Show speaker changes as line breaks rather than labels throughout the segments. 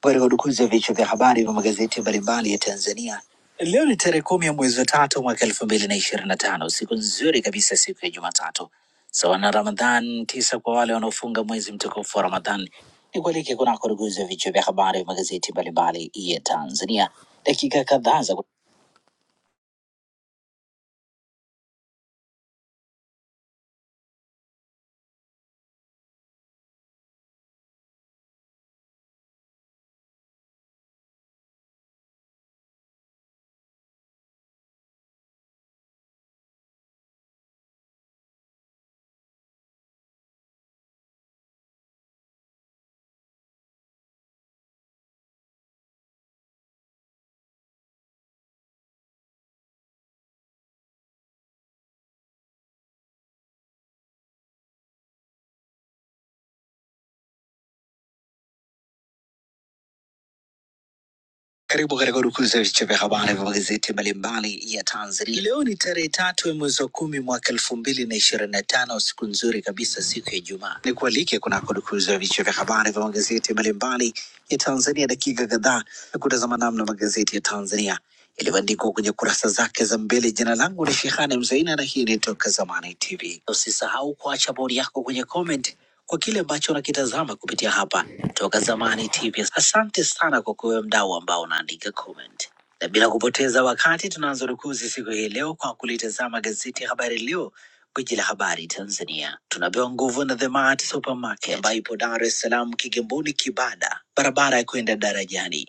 Pata udukuzi ya vichwa vya habari vya magazeti mbalimbali ya Tanzania. Leo ni tarehe kumi ya mwezi wa tatu mwaka elfu mbili na ishirini na tano. Siku nzuri kabisa, siku ya Jumatatu sawa na Ramadhan tisa kwa wale wanaofunga mwezi mtukufu wa Ramadhan. Ni kualike kunako udukuzi ya vichwa vya habari vya magazeti mbalimbali ya Tanzania, dakika kadhaa za Karibu katika udukuzi ya vichwa vya habari vya magazeti mbalimbali ya Tanzania. Leo ni tarehe tatu ya mwezi wa kumi mwaka elfu mbili na ishirini na tano, siku nzuri kabisa, siku ya Ijumaa. Ni kualike kunako udukuzi ya vichwa vya habari vya magazeti mbalimbali ya Tanzania, dakika kadhaa ya kutazama namna magazeti ya Tanzania ilivyoandikwa kwenye kurasa zake za mbele. Jina langu ni Shehani Mzaina na hii ni Toka Zamani TV. Usisahau kuacha bodi yako kwenye comment kwa kile ambacho unakitazama kupitia hapa Toka Zamani TV. Asante sana kwa kuwe mdau ambao unaandika comment, na bila kupoteza wakati tunaanza rukuzi siku hii leo kwa kulitazama gazeti ya Habari Leo Gwiji la habari Tanzania tunapewa nguvu na The Mart Supermarket ambayo ipo Dar es Salaam, Kigamboni, Kibada, barabara ya kwenda darajani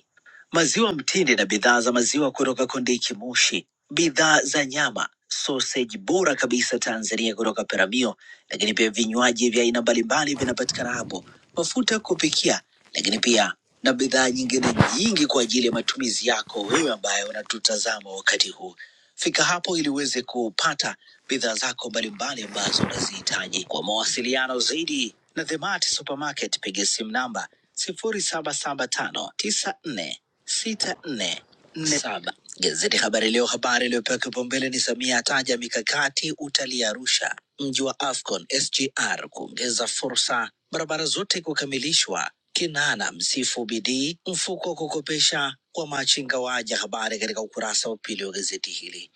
maziwa mtindi na bidhaa za maziwa kutoka Kondiki Moshi, bidhaa za nyama, soseji bora kabisa Tanzania kutoka Peramio, lakini pia vinywaji vya aina mbalimbali vinapatikana hapo, mafuta ya kupikia, lakini pia na bidhaa nyingine nyingi kwa ajili ya matumizi yako wewe ambaye unatutazama wakati huu. Fika hapo ili uweze kupata bidhaa zako mbalimbali ambazo unazihitaji. Kwa mawasiliano zaidi na Themart Supermarket, piga simu namba sifuri saba saba tano tisa nne sita nne nne saba. Gazeti Habari Leo, habari iliyopewa kipaumbele ni Samia ataja mikakati utalii Arusha, mji wa AFCON SGR kuongeza fursa, barabara zote kukamilishwa, Kinana msifu bidii, mfuko wa kukopesha kwa machinga waaja. Habari katika ukurasa wa pili wa gazeti hili.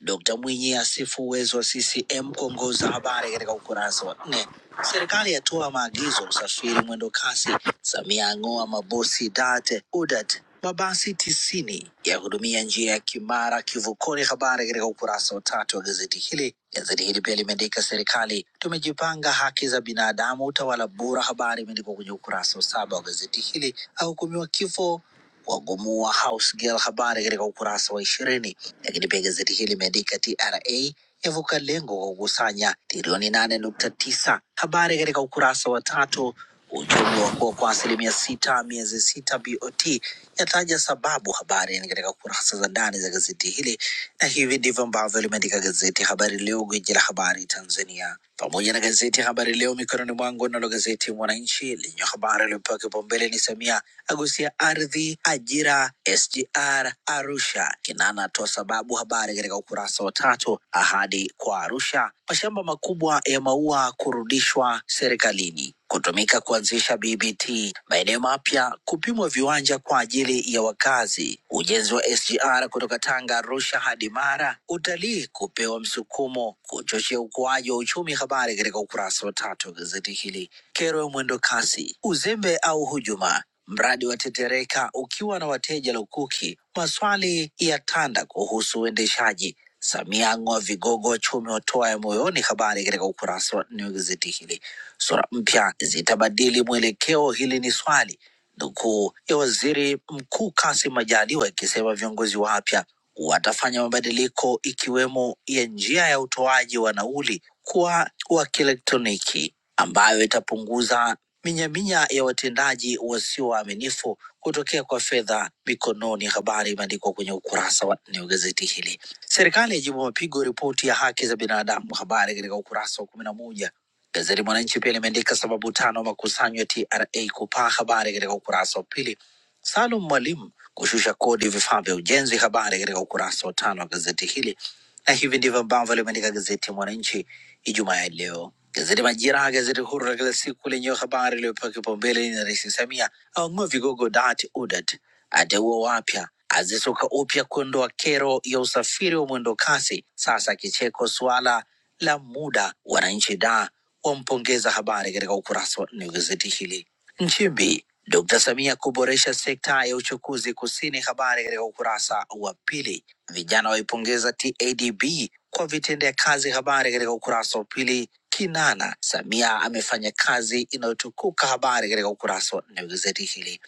Dkt Mwinyi asifu uwezo wa CCM kuongoza, habari katika ukurasa wa nne. Serikali yatoa maagizo usafiri mwendo kasi. Samia ang'oa mabosi date udat mabasi tisini ya hudumia njia ya Kimara Kivukoni, habari katika ukurasa wa tatu wa gazeti hili. Gazeti hili pia limeandika serikali tumejipanga, haki za binadamu, utawala bora, habari imeandikwa kwenye ukurasa wa saba wa gazeti hili. Ahukumiwa kifo wagomua House Girl, habari katika ukurasa wa ishirini. Lakini pia gazeti hili limeandika TRA yavuka lengo kwa kukusanya trilioni nane nukta tisa, habari katika ukurasa wa tatu. Uchumi wa kuwa kwa asilimia sita miezi sita, BOT yataja sababu, habari ni katika kurasa za ndani za gazeti hili, na hivi ndivyo ambavyo limeandika gazeti Habari Leo, gwiji la habari Tanzania pamoja na gazeti ya Habari Leo mikononi mwangu. Nalo gazeti Mwananchi lenye habari iliyopewa kipaumbele ni Samia agusia ardhi, ajira, SGR Arusha. Kinana atoa sababu, habari katika ukurasa wa tatu. Ahadi kwa Arusha, mashamba makubwa ya maua kurudishwa serikalini kutumika kuanzisha BBT, maeneo mapya kupimwa viwanja kwa ajili ya wakazi. Ujenzi wa SGR kutoka Tanga, Arusha hadi Mara, utalii kupewa msukumo, kuchochea ukuaji wa uchumi. Habari katika ukurasa wa tatu wa gazeti hili. Kero ya mwendo kasi, uzembe au hujuma, mradi wa tetereka ukiwa na wateja lukuki. Maswali ya tanda kuhusu uendeshaji. Samia ang'oa vigogo wachumi watoa ya moyoni. Habari katika ukurasa wa nne wa gazeti hili. Sura mpya zitabadili mwelekeo, hili ni swali, nukuu ya waziri mkuu Kassim Majaliwa ikisema viongozi wapya watafanya mabadiliko ikiwemo ya njia ya utoaji wa nauli kuwa wa kielektroniki ambayo itapunguza minyaminya ya watendaji wasio waaminifu kutokea kwa fedha mikononi. Habari imeandikwa kwenye ukurasa wa nne wa gazeti hili. Serikali yajibu mapigo ripoti ya haki za binadamu, habari katika ukurasa wa kumi na moja. Gazeti Mwananchi pia limeandika sababu tano makusanyo ya TRA kupaa, habari katika ukurasa wa pili. Salum Mwalimu kushusha kodi vifaa vya ujenzi. Habari katika ukurasa wa tano wa gazeti hili, na hivi ndivyo ambavyo limeandika gazeti ya Mwananchi Ijumaa ya leo. Gazeti Majira, gazeti huru la kila siku lenye habari iliyopewa kipaumbele ni Rais Samia aong'oa vigogo DART UDART, ateua wapya, azisuka upya kuondoa kero ya usafiri wa mwendo kasi, sasa kicheko suala la muda, wananchi da wampongeza. Habari katika ukurasa wa nne wa gazeti hili. Nchimbi, Dkt. Samia kuboresha sekta ya uchukuzi kusini. Habari katika ukurasa wa pili. Vijana waipongeza TADB kwa vitendea kazi. Habari katika ukurasa wa pili. Kinana, Samia amefanya kazi inayotukuka. Habari katika ukurasa wa nne wa gazeti hili.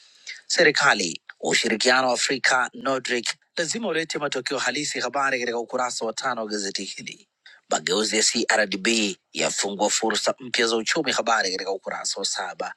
Serikali, ushirikiano wa Afrika Nordic lazima ulete matokeo halisi. Habari katika ukurasa wa tano wa gazeti hili. Mageuzi ya CRDB yafungua fursa mpya za uchumi. Habari katika ukurasa wa saba.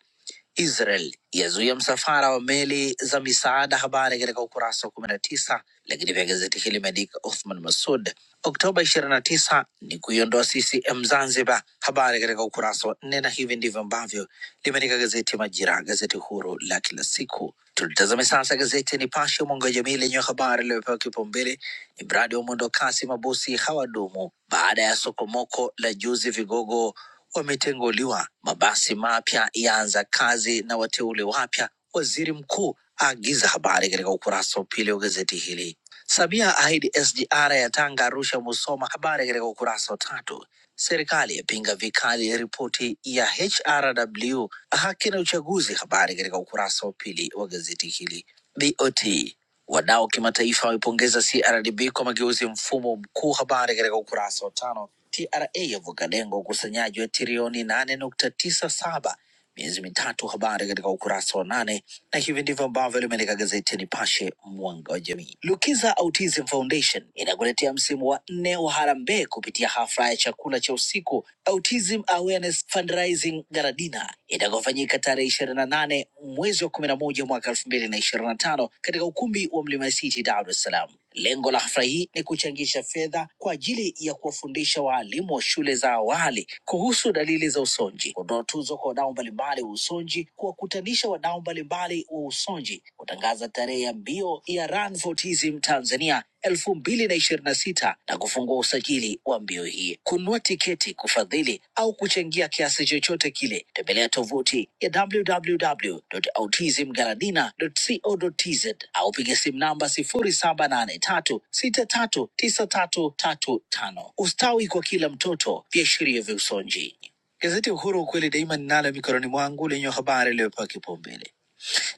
Israel yazuia msafara wa meli za misaada, habari katika ukurasa wa kumi na tisa. Lakini pia gazeti hili limeandika Othman Masud Oktoba ishirini na tisa ni kuiondoa CCM Zanzibar, habari katika ukurasa wa nne, na hivi ndivyo ambavyo limeandika gazeti Majira, gazeti huru la kila siku. Tulitazame sasa gazeti Nipashe, mwanga wa jamii, lenye habari iliyopewa kipaumbele ni mradi wa mwendo kasi, mabosi hawadumu baada ya sokomoko la juzi, vigogo wametenguliwa. Mabasi mapya yaanza kazi na wateule wapya, waziri mkuu aagiza habari katika ukurasa wa pili wa gazeti hili. Samia ahidi SGR ya Tanga, Arusha, Musoma. Habari katika ukurasa wa tatu. Serikali yapinga vikali ripoti ya HRW haki na uchaguzi. Habari katika ukurasa wa pili wa gazeti hili. BOT wadau kimataifa waipongeza CRDB kwa mageuzi mfumo mkuu. Habari katika ukurasa wa tano. TRA yavuka lengo ukusanyaji wa trilioni nane nukta tisa saba miezi mitatu. Habari katika ukurasa wa nane, na hivi ndivyo ambavyo limeandika gazeti ya Nipashe mwanga wa jamii. Lukiza Autism Foundation inakuletea msimu wa nne wa harambee kupitia hafla ya chakula cha usiku Autism Awareness Fundraising Garadina itakayofanyika tarehe ishirini na nane mwezi wa kumi na moja mwaka elfu mbili na ishirini na tano katika ukumbi wa Mlima City, Dar es Salaam. Lengo la hafla hii ni kuchangisha fedha kwa ajili ya kuwafundisha waalimu wa shule za awali kuhusu dalili za usonji, kutoa tuzo kwa wadau mbalimbali wa usonji, kuwakutanisha wadau mbalimbali wa usonji, kutangaza tarehe ya mbio ya Run for Autism Tanzania elfu mbili na ishirini na sita na kufungua usajili wa mbio hii. Kununua tiketi, kufadhili au kuchangia kiasi chochote kile, tembelea tovuti ya www.autismgaladina.co.tz au piga simu namba sifuri saba nane tatu sita tatu tisa tatu tatu tano. Ustawi kwa kila mtoto, viashiria vya usonji. Gazeti Uhuru ukweli daima ninalo mikononi mwangu lenye habari iliyopewa kipaumbele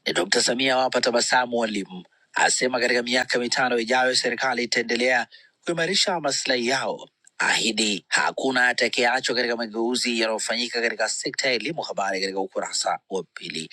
ni Dkt. Samia awapa tabasamu walimu, asema katika miaka mitano ijayo serikali itaendelea kuimarisha maslahi yao, ahidi hakuna atakayeachwa katika mageuzi yanayofanyika katika sekta ya elimu. Habari katika ukurasa wa pili.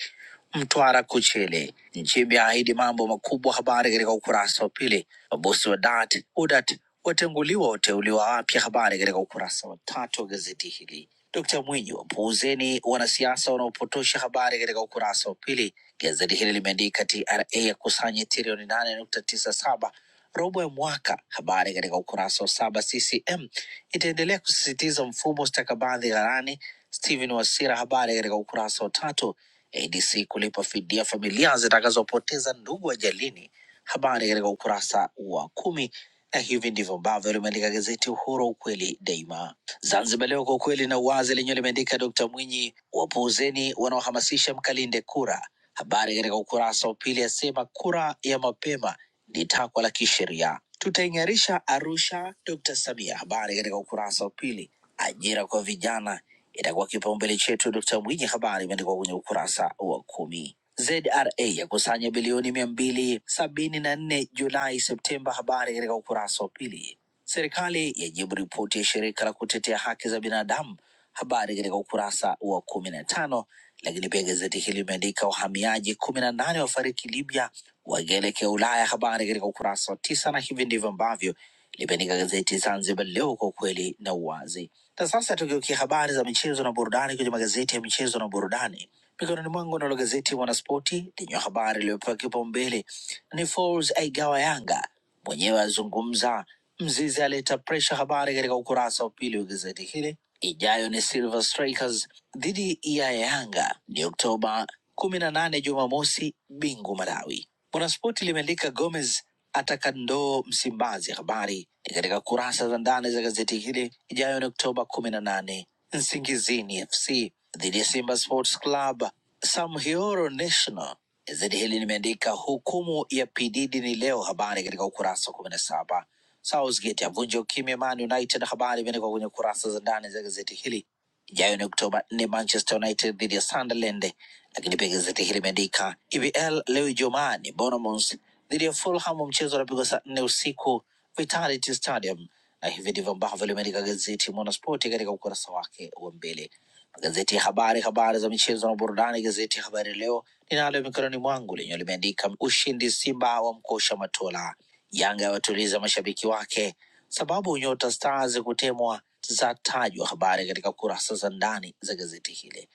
Mtwara Kuchele. Nchimbi ahidi mambo makubwa. Habari katika ukurasa wa pili. Mabosi wa DAT, UDAT watenguliwa, wateuliwa wapya. Habari katika ukurasa wa tatu wa gazeti hili. Dkt Mwinyi, wapuuzeni wanasiasa wanaopotosha. Habari katika ukurasa wa pili. Gazeti hili limeandika TRA yakusanya trilioni nane nukta tisa saba robo ya mwaka. Habari katika ukurasa wa saba. CCM itaendelea kusisitiza mfumo stakabadhi ghalani. Stephen Wasira, habari katika ukurasa wa tatu. ADC kulipa fidia familia zitakazopoteza ndugu ajalini habari katika ukurasa wa kumi na hivi ndivyo ambavyo limeandika gazeti Uhuru, ukweli daima. Zanzibar Leo, kwa ukweli na uwazi, lenyewe limeandika Dkt Mwinyi, wapuuzeni wanaohamasisha mkalinde kura. Habari katika ukurasa wa pili asema kura ya mapema ni takwa la kisheria, tutaing'arisha Arusha, Dkt Samia. Habari katika ukurasa wa pili. Ajira kwa vijana itakuwa kipaumbele chetu, Dkt Mwinyi. Habari imeandikwa kwenye ukurasa wa kumi. ZRA yakusanya bilioni mia mbili sabini na nne Julai Septemba, habari katika ukurasa wa pili. Serikali yajibu ripoti ya shirika la kutetea haki za binadamu, habari katika ukurasa wa kumi na tano. Lakini pia gazeti hili limeandika wahamiaji kumi na nane wafariki Libya wakielekea Ulaya, habari katika ukurasa wa tisa, na hivi ndivyo ambavyo limeandika gazeti Zanzibar Leo, kwa ukweli na uwazi. Na sasa tugeukia habari za michezo na burudani kwenye magazeti ya michezo na burudani. Mikononi mwangu nalo gazeti Mwanaspoti lenye habari iliyopewa kipaumbele ni Folz aigawa Yanga Mwenyewe azungumza, Mzizi aleta presha, habari katika ukurasa wa pili wa gazeti hili. Ijayo ni Silver Strikers dhidi ya Yanga, ni Oktoba kumi na nane Jumamosi, Bingu Malawi. Mwanaspoti limeandika Gomez ataka ndoo Msimbazi, habari ni katika kurasa za ndani za gazeti hili. Ijayo ni Oktoba kumi na nane Nsingizini FC dhidi ya Simba Sports Club, Samhioro National Gazeti hili limeandika hukumu ya PDD ni leo, habari katika ukurasa wa kumi na saba. Southgate avunja ukimya Man United, habari imeandikwa kwenye kurasa za ndani za gazeti hili ijayo ni Oktoba nne, Manchester United dhidi ya Sunderland. Lakini pia gazeti hili limeandika EPL leo Ijumaa ni Bournemouth dhidi ya Fulham, mchezo unapigwa saa nne usiku Vitality Stadium, na hivi ndivyo ambavyo limeandika gazeti Mwanaspoti katika ukurasa wake wa mbele. Magazeti ya habari, habari za michezo na burudani. Gazeti ya Habari Leo ninalo mikononi mwangu lenyewe limeandika ushindi Simba wa mkosha Matola, Yanga yawatuliza mashabiki wake Sababu nyota Stars kutemwa zatajwa, habari katika kurasa za ndani za gazeti hili.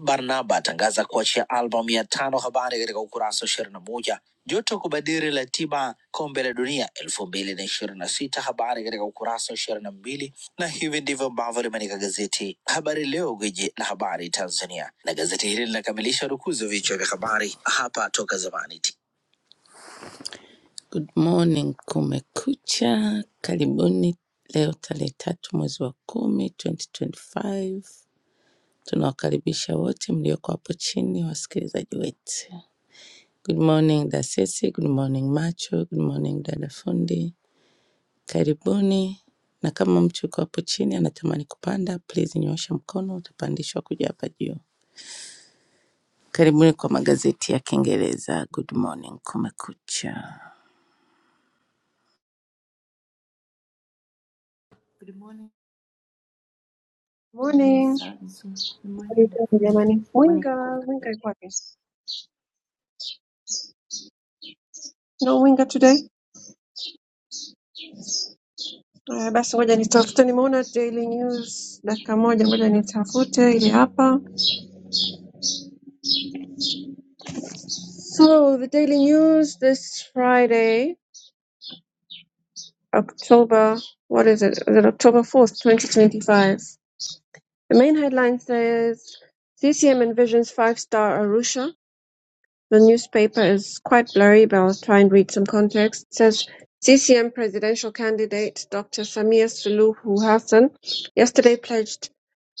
Barnaba atangaza kuachia albamu ya tano, habari katika ukurasa wa ishirini na moja. Joto kubadili ratiba kombe la dunia elfu mbili na ishirini na sita, habari katika ukurasa wa ishirini na mbili. Na hivi ndivyo ambavyo limeandika gazeti Habari Leo, gwiji la habari Tanzania, na gazeti hili linakamilisha rukuzi wa vichwa vya habari hapa Toka Zamani. Good morning kumekucha, karibuni leo tarehe tatu mwezi wa kumi 2025. Tunawakaribisha wote mlioko hapo chini, wasikilizaji wetu. Good morning Dasesi, good morning Macho, good morning dada fundi, karibuni. Na kama mtu yuko hapo chini anatamani kupanda, please nyoosha mkono, utapandishwa kuja hapa juu. Karibuni kwa magazeti ya Kiingereza. Good morning kumekucha.
Good morning, Dani
Morning.
Sanzu. Good morning,
Karibuni
Dafundi.
jamani.
Good morning,
Winga,
Uncle Macho.
winga iko wapi? No winga today. Uh, basi ngoja nitafute, nimeona Daily News dakika moja, ngoja nitafute ili hapa. So the Daily News this Friday, October, what is it? Is it October 4th, 2025? The main headline says CCM envisions five-star Arusha. The newspaper is quite blurry but I'll try and read some context. It says CCM presidential candidate Dr. Samir Suluhu Hassan yesterday pledged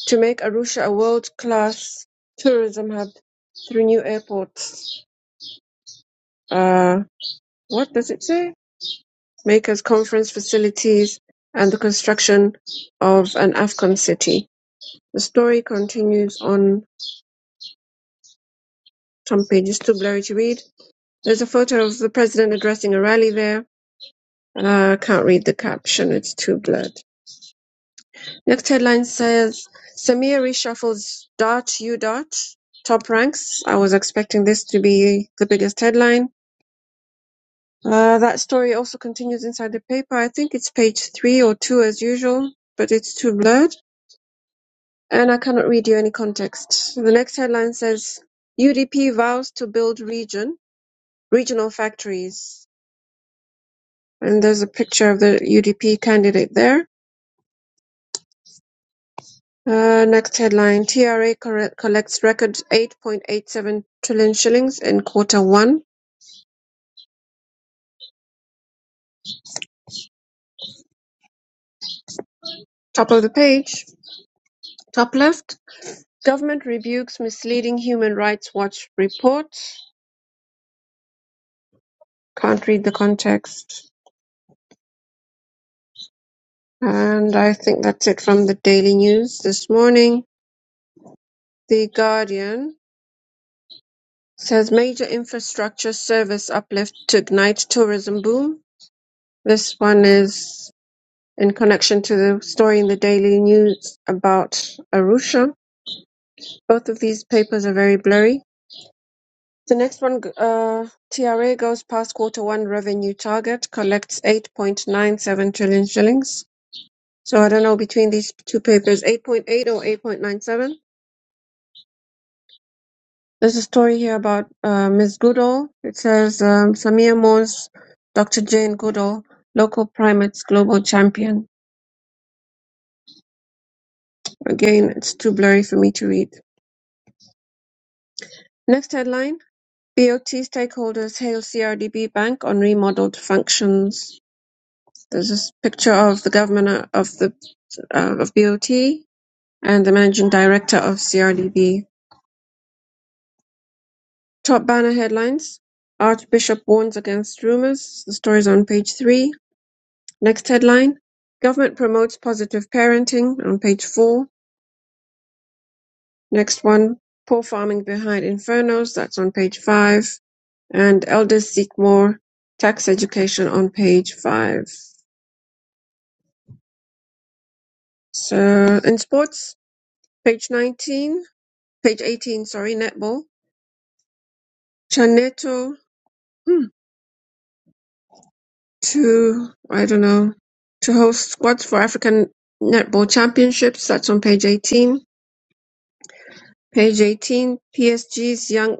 to make Arusha a world-class tourism hub through new airports. Uh, what does it say? Makers conference facilities and the construction of an Afghan city. The story continues on some pages, too blurry to read. There's a photo of the president addressing a rally there Uh, I can't read the caption, it's too blurred. Next headline says Samir reshuffles dot U dot top ranks. I was expecting this to be the biggest headline. Uh, that story also continues inside the paper. I think it's page three or two as usual, but it's too blurred and I cannot read you any context. The next headline says UDP vows to build region, regional factories. And there's a picture of the UDP candidate there. Uh, Next headline: TRA collects record 8.87 trillion shillings in quarter one. Top of the page, top left. Government rebukes misleading Human Rights Watch report. Can't read the context. And I think that's it from the Daily News this morning. The Guardian says major infrastructure service uplift to ignite tourism boom. This one is in connection to the story in the Daily News about Arusha Both of these papers are very blurry. The next one, uh, TRA goes past quarter one revenue target, collects 8.97 trillion shillings. So I don't know between these two papers, 8.8 or 8.97. There's a story here about uh, Ms. Goodall. It says um, Samir Moore's Dr. Jane Goodall, local primates global champion. Again, it's too blurry for me to read. Next headline BOT stakeholders hail CRDB Bank on remodeled functions. There's this picture of the governor of the uh, of BOT and the managing director of CRDB. Top banner headlines: Archbishop warns against rumors. The story's on page three. Next headline: Government promotes positive parenting. On page four. Next one: Poor farming behind infernos. That's on page five. And elders seek more tax education on page five. So in sports, page nineteen, page eighteen. Sorry, netball. Chaneto hmm, to, I don't know, to host squads for African Netball Championships. That's on page 18. Page 18, PSG's young,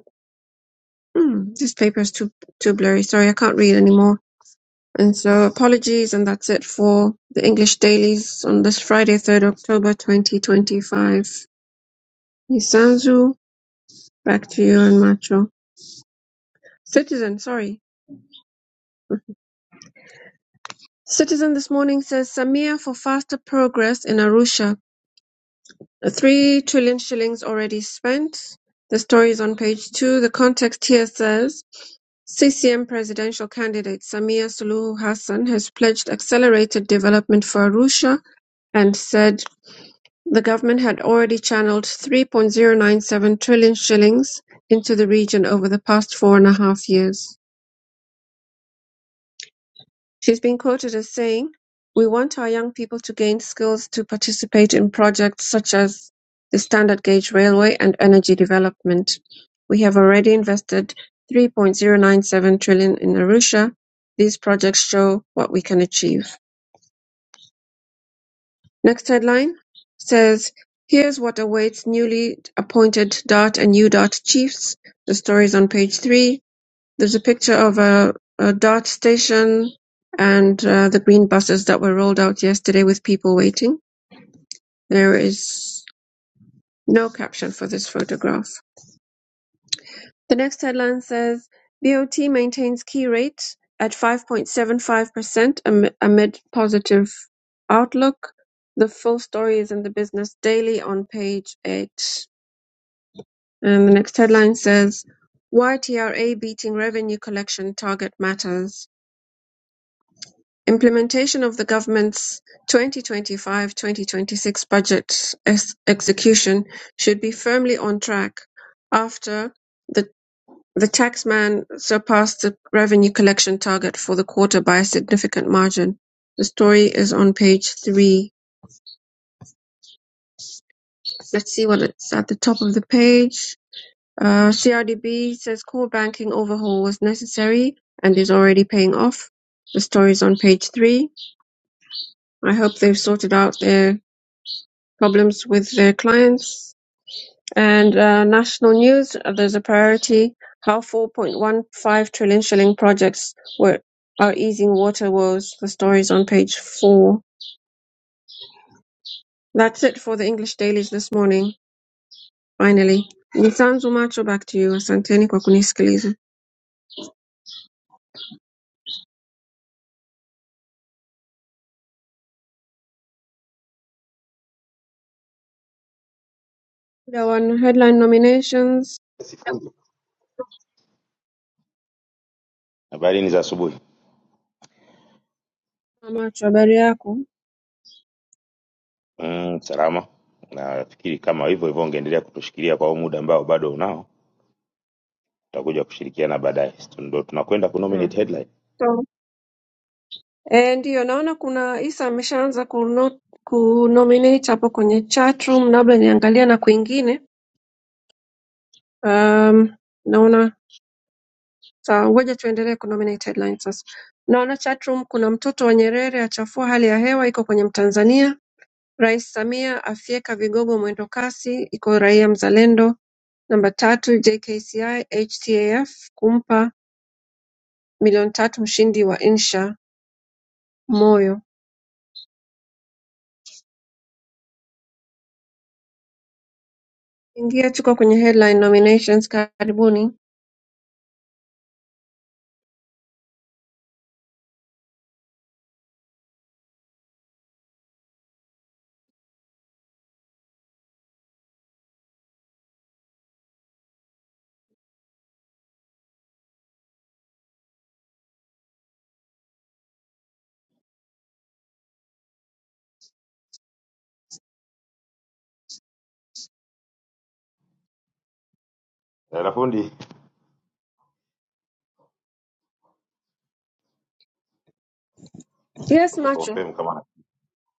mm, this paper is too, too blurry. Sorry, I can't read anymore. And so apologies, and that's it for the English dailies on this Friday, 3rd October 2025. Nisanzu, back to you and Macho. Citizen, sorry. Citizen this morning says Samia for faster progress in Arusha. 3 trillion shillings already spent. The story is on page two. The context here says CCM presidential candidate Samia Suluhu Hassan has pledged accelerated development for Arusha and said the government had already channeled 3.097 trillion shillings into the region over the past four and a half years. She's been quoted as saying, We want our young people to gain skills to participate in projects such as the standard gauge railway and energy development. We have already invested 3.097 trillion in Arusha. These projects show what we can achieve. Next headline says, Here's what awaits newly appointed DART and UDART chiefs. The story is on page three. There's a picture of a a Dart station and uh, the green buses that were rolled out yesterday with people waiting. There is no caption for this photograph. The next headline says BOT maintains key rate at 5.75% amid positive outlook. The full story is in the Business Daily on page 8. And the next headline says YTRA beating revenue collection target matters. Implementation of the government's 2025-2026 budget ex- execution should be firmly on track after the the taxman surpassed the revenue collection target for the quarter by a significant margin. The story is on page three. Let's see what it's at the top of the page. Uh, CRDB says core banking overhaul was necessary and is already paying off. The story is on page three. I hope they've sorted out their problems with their clients. And uh, national news, uh, there's a priority how 4.15 trillion shilling projects were are easing water woes. The stories on page four. That's it for the English dailies this morning. Finally, Nisanzu Macho, back to you. Asanteni kwa kunisikiliza. Muda wa headline nominations.
Sifunzo. Habari ni za asubuhi.
Macho, habari yako?
Mm, salama. Nafikiri kama hivyo hivyo ungeendelea kutushikilia kwa huu muda ambao bado unao, tutakuja kushirikiana baadaye. Stu- Ndo tunakwenda ku
Hmm.
nominate headline.
So, eh, ndiyo naona kuna Isa ameshaanza kuno, kunominate hapo kwenye chatroom, labda niangalia na kwingine Um, naona sawa, ngoja tuendelee ku nominate headlines sasa. Naona chatroom kuna mtoto wa Nyerere achafua hali ya hewa, iko kwenye Mtanzania. Rais Samia afyeka vigogo mwendo kasi, iko Raia Mzalendo. Namba tatu, JKCI HTAF kumpa milioni tatu mshindi wa insha Moyo. Ingia, tuko kwenye headline nominations, karibuni.
Na fundi,
Yes, macho,
confirm kama na.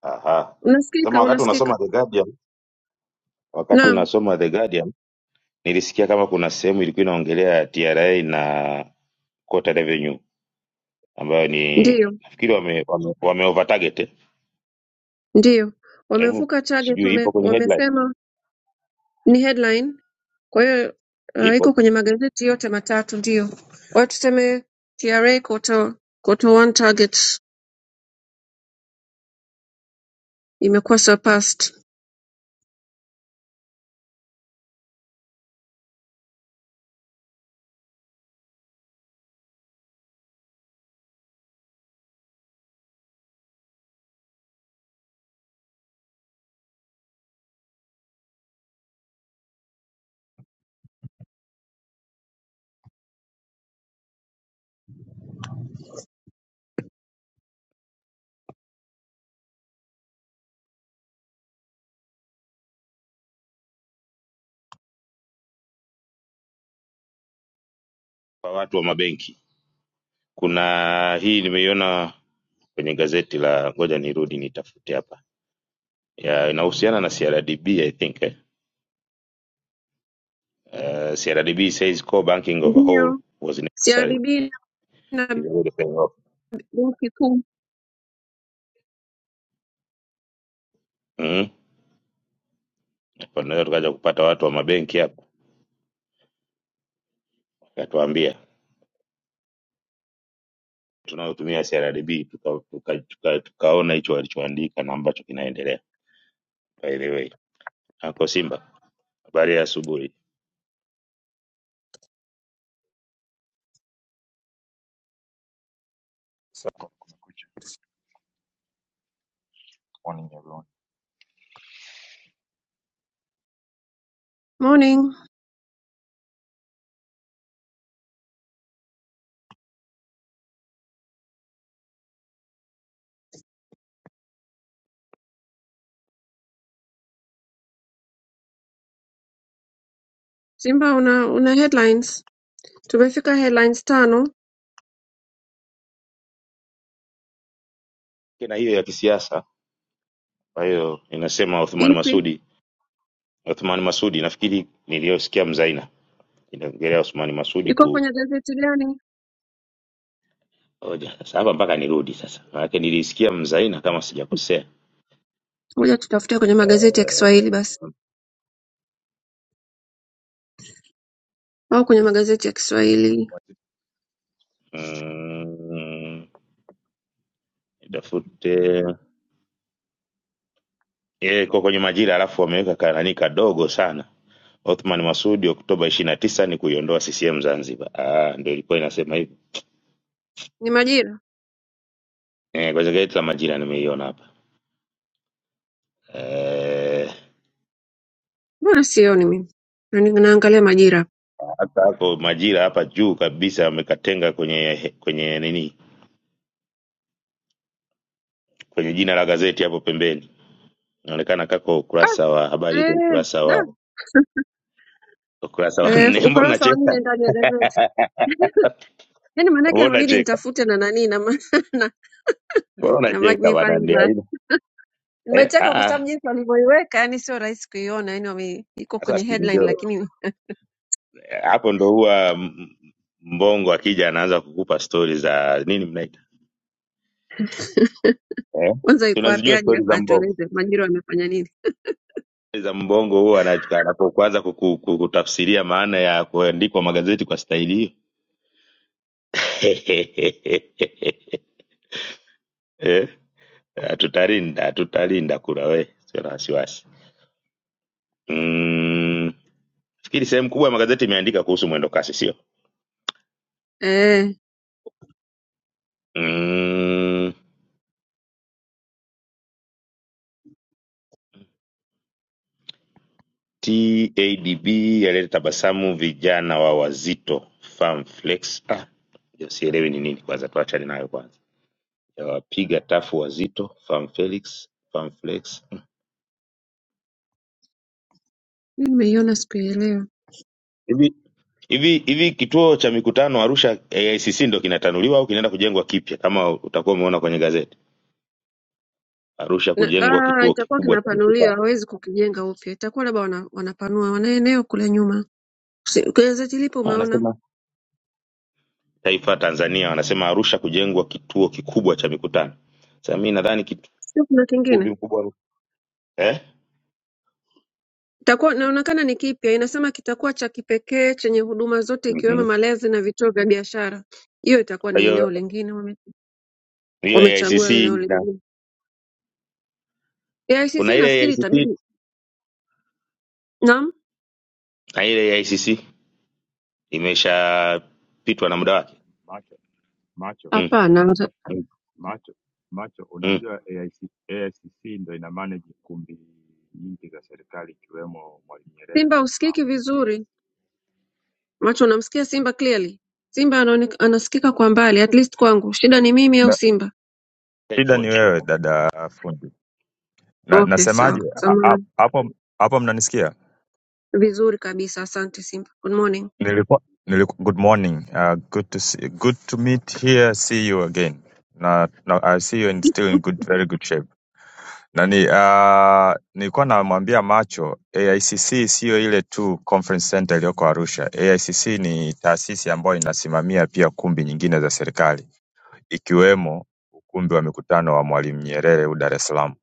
aha. Sema
unasikika,
wakati
unasikika.
unasoma The Guardian, wakati
Naam,
unasoma The Guardian, nilisikia kama kuna sehemu ilikuwa inaongelea TRA na quota Revenue ambayo ni
ndiyo,
nafikiri wame, wame, wame over target. eh.
ndiyo,
Hebu
wamevuka target,
sijui
wame,
ipo kwenye headline.
wamesema ni headline Kwa hiyo uh, iko
Ipo
kwenye magazeti yote matatu, ndio. Kwa hiyo tuseme TRA quarter, quarter one target imekuwa surpassed.
kwa watu wa mabenki. Kuna hii nimeiona kwenye gazeti la ngoja nirudi nitafute hapa ya inahusiana na CRDB I think eh? Uh, CRDB says core banking of a whole
Ndio.
was necessary
CRDB na
is already paying off.
benki kuu.
Mhm. Kwa hiyo tukaja kupata watu wa mabenki hapa wakatuambia tunaotumia CRDB tuka, tuka, tuka, tukaona hicho walichoandika na ambacho kinaendelea. By the way, ako Simba, habari ya asubuhi.
So good morning, everyone.
Morning. Simba una una headlines. Tumefika headlines tano.
Kina hiyo ya kisiasa, kwa hiyo inasema Othman
Ipi?
Masudi, Othman Masudi nafikiri niliyosikia Mzaina inaongelea Othman Masudi
Iko
ku.
kwenye gazeti gani?
Ngoja sasa hapa mpaka nirudi sasa, maanake nilisikia mzaina kama sijakosea.
Ngoja tutafute kwenye
Eh,
magazeti ya Kiswahili basi. au kwenye magazeti ya
Mwe-
Kiswahili.
mwe-
Mm, nitafute eh, iko kwenye majira, alafu wameweka kanani kadogo sana. Othman Masudi Oktoba ishirini na tisa ni kuiondoa CCM Zanzibar. Ah, ndio ilikuwa inasema hivyo.
Ni Majira?
Eh, kwenye gazeti la Majira nimeiona hapa. Eh,
Mbona sioni mimi? Na ni- Naangalia Majira.
hata hapo Majira hapa juu kabisa wamekatenga kwenye kwenye nini? Kwenye jina la gazeti hapo pembeni. Inaonekana kako
Ah,
ukurasa wa habari iko
eh,
ukurasa
da.
wa ukurasa wa
Eh,
Mbona
ukurasa wa
unacheka?
nne ndani ya gazeti. Yaani maanake
Mbona
imebidi
unacheka?
nitafute na nani na, ma- na,
Mbona
na
unacheka bwana?
magnifying
Ni
glass.
aina eh,
Nimecheka kwa
ah, ah.
sababu jinsi walivyoiweka, yani sio rahisi kuiona, yani wame iko
Sasa
kwenye
si
headline
ndio
lakini
Eh, hapo ndo huwa m- mbongo akija anaanza kukupa stories za nini mnaita eh?
kwanza iko wapi
Tunazijua
aje
stories
hapa
za mbongo
atueleze Majira wamefanya nini?
za mbongo huwa anachu- anapokuanza kuku- kukutafsiria maana ya kuandikwa magazeti kwa staili hiyo eh, hatutalinda hatutalinda kura we, sio na wasiwasi. Mm, fikiri sehemu kubwa ya magazeti imeandika kuhusu mwendo kasi, sio?
Eh,
Mm, TADB yaleta tabasamu vijana wa wazito Farm Flex. Ah, hiyo sielewi ni nini kwanza, tuachane nayo kwanza. Yawapiga tafu wazito Farm Felix, Farm Flex.
mimi nimeiona siku ya leo.
Hivi hivi hivi kituo cha mikutano Arusha AICC ndo kinatanuliwa au kinaenda kujengwa kipya kama utakuwa umeona kwenye gazeti? Arusha
Na,
kujengwa
ah,
kituo
itakuwa
kikubwa cha
kinapanuliwa,
mikutano.
hawezi kukijenga upya. Itakuwa labda wana, wanapanua wana eneo kule nyuma. Si- Kwenye gazeti lipo
Ah,
umeona,
Wanasema Taifa Tanzania wanasema Arusha kujengwa kituo kikubwa cha mikutano. Sasa mimi nadhani kitu-
sio? Kuna
ukumbi
kingine
mkubwa Arusha. Eh?
itakuwa inaonekana ni kipya, inasema kitakuwa cha kipekee chenye huduma zote ikiwemo
Mhm.
malezi na vituo vya biashara. Hiyo itakuwa
Kwa
ni eneo
hiyo
lingine, wame-
hiyo
wamechagua
AICC
eneo
na
lingine.
kuna
AICC
ile
nafikiri
AICC
itabidi naam,
na ile AICC imeshapitwa na
nani,
muda wake.
macho macho
Mm,
hapana,
mm,
macho macho
mm.
unajua AIC, AICC ndo ina manage kumbi nyingi za serikali ikiwemo Mwalimu Nyerere
Simba
Dar es Salaam.
usikiki vizuri, macho unamsikia Simba clearly. Simba anaoneka, anasikika kwa mbali, at least kwangu. Shida ni mimi au
Na,
Simba?
Ted
shida ni
Ford.
wewe dada fundi. Na,
Okay,
nasemaje
sawa,
A- a-
samahani.
hapo hapo mnanisikia?
Vizuri kabisa, asante Simba. Good morning.
Nilikuwa nilikuwa good morning. Uh, good to see, good to meet here. See you again. Na, na I see you in still in good very good shape. Nani ah, nilikuwa namwambia Macho AICC siyo ile tu conference center iliyoko Arusha. AICC ni taasisi ambayo inasimamia pia kumbi nyingine za serikali ikiwemo ukumbi wa mikutano wa Mwalimu Nyerere huu Dar es Salaam.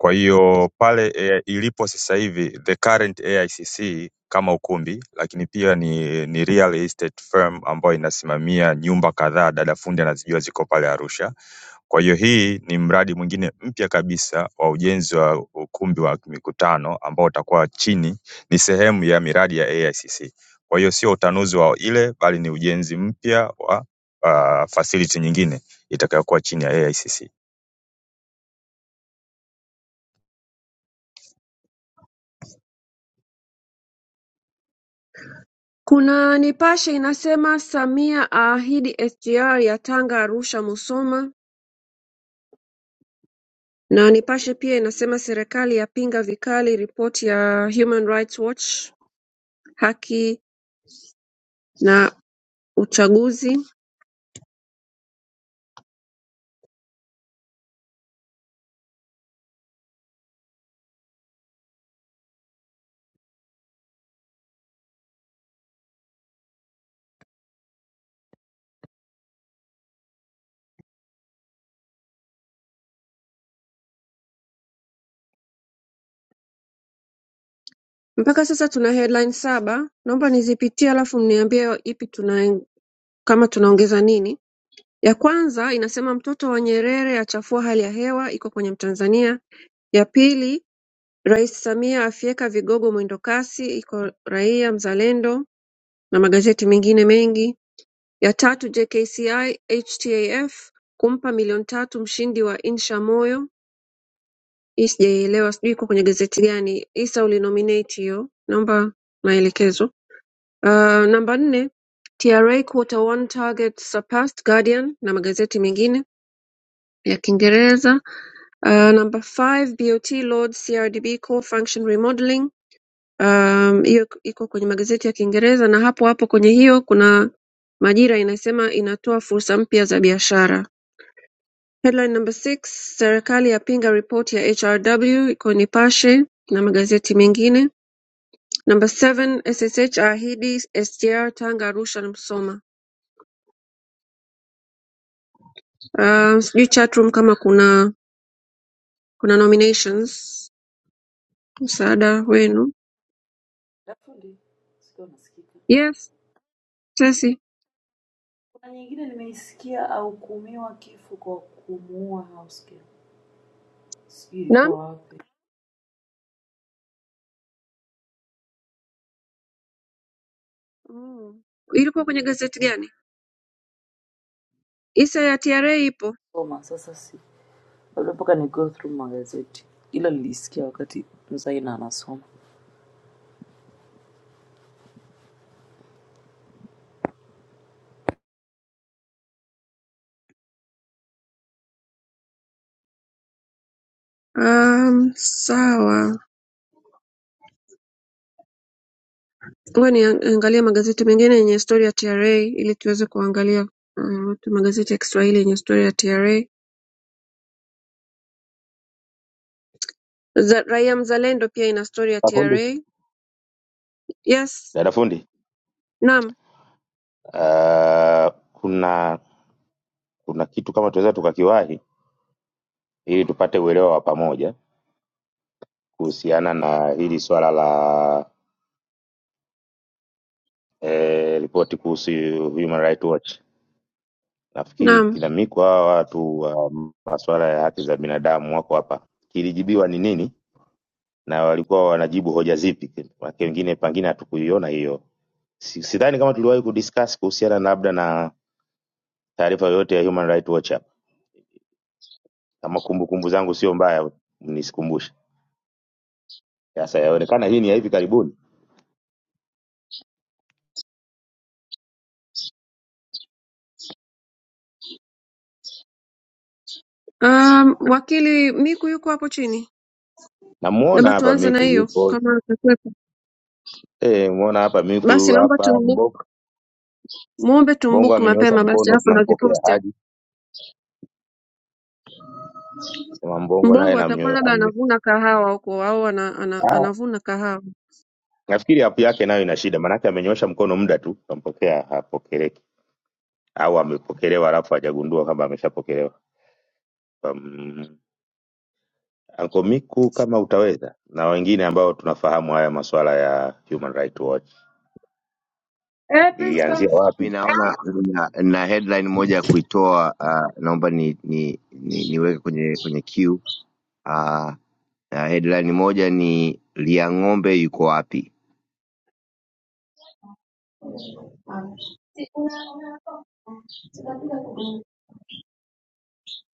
Kwa hiyo pale eh, ilipo sasa hivi the current AICC kama ukumbi, lakini pia ni, ni real estate firm ambayo inasimamia nyumba kadhaa dada fundi anazijua ziko pale Arusha Kwa hiyo hii ni mradi mwingine mpya kabisa wa ujenzi wa ukumbi wa mikutano ambao utakuwa chini ni sehemu ya miradi ya AICC. Kwa hiyo sio utanuzi wa ile bali ni ujenzi mpya wa ah, facility nyingine itakayokuwa chini ya AICC.
Kuna Nipashe inasema Samia aahidi SGR ya Tanga Arusha Musoma na Nipashe pia inasema serikali yapinga vikali ripoti ya Human Rights Watch haki na uchaguzi. Mpaka sasa tuna headline saba, naomba nizipitie alafu mniambie ipi tuna kama tunaongeza nini. Ya kwanza inasema mtoto wa Nyerere achafua hali ya hewa, iko kwenye Mtanzania. Ya pili, Rais Samia afyeka vigogo mwendokasi, iko Raia Mzalendo. na magazeti mengine mengi ya tatu JKCI HTAF kumpa milioni tatu mshindi wa Insha Moyo. Hii sijaielewa sijui iko kwenye gazeti gani. Isa ulinominate hiyo. Naomba maelekezo. Uh, namba nne TRA quarter one target surpassed Guardian na magazeti mengine ya Kiingereza. Uh, namba 5 BOT Lord CRDB core function remodeling Um, hiyo k- iko kwenye magazeti ya Kiingereza na hapo hapo kwenye hiyo kuna Majira inasema inatoa fursa mpya za biashara. Headline number six, serikali yapinga ripoti ya HRW iko Nipashe na magazeti mengine. Number seven, SSH ahidi SGR Tanga, Arusha na Msoma. Uh, sijui chatroom kama kuna kuna nominations
Kuna
msaada
nyingine
wenu.
Dafundi, sikia unasikika.
Yes, Chelsea.
Kuna nyingine nimeisikia ahukumiwa kifo kwa kumuua housegirl. Sijui
Naam.
ilikuwa wapi.
Oh. Ilikuwa kwenye gazeti gani? Isa ya TRA ipo.
Soma sasa, si labda mpaka ni go through magazeti, ila nilisikia wakati Zaina anasoma.
am sawa ngoja niangalie magazeti mengine yenye historia ya tra ili tuweze kuangalia uh, magazeti ya kiswahili yenye historia ya tra Za, raia mzalendo pia ina story ya
Dada fundi,
tra yes
dada fundi,
naam
ah, kuna kuna kitu kama tunaweza tukakiwahi ili tupate uelewa wa pamoja kuhusiana na hili swala la eh, ripoti kuhusu Human Rights Watch. Nafikiri
naam
kinamikwa hawa watu wa masuala ya haki za binadamu wako hapa, kilijibiwa ni nini na walikuwa wanajibu hoja zipi Maanake wengine pengine hatukuiona hiyo Si- sidhani kama tuliwahi kudiscuss kuhusiana na labda na taarifa yoyote ya Human Rights Watch hapa. Kama kumbukumbu zangu sio mbaya, mnisikumbushe. Sasa yaonekana hii ni ya hivi karibuni.
um, wakili miku yuko hapo chini
Namuona
labda
hapa
tuanze na
Miku
hiyo
yupo.
kama atakwepo
Eh, muona hapa Miku yu
basi naomba
hapa
tumbu
Mbongo.
muombe
Mbongo
tumbuku
amenyoosha
mapema basi
mkono
alafu
tunampokea
naziposti hapo
hadi. Sema Mbongo naye
mbongo atakuwa
namnyo
labda
amenyo.
anavuna kahawa huko au ana, ana,
Ah,
anavuna kahawa
nafikiri hapo yake nayo ina shida. Maanake amenyoosha mkono muda tu tunampokea hapokeleki au amepokelewa alafu hajagundua kwamba ameshapokelewa. um, Anko Miku kama utaweza, na wengine ambao tunafahamu haya masuala ya Human Rights Watch, ilianzia
mi
wapi?
naona na, na headline moja ya kuitoa uh, naomba ni, ni, ni, niweke kwenye kwenye queue uh, na headline moja ni Liang'ombe yuko wapi?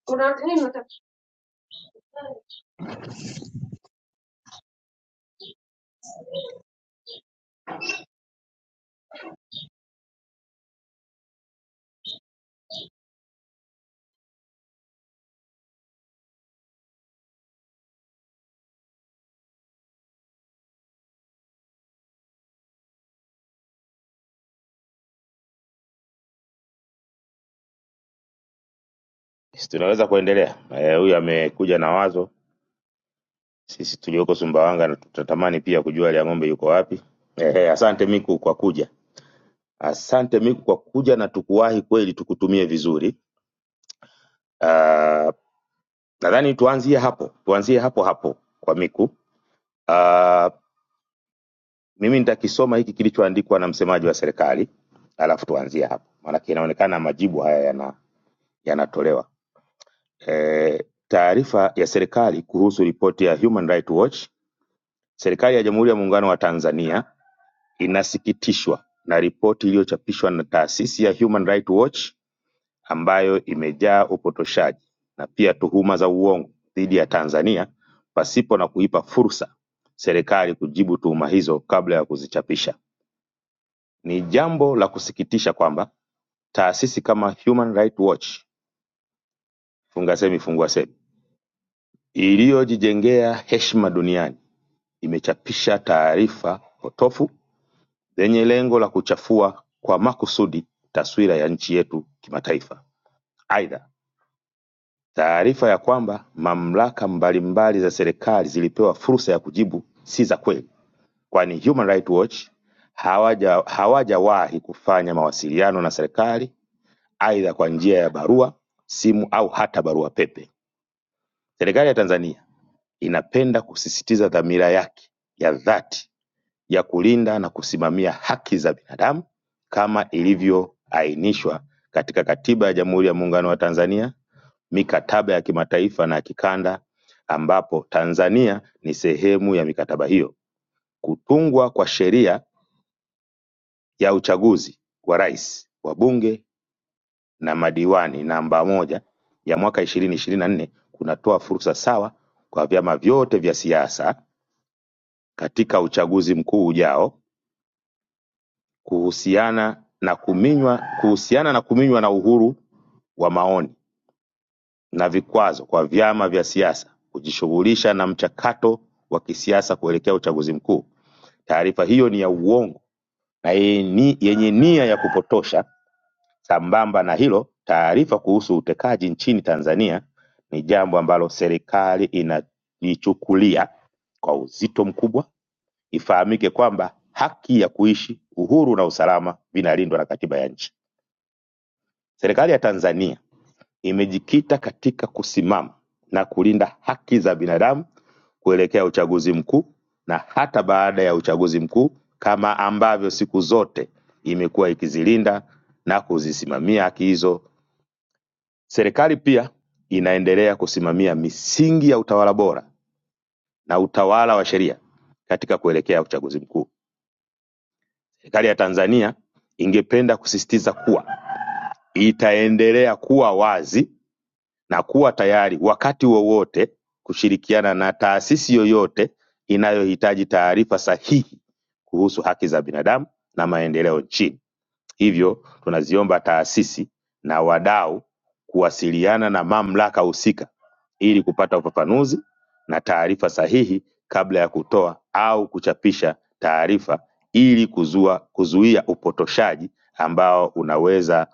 Una nini unataka?
Si tunaweza kuendelea. Eh, Huyu amekuja na wazo, sisi tulioko Sumbawanga na tutatamani pia kujua ile ng'ombe yuko wapi. Ehe, asante Miku kwa kuja, asante Miku kwa kuja na tukuwahi kweli, tukutumie vizuri. Uh, nadhani tuanzie hapo, tuanzie hapo hapo kwa Miku. Uh, Mimi nitakisoma hiki kilichoandikwa na msemaji wa serikali, alafu tuanzie hapo, maanake inaonekana majibu haya yana yanatolewa. E, taarifa ya serikali kuhusu ripoti ya Human Rights Watch, serikali ya Jamhuri ya Muungano wa Tanzania inasikitishwa na ripoti iliyochapishwa na taasisi ya Human Rights Watch ambayo imejaa upotoshaji na pia tuhuma za uongo dhidi ya Tanzania pasipo na kuipa fursa serikali kujibu tuhuma hizo kabla ya kuzichapisha. Ni jambo la kusikitisha kwamba taasisi kama Human Rights Watch (fungasemi funguasemi) iliyojijengea heshima duniani imechapisha taarifa potofu zenye lengo la kuchafua kwa makusudi taswira ya nchi yetu kimataifa. Aidha, taarifa ya kwamba mamlaka mbalimbali za serikali zilipewa fursa ya kujibu si za kweli, kwani Human Rights Watch hawaja hawajawahi kufanya mawasiliano na serikali aidha kwa njia ya barua, simu au hata barua pepe. Serikali ya Tanzania inapenda kusisitiza dhamira yake ya dhati ya kulinda na kusimamia haki za binadamu kama ilivyoainishwa katika Katiba ya Jamhuri ya Muungano wa Tanzania, mikataba ya kimataifa na kikanda ambapo Tanzania ni sehemu ya mikataba hiyo. Kutungwa kwa sheria ya uchaguzi wa rais, wa bunge. na madiwani namba moja ya mwaka ishirini ishirini na nne kunatoa fursa sawa kwa vyama vyote vya siasa katika uchaguzi mkuu ujao kuhusiana na kuminywa kuhusiana na kuminywa na uhuru wa maoni na vikwazo kwa vyama vya siasa kujishughulisha na mchakato wa kisiasa kuelekea uchaguzi mkuu. Taarifa hiyo ni ya uongo na yenye yenye nia ya kupotosha Sambamba na hilo, taarifa kuhusu utekaji nchini Tanzania ni jambo ambalo serikali inalichukulia kwa uzito mkubwa. Ifahamike kwamba haki ya kuishi, uhuru na usalama vinalindwa na katiba ya nchi. Serikali ya Tanzania imejikita katika kusimama na kulinda haki za binadamu kuelekea uchaguzi mkuu na hata baada ya uchaguzi mkuu, kama ambavyo siku zote imekuwa ikizilinda na kuzisimamia haki hizo Serikali pia inaendelea kusimamia misingi ya utawala bora na utawala wa sheria katika kuelekea uchaguzi mkuu. Serikali ya Tanzania ingependa kusisitiza kuwa itaendelea kuwa wazi na kuwa tayari wakati wowote kushirikiana na taasisi yoyote inayohitaji taarifa sahihi kuhusu haki za binadamu na maendeleo nchini. Hivyo tunaziomba taasisi na wadau kuwasiliana na mamlaka husika ili kupata ufafanuzi na taarifa sahihi kabla ya kutoa au kuchapisha taarifa ili kuzua, kuzuia upotoshaji ambao unaweza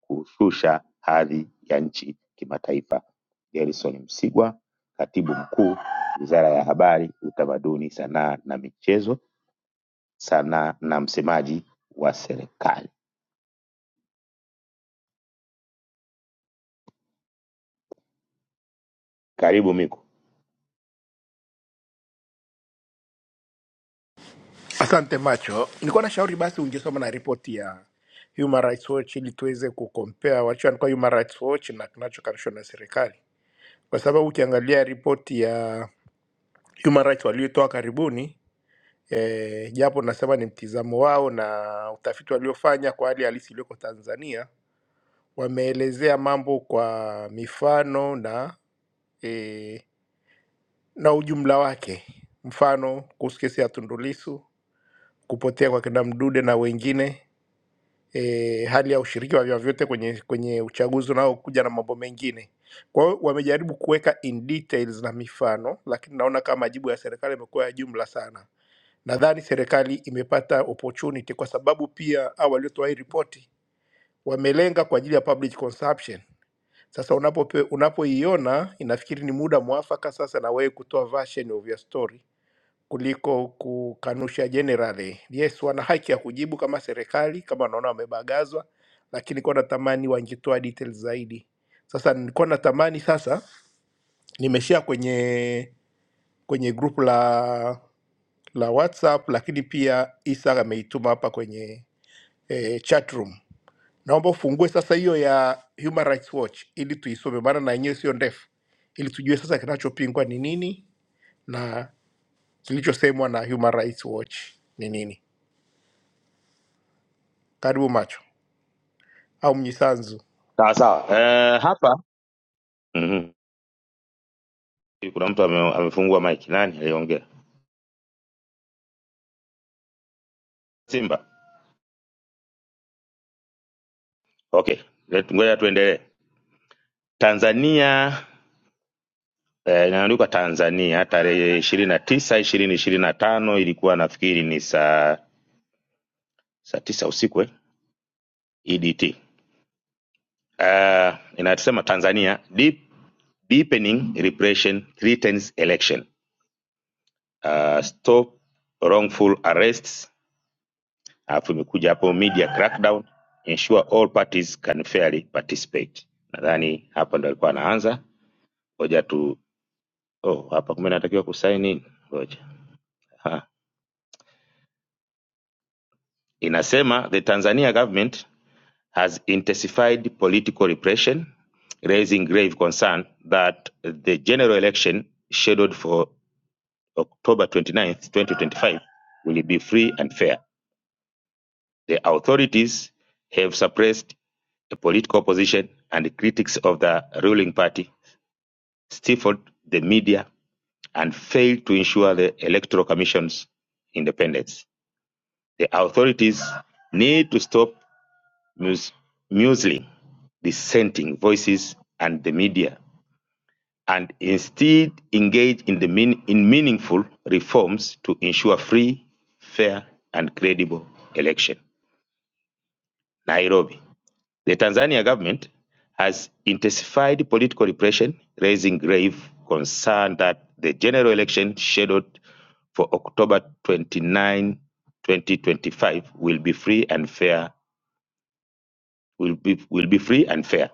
kushusha hadhi ya nchi kimataifa. Gerson Msigwa, Katibu Mkuu, Wizara ya Habari, Utamaduni, Sanaa na Michezo, sanaa na msemaji wa serikali. Karibu Miku.
Asante macho, nilikuwa na shauri basi ungesoma na ripoti ya Human Rights Watch ili tuweze kukompea wachana kwa Human Rights Watch na kinachokarishwa na serikali, kwa sababu ukiangalia ripoti ya Human Rights waliotoa karibuni e, japo nasema ni mtizamo wao na utafiti waliofanya kwa hali halisi iliyoko Tanzania, wameelezea mambo kwa mifano na e, na ujumla wake, mfano kuhusu kesi ya Tundu Lissu kupotea kwa kina Mdude na wengine e, hali ya ushiriki wa vyama vyote kwenye, kwenye uchaguzi unaokuja na mambo mengine. Kwa hiyo wamejaribu kuweka in details na mifano, lakini naona kama majibu ya serikali yamekuwa ya jumla sana. Nadhani serikali imepata opportunity kwa sababu pia hao waliotoa hii ripoti wamelenga kwa ajili ya public consumption. Sasa unapope- unapoiona inafikiri ni muda mwafaka sasa na wewe kutoa version of your story kuliko kukanusha generally. Yes, wana haki ya kujibu kama serikali, kama wanaona wamebagazwa, lakini kwa natamani wangetoa details zaidi. Sasa nilikuwa natamani sasa, nimeshare kwenye kwenye group la la WhatsApp, lakini pia Isa ameituma hapa kwenye eh, chat room. Naomba ufungue sasa hiyo ya Human Rights Watch ili tuisome, maana na yenyewe sio ndefu, ili tujue sasa kinachopingwa ni nini na kilichosemwa na Human Rights Watch ni nini. Karibu macho au Mnyisanzu,
sawa sawa. Eh, hapa Mhm. kuna mtu ame, amefungua mic. Nani aliongea? Simba. Okay, Let- ngoja tuendelee. Tanzania eh, inaandikwa Tanzania tarehe ishirini na tisa ishirini ishirini na tano ilikuwa nafikiri ni saa saa tisa usiku eh? EDT. Uh, inasema Tanzania deep, deepening repression threatens election. Uh, stop wrongful arrests alafu imekuja hapo media crackdown ensure all parties can fairly participate nadhani hapa ndo alikuwa anaanza ngoja tu oh, hapa kumbe natakiwa kusaini nini? ngoja ha. inasema the tanzania government has intensified political repression raising grave concern that the general election scheduled for october 29th 2025 will be free and fair The authorities have suppressed the political opposition and critics of the ruling party, stifled the media, and failed to ensure the Electoral Commission's independence. The authorities need to stop mus- muzzling dissenting voices and the media and instead engage in, the mean- in meaningful reforms to ensure free, fair, and credible election. Nairobi, The Tanzania government has intensified political repression, raising grave concern that the general election scheduled for October 29, 2025 will be free and fair. Will be, will be free and fair.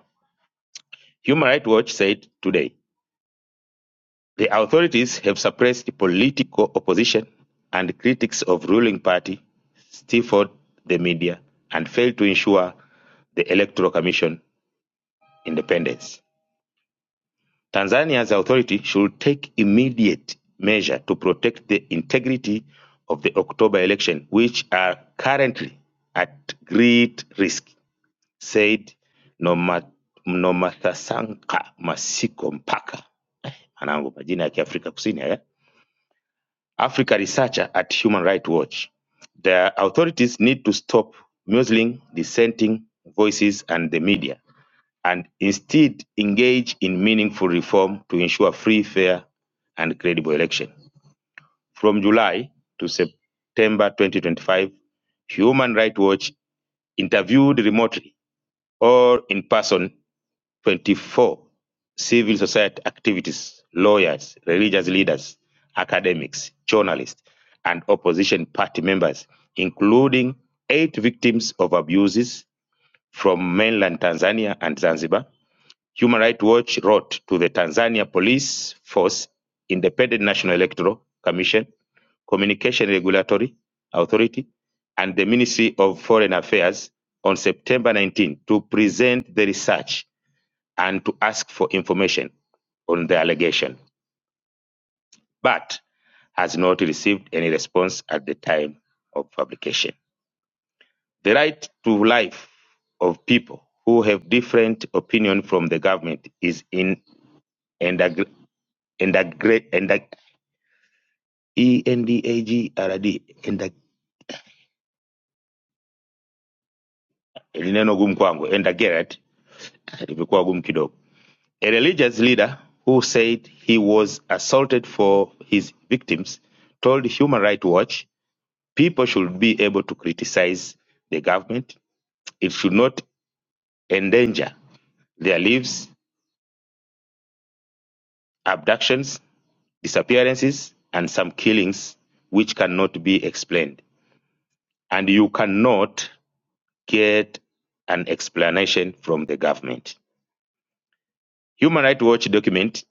Human Rights Watch said today the authorities have suppressed political opposition and critics of ruling party, stifled the media, and failed to ensure the Electoral Commission independence. Tanzania's authority should take immediate measure to protect the integrity of the October election, which are currently at great risk, said Noma- Nomathasanka Masiko Mpaka, anangu majina ya Kiafrika Kusini haya, Africa researcher at Human Rights Watch. The authorities need to stop muzzling dissenting voices and the media and instead engage in meaningful reform to ensure free, fair, and credible election. From July to September 2025, Human Rights Watch interviewed remotely or in person 24 civil society activists, lawyers, religious leaders, academics, journalists, and opposition party members, including eight victims of abuses from mainland Tanzania and Zanzibar Human Rights Watch wrote to the Tanzania Police Force, Independent National Electoral Commission, Communication Regulatory Authority, and the Ministry of Foreign Affairs on September 19 to present the research and to ask for information on the allegation, but has not received any response at the time of publication. The right to life of people who have different opinion from the government is in and. Endagre- Enda E N D A G R A D Enda ili neno gumu kwangu Endageret ilivyokuwa gumu kidogo. A religious leader who said he was assaulted for his victims told Human Rights Watch people should be able to criticize the government. It should not endanger their lives, abductions, disappearances, and some killings which cannot be explained. And you cannot get an explanation from the government. Human Rights Watch document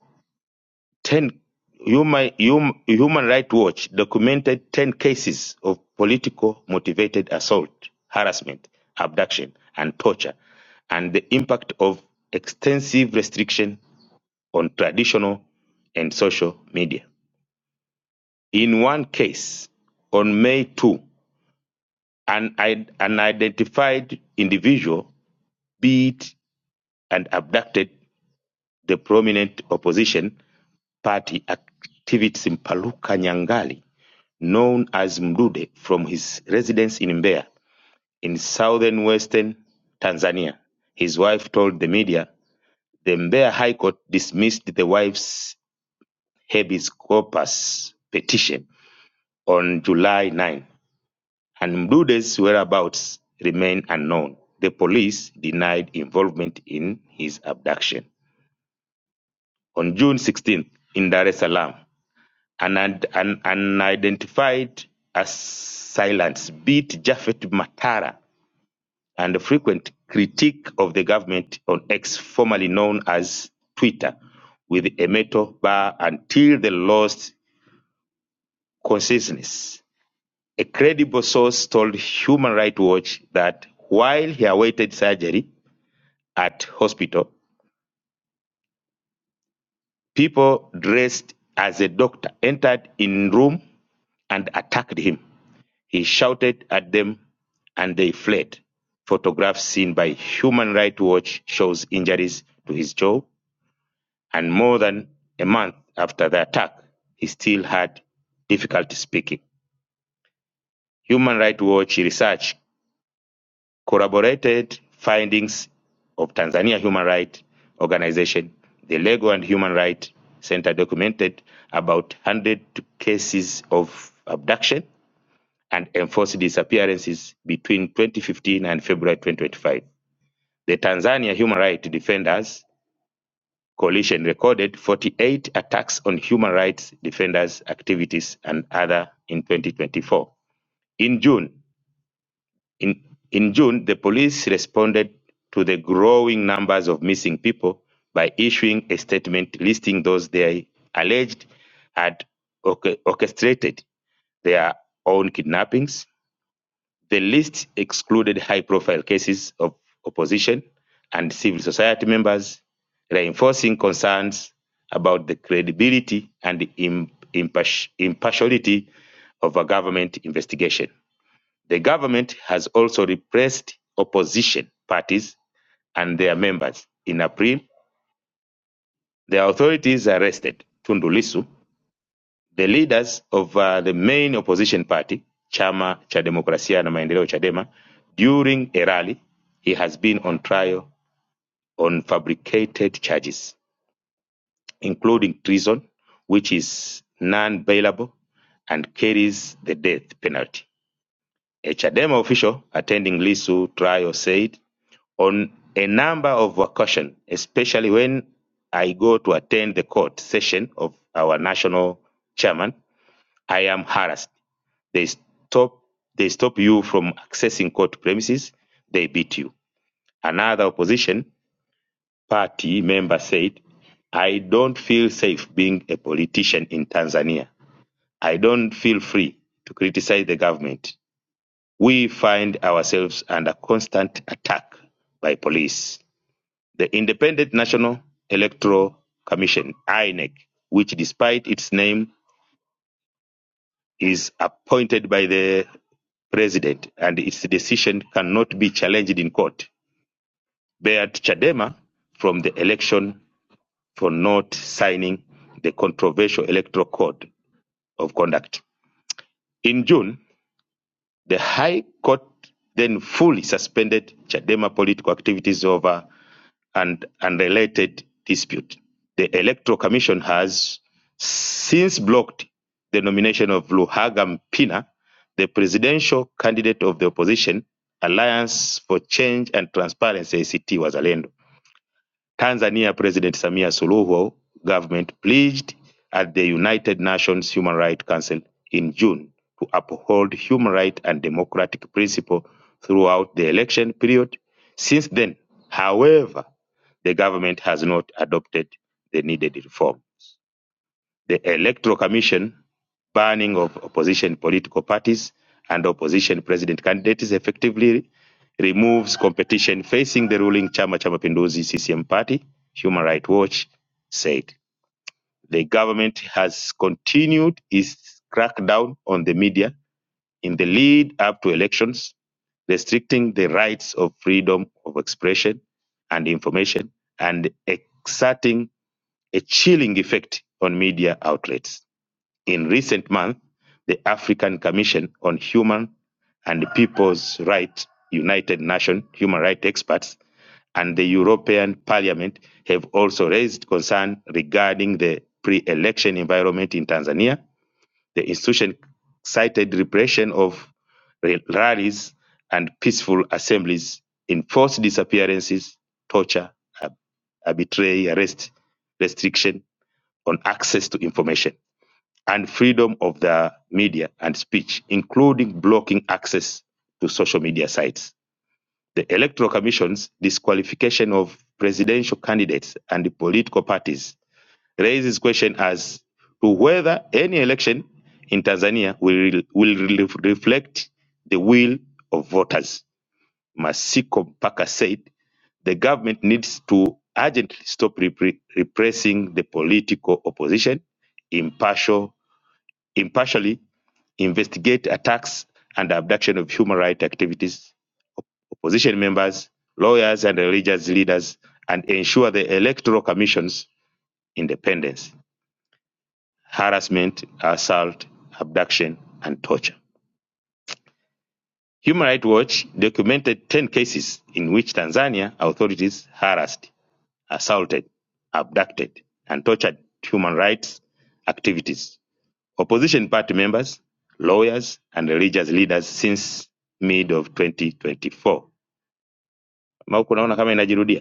10 Human, Hum- Human Rights Watch documented 10 cases of political motivated assault, harassment, abduction, and torture, and the impact of extensive restriction on traditional and social media. In one case, on May 2, an, id- an identified individual beat and abducted the prominent opposition party activist Mpaluka Nyangali, known as Mdude, from his residence in Mbeya in southern western Tanzania. His wife told the media the Mbeya High Court dismissed the wife's habeas corpus petition on July 9, and Mdude's whereabouts remain unknown. The police denied involvement in his abduction. On June 16th, in Dar es Salaam, and an unidentified assailants beat Japhet Matara and the frequent critique of the government on X, formerly known as Twitter, with a metal bar until they lost consciousness. A credible source told Human Rights Watch that while he awaited surgery at hospital, people dressed as a doctor entered in room and attacked him. He shouted at them and they fled. Photographs seen by Human Rights Watch shows injuries to his jaw, and more than a month after the attack, he still had difficulty speaking. Human Rights Watch research corroborated findings of Tanzania Human Rights Organization, the Lego and Human Rights Center documented about 100 cases of abduction and enforced disappearances between 2015 and February 2025. The Tanzania Human Rights Defenders Coalition recorded 48 attacks on human rights defenders' activities and other in 2024. In June, in, in June, the police responded to the growing numbers of missing people by issuing a statement listing those they alleged had orchestrated their own kidnappings, The list excluded high-profile cases of opposition and civil society members, reinforcing concerns about the credibility and impartiality of a government investigation. The government has also repressed opposition parties and their members. In April, the authorities arrested Tundu Lissu the leaders of uh, the main opposition party, Chama cha Demokrasia na Maendeleo, Chadema, during a rally, he has been on trial on fabricated charges, including treason, which is non bailable and carries the death penalty. A Chadema official attending Lisu trial said, on a number of occasions, especially when I go to attend the court session of our national chairman, I am harassed they stop they stop you from accessing court premises, they beat you. Another opposition party member said, I don't feel safe being a politician in Tanzania. I don't feel free to criticize the government. We find ourselves under constant attack by police. The Independent National Electoral Commission, INEC, which despite its name is appointed by the president and its decision cannot be challenged in court, barred Chadema from the election for not signing the controversial electoral code of conduct. In June, The High Court then fully suspended Chadema political activities over an unrelated dispute. The Electoral Commission has since blocked the nomination of Luhaga Mpina, the presidential candidate of the opposition Alliance for Change and Transparency ACT Wazalendo Tanzania President Samia Suluhu government pledged at the United Nations Human Rights Council in June to uphold human rights and democratic principles throughout the election period. Since then, however, the government has not adopted the needed reform the Electoral Commission banning of opposition political parties and opposition president candidates effectively removes competition facing the ruling Chama cha Mapinduzi CCM party, Human Rights Watch said. The government has continued its crackdown on the media in the lead up to elections, restricting the rights of freedom of expression and information and exerting a chilling effect on media outlets in recent months, the African Commission on Human and People's Rights, United Nations human rights experts, and the European Parliament have also raised concern regarding the pre-election environment in Tanzania. The institution cited repression of rallies and peaceful assemblies, enforced disappearances, torture, arbitrary arrest, restriction on access to information and freedom of the media and speech, including blocking access to social media sites. The Electoral Commission's disqualification of presidential candidates and political parties raises question as to whether any election in Tanzania will, will reflect the will of voters. Masiko Mpaka said the government needs to urgently stop repre- repressing the political opposition impartial, impartially investigate attacks and abduction of human rights activists, opposition members, lawyers, and religious leaders, and ensure the Electoral Commission's independence, harassment, assault, abduction, and torture. Human Rights Watch documented 10 cases in which Tanzania authorities harassed, assaulted, abducted, and tortured human rights activities opposition party members, lawyers and religious leaders since mid of 2024. Ama huku naona kama inajirudia.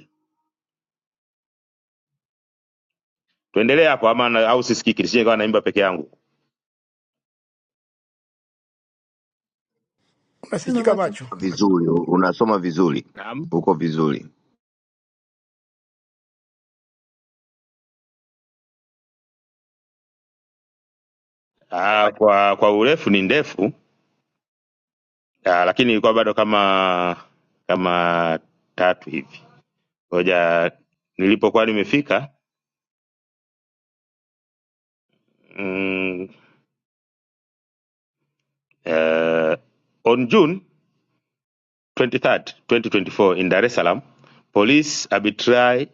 Tuendelee hapo ama na- au sisikiki nisije kawa naimba peke yangu.
Mema
unasikika
macho.
macho?
Vizuri, unasoma vizuri,
Naam.
uko vizuri.
Ah, kwa kwa urefu ni ndefu ah, lakini ilikuwa bado kama kama tatu hivi. Ngoja nilipokuwa nimefika mm, eh, on June 23rd, 2024 in Dar es Salaam, police arbitrarily.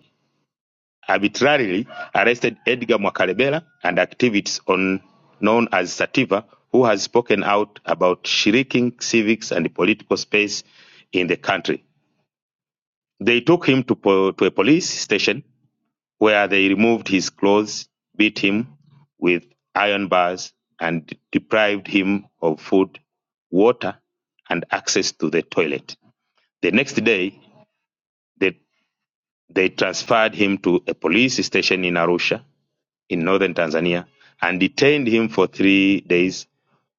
arbitrarily arrested Edgar Mwakalebela and activists on known as Sativa, who has spoken out about shrinking civics and the political space in the country. They took him to, po- to a police station where they removed his clothes, beat him with iron bars, and deprived him of food, water, and access to the toilet. The next day, they, they transferred him to a police station in Arusha in northern Tanzania and detained him for three days.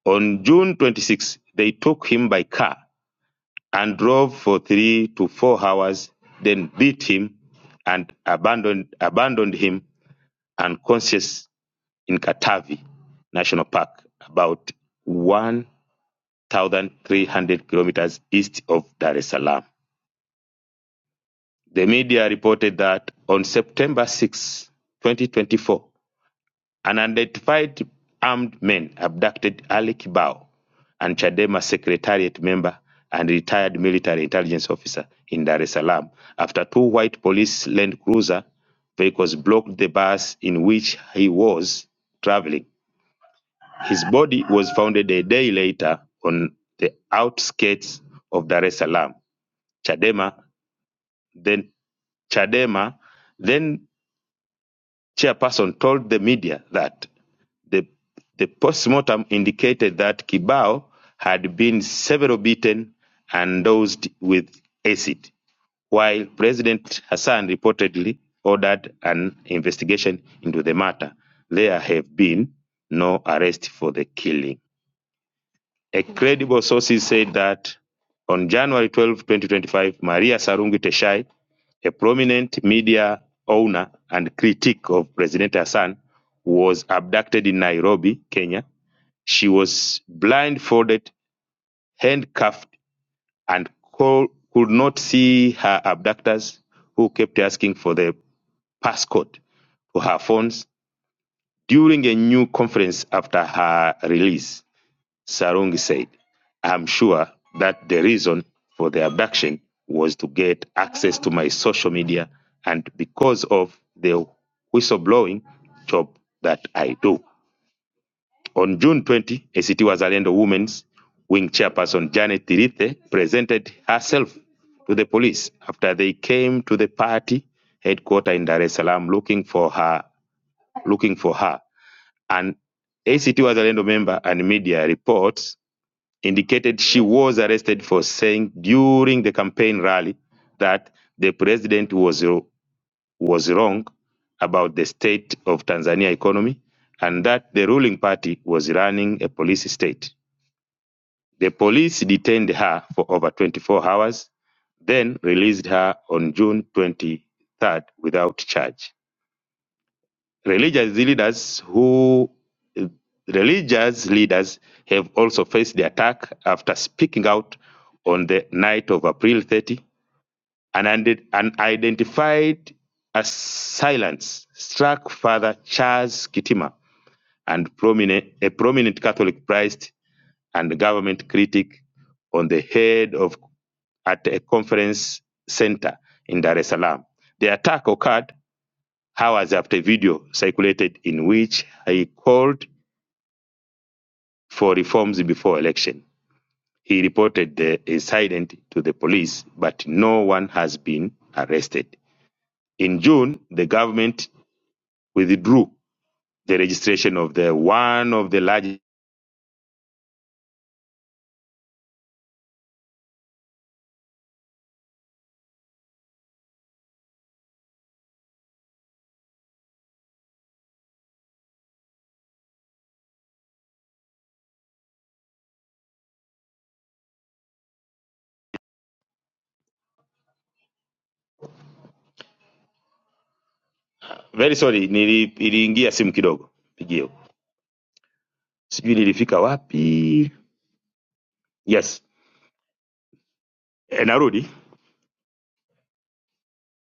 On June 26, they took him by car and drove for three to four hours, then beat him and abandoned, abandoned him unconscious in Katavi National Park, about 1,300 kilometers east of Dar es Salaam. The media reported that on September 6, 2024, Unidentified armed men abducted Ali Kibao, and Chadema secretariat member and retired military intelligence officer in Dar es Salaam, after two white police Land Cruiser vehicles blocked the bus in which he was traveling. His body was found a day later on the outskirts of Dar es Salaam. Chadema then Chadema then chairperson told the media that the, the postmortem indicated that Kibao had been severely beaten and dosed with acid, while President Hassan reportedly ordered an investigation into the matter. There have been no arrests for the killing. A credible sources said that on January 12, 2025, Maria Sarungi Teshai, a prominent media owner and critic of President Hassan, was abducted in Nairobi, Kenya. She was blindfolded, handcuffed, and could not see her abductors, who kept asking for the passcode to her phones during a new conference after her release. Sarungi said. I'm sure that the reason for their backing was to get access to my social media and because of the whistleblowing job that I do. On June 20, ACT Wazalendo Women's Wing chairperson Janet Tirithe presented herself to the police after they came to the party headquarters in Dar es Salaam looking for her. Looking for her, and ACT Wazalendo member and media reports indicated she was arrested for saying during the campaign rally that the president was was wrong about the state of Tanzania economy and that the ruling party was running a police state. The police detained her for over 24 hours, then released her on June 23rd without charge. Religious leaders who religious leaders have also faced the attack after speaking out on the night of April 30. An unde- an unidentified as silence struck Father Charles Kitima and prominent, a prominent Catholic priest and government critic on the head of at a conference center in Dar es Salaam. The attack occurred hours after video circulated in which he called for reforms before election. He reported the incident to the police, but no one has been arrested. In June, the government withdrew the registration of the one of the largest. Very sorry, nili- niliingia simu kidogo pigio, sijui nilifika wapi. Yes, Eh, narudi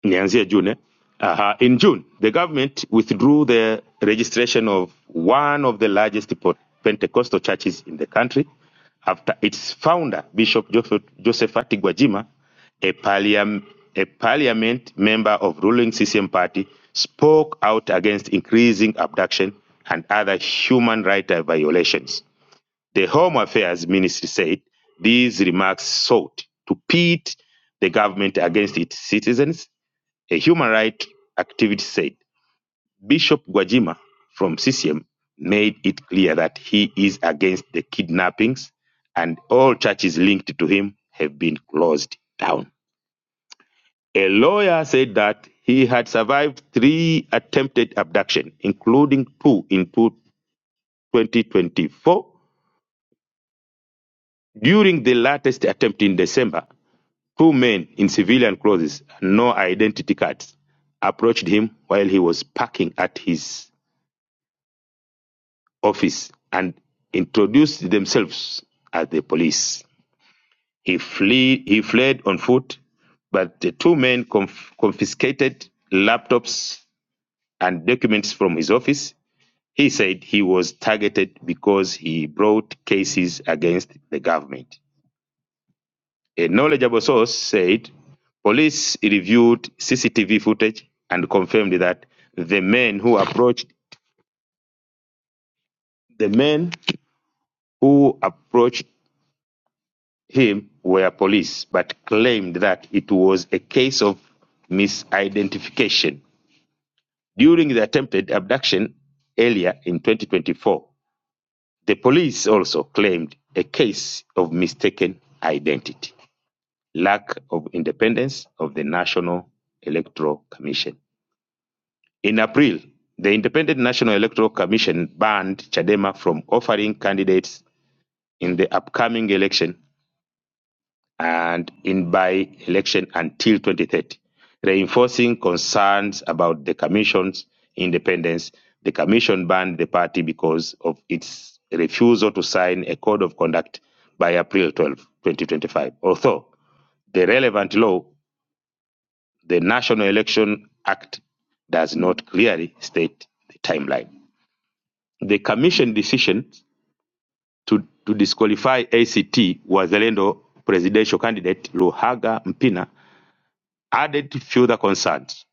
nianzie June eh? in June, the government withdrew the registration of one of the largest Pentecostal churches in the country after its founder, Bishop Joseph Josephati Gwajima, a, parliam, a parliament member of ruling CCM party, spoke out against increasing abduction and other human rights violations. The Home Affairs Ministry said these remarks sought to pit the government against its citizens a human rights activist said Bishop Gwajima from CCM made it clear that he is against the kidnappings and all churches linked to him have been closed down. A lawyer said that he had survived three attempted abductions, including two in 2024. During the latest attempt in December, two men in civilian clothes and no identity cards approached him while he was parking at his office and introduced themselves as the police. He, flee, he fled on foot, but the two men conf- confiscated laptops and documents from his office. He said he was targeted because he brought cases against the government. A knowledgeable source said police reviewed CCTV footage and confirmed that the men who approached the men who approached him were police, but claimed that it was a case of misidentification. During the attempted abduction earlier in 2024, the police also claimed a case of mistaken identity, lack of independence of the National Electoral Commission. In April, the Independent National Electoral Commission banned Chadema from offering candidates in the upcoming election and in by election until 2030, reinforcing concerns about the Commission's independence. The Commission banned the party because of its refusal to sign a code of conduct by April 12, 2025. Although the relevant law, the National Election Act, does not clearly state the timeline. The Commission decision to, to disqualify ACT Wazalendo presidential candidate Luhaga Mpina Added further concerns.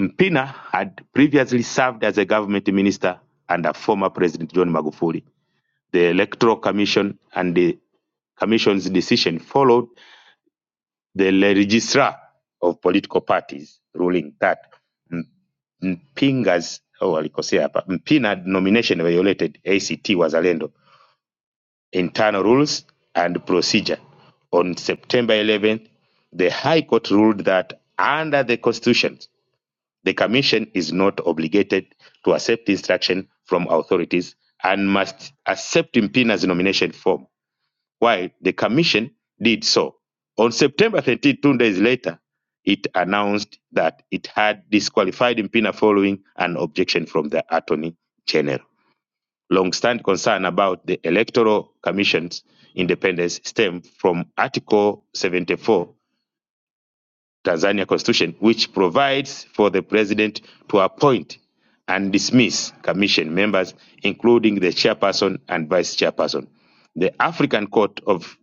Mpina had previously served as a government minister under former President John Magufuli. The Electoral Commission and the Commission's decision followed the Registrar of Political Parties ruling that M- Mpinga's oh, alikosea hapa Mpina nomination violated ACT Wazalendo internal rules and procedure. On September 11th, the High Court ruled that under the Constitution, The Commission is not obligated to accept instruction from authorities and must accept Mpina's nomination form. While the Commission did so, on September 13, two days later, it announced that it had disqualified Mpina following an objection from the Attorney General. Long-standing concern about the Electoral Commission's independence stem from Article 74 Tanzania Constitution, which provides for the president to appoint and dismiss commission members, including the chairperson and vice chairperson. The African Court of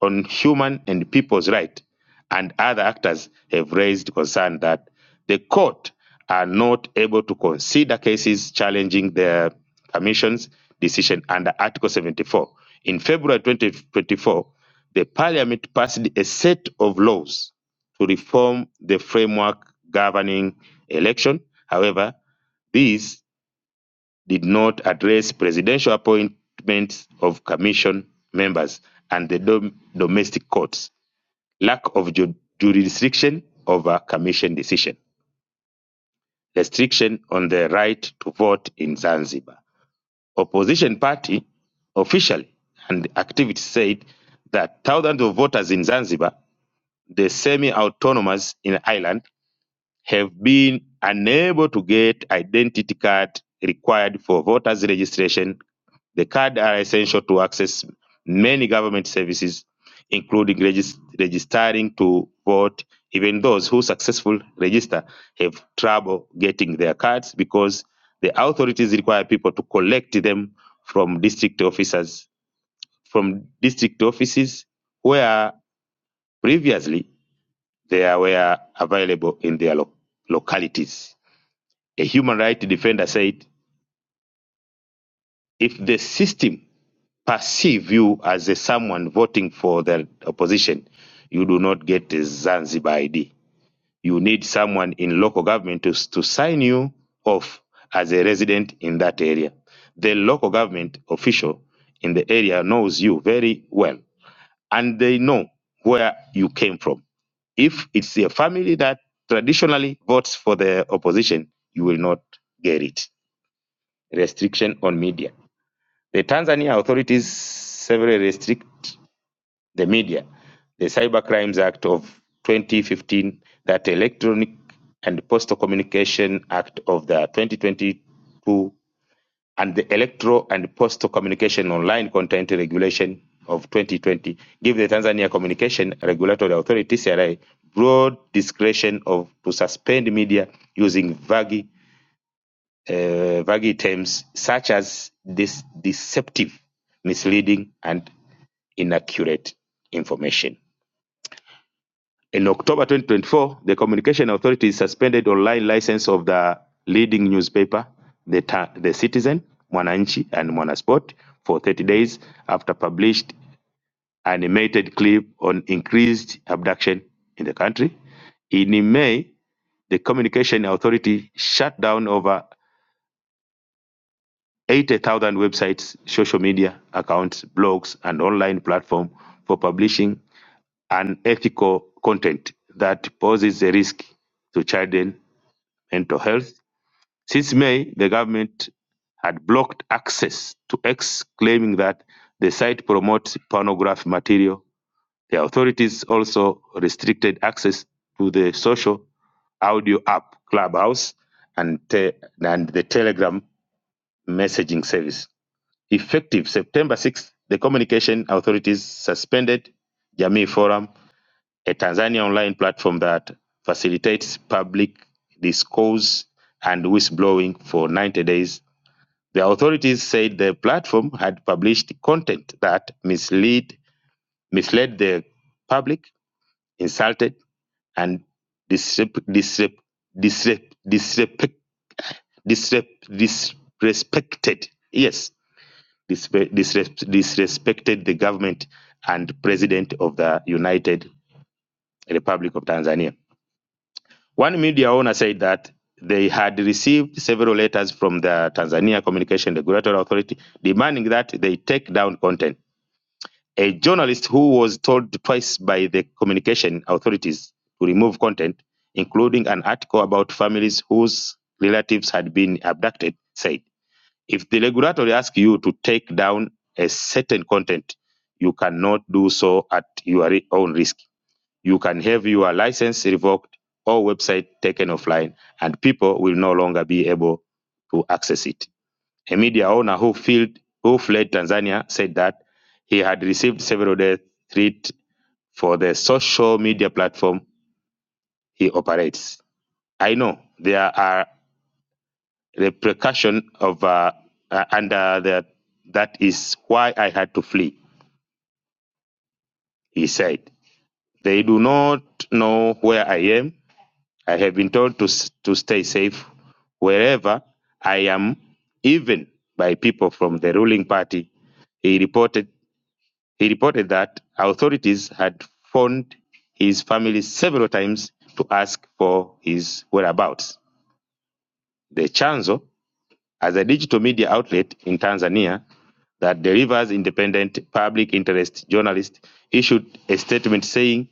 on human and people's rights, and other actors have raised concern that the court are not able to consider cases challenging the commission's decision under Article 74. In February 2024, the parliament passed a set of laws to reform the framework governing election. However, these did not address presidential appointments of commission members and the dom- domestic courts, lack of ju- jurisdiction over commission decision, restriction on the right to vote in Zanzibar. Opposition party officially and activists said that thousands of voters in Zanzibar, the semi-autonomous in Ireland, have been unable to get identity card required for voters registration. The card are essential to access many government services, including regis- registering to vote. Even those who successfully register have trouble getting their cards because the authorities require people to collect them from district officers from district offices where previously they were available in their lo- localities. A human rights defender said, if the system perceive you as a someone voting for the opposition, you do not get a Zanzibar ID. You need someone in local government to, to sign you off as a resident in that area. The local government official in the area knows you very well and they know where you came from. If it's a family that traditionally votes for the opposition, you will not get it. restriction on media. The Tanzania authorities severely restrict the media. The Cyber Crimes Act of 2015, that Electronic and Postal Communication Act of the 2022, and the Electro and Postal Communication Online Content Regulation of 2020 give the Tanzania Communication Regulatory Authority (CRA) broad discretion of to suspend media using vague uh, vague terms such as this deceptive, misleading, and inaccurate information. In October 2024, the Communication Authority suspended online license of the leading newspaper, The, Ta- the Citizen, Mwananchi, and Mwanasport for 30 days after published animated clip on increased abduction in the country. In May, the Communication Authority shut down over 80,000 websites, social media accounts, blogs, and online platform for publishing unethical content that poses a risk to children mental health. Since May, the government had blocked access to X, claiming that the site promotes pornographic material. The authorities also restricted access to the social audio app Clubhouse and, te- and the Telegram messaging service. Effective September 6th, the communication authorities suspended Jamii Forum, a Tanzania online platform that facilitates public discourse and whistleblowing for 90 days. The authorities said the platform had published content that mislead, misled the public, insulted, and disrep- disrep- disrep- disrep- disrespected. Yes, dispe- disres- disrespected the government and president of the United Republic of Tanzania. One media owner said that they had received several letters from the Tanzania Communication Regulatory Authority demanding that they take down content. A journalist who was told twice by the communication authorities to remove content, including an article about families whose relatives had been abducted, said. If the regulator asks you to take down a certain content, you cannot do so at your own risk. You can have your license revoked or website taken offline, and people will no longer be able to access it. A media owner who, fled who fled Tanzania said that he had received several death threats for the social media platform he operates. I know there are The precaution of uh, uh, and uh, that that is why I had to flee. He said, "They do not know where I am. I have been told to to stay safe wherever I am, even by people from the ruling party." He reported he reported that authorities had phoned his family several times to ask for his whereabouts. The chanzo as a digital media outlet in Tanzania that delivers independent public interest journalists issued a statement saying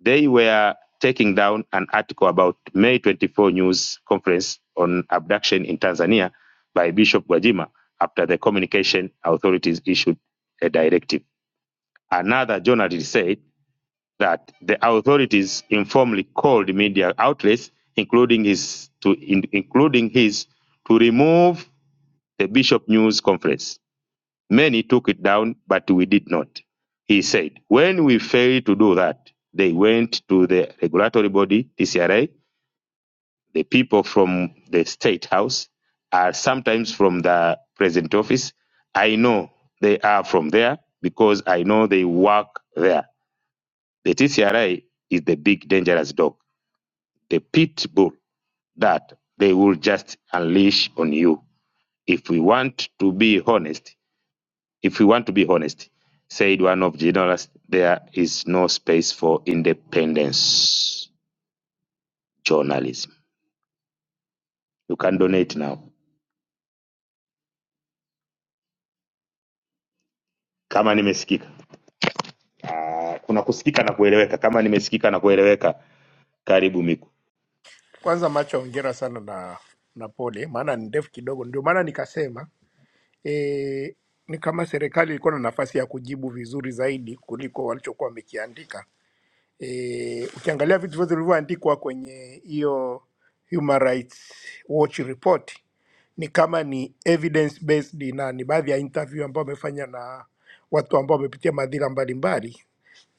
they were taking down an article about May 24 news conference on abduction in Tanzania by Bishop Gwajima after the communication authorities issued a directive. Another journalist said that the authorities informally called media outlets, including his, to, in- including his, to remove the Bishop News Conference. Many took it down, but we did not. He said, when we failed to do that, they went to the regulatory body, TCRA, the people from the State House, are sometimes from the President Office. I know they are from there because I know they work there. The TCRA is the big dangerous dog, the pit bull that they will just unleash on you. If we want to be honest, If we want to be honest, said one of journalists, there is no space for independence journalism. You can donate now. Kama nimesikika. Ah, kuna kusikika na kueleweka. Kama nimesikika na kueleweka, karibu Miku.
Kwanza macho, hongera sana na na pole, maana ni ndefu kidogo. Ndio maana nikasema e, ni kama serikali ilikuwa na nafasi ya kujibu vizuri zaidi kuliko walichokuwa wamekiandika. E, ukiangalia vitu vyote vilivyoandikwa kwenye hiyo Human Rights Watch report ni kama ni evidence based, na ni baadhi ya interview ambao wamefanya na watu ambao wamepitia madhira mbalimbali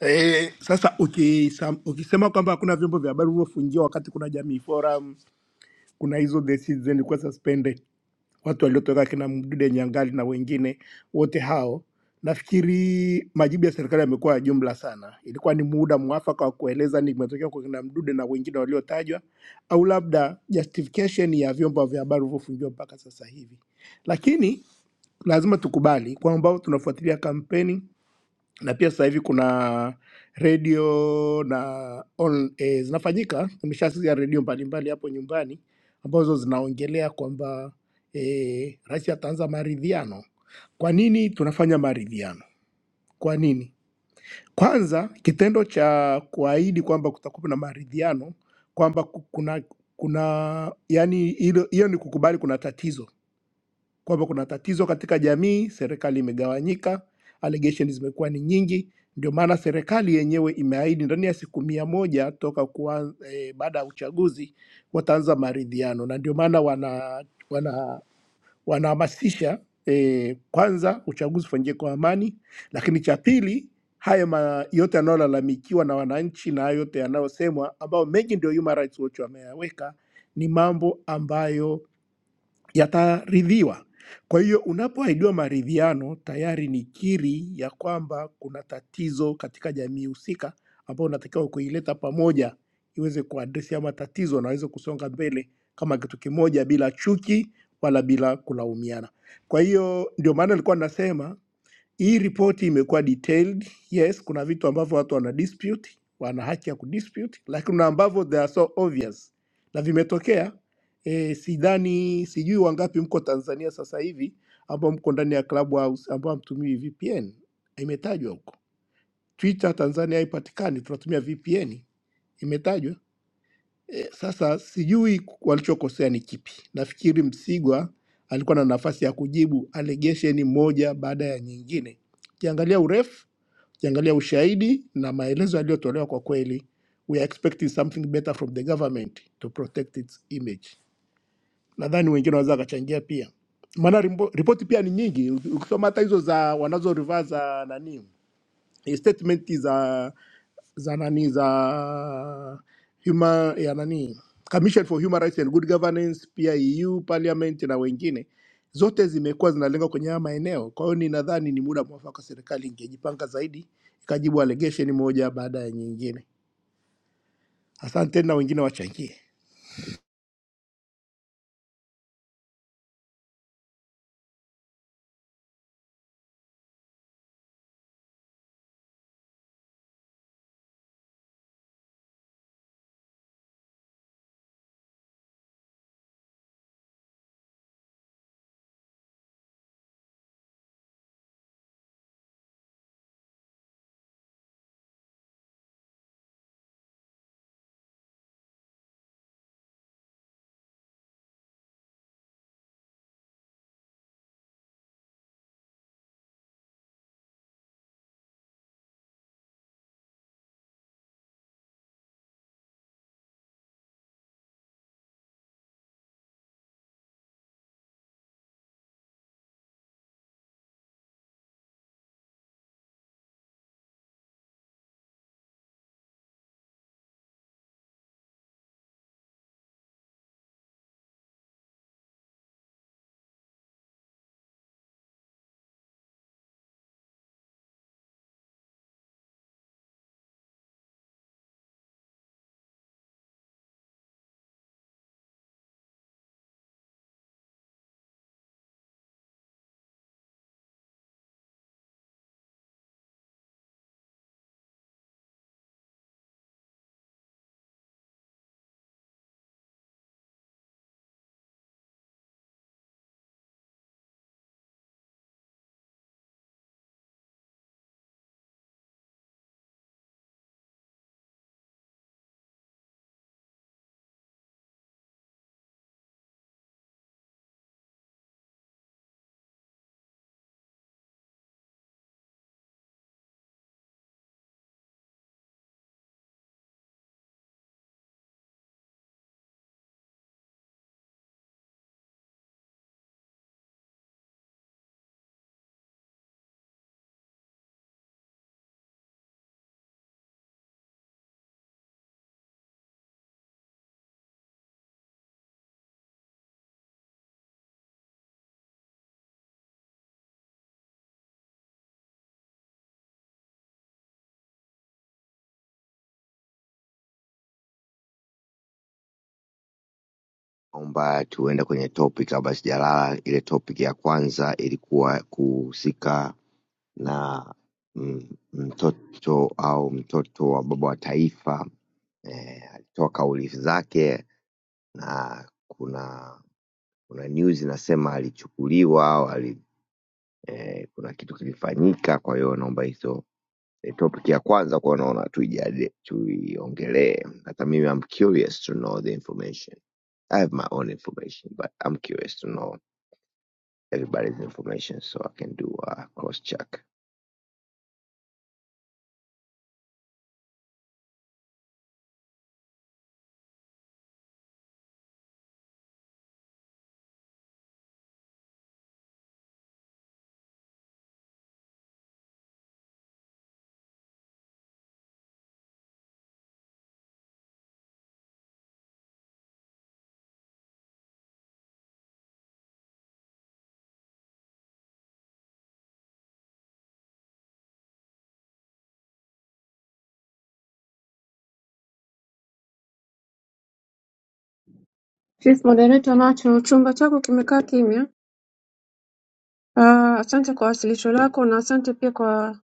E, sasa ukisam- ukisema kwamba hakuna vyombo vya habari vilivyofungiwa wakati kuna Jamii Forum, kuna hizo The Citizen ilikuwa suspended, watu waliotoka kina Mdude Nyangali na wengine wote hao, nafikiri majibu ya serikali yamekuwa ya jumla sana. Ilikuwa ni muda mwafaka wa kueleza ni kimetokea kwa kina Mdude na wengine waliotajwa, au labda justification ya vyombo vya habari vilivyofungiwa mpaka sasa hivi. Lakini lazima tukubali kwamba tunafuatilia kampeni na pia sasa hivi kuna redio na on, eh, zinafanyika. Nimeshasikia redio mbalimbali hapo nyumbani ambazo zinaongelea kwamba eh, rais ataanza maridhiano. Kwa nini tunafanya maridhiano? Kwa nini? Kwanza, kitendo cha kuahidi kwamba kutakuwa na maridhiano, kwamba ku- kuna kuna yani hilo- hiyo ni kukubali kuna tatizo kwamba kuna tatizo katika jamii, serikali imegawanyika, allegations zimekuwa ni nyingi. Ndio maana serikali yenyewe imeahidi ndani ya siku mia moja toka kuwa, eh, baada ya uchaguzi wataanza maridhiano, na ndio maana wana wana wanahamasisha eh, kwanza uchaguzi ufanyike kwa amani, lakini cha pili haya ma, yote yanayolalamikiwa na wananchi na hayo yote yanayosemwa, ambayo mengi ndio Human Rights Watch wameyaweka, ni mambo ambayo yataridhiwa. Kwa hiyo unapoahidiwa maridhiano, tayari ni kiri ya kwamba kuna tatizo katika jamii husika ambayo unatakiwa kuileta pamoja iweze kuadresi ama tatizo na waweze kusonga mbele kama kitu kimoja bila chuki wala bila kulaumiana. Kwa hiyo ndio maana nilikuwa nasema hii ripoti imekuwa detailed. Yes, kuna vitu ambavyo watu wana dispute, wana haki ya kudispute, lakini kuna ambavyo they are so obvious na vimetokea. E, sidhani sijui wangapi mko Tanzania sasa hivi ambao mko ndani ya Clubhouse ambao hamtumii VPN. Imetajwa huko Twitter Tanzania haipatikani, tunatumia VPN, imetajwa. Sasa sijui walichokosea ni kipi. Nafikiri Msigwa alikuwa na nafasi ya kujibu allegation moja baada ya nyingine. Ukiangalia urefu, ukiangalia ushahidi na maelezo yaliyotolewa, kwa kweli we are expecting something better from the government to protect its image. Nadhani wengine wanaweza wakachangia pia, maana rimbo- ripoti pia ni nyingi. Ukisoma hata hizo za wanazo rivaa za nani statementi za za nani za human, ya nani Commission for Human Rights and Good Governance, pia EU Parliament na wengine, zote zimekuwa zinalenga kwenye haya maeneo. Kwa hiyo ninadhani ni muda mwafaka serikali ingejipanga zaidi, ikajibu allegation moja baada ya nyingine. Asante na wengine wachangie.
Naomba tuende kwenye topic kabla sijalala. Ile topic ya kwanza ilikuwa kuhusika na mm, mtoto au mtoto wa baba wa taifa eh, alitoa kauli zake na kuna kuna news inasema alichukuliwa au ali, eh, kuna kitu kilifanyika kwa hiyo naomba hizo eh, topic ya kwanza kwa naona tuijadili- tuiongelee hata mimi I'm curious to know the information I have my own information but I'm curious to know everybody's information so I can do a cross check
chief moderator nacho chumba chako kimekaa kimya uh, asante kwa wasilisho lako na asante pia kwa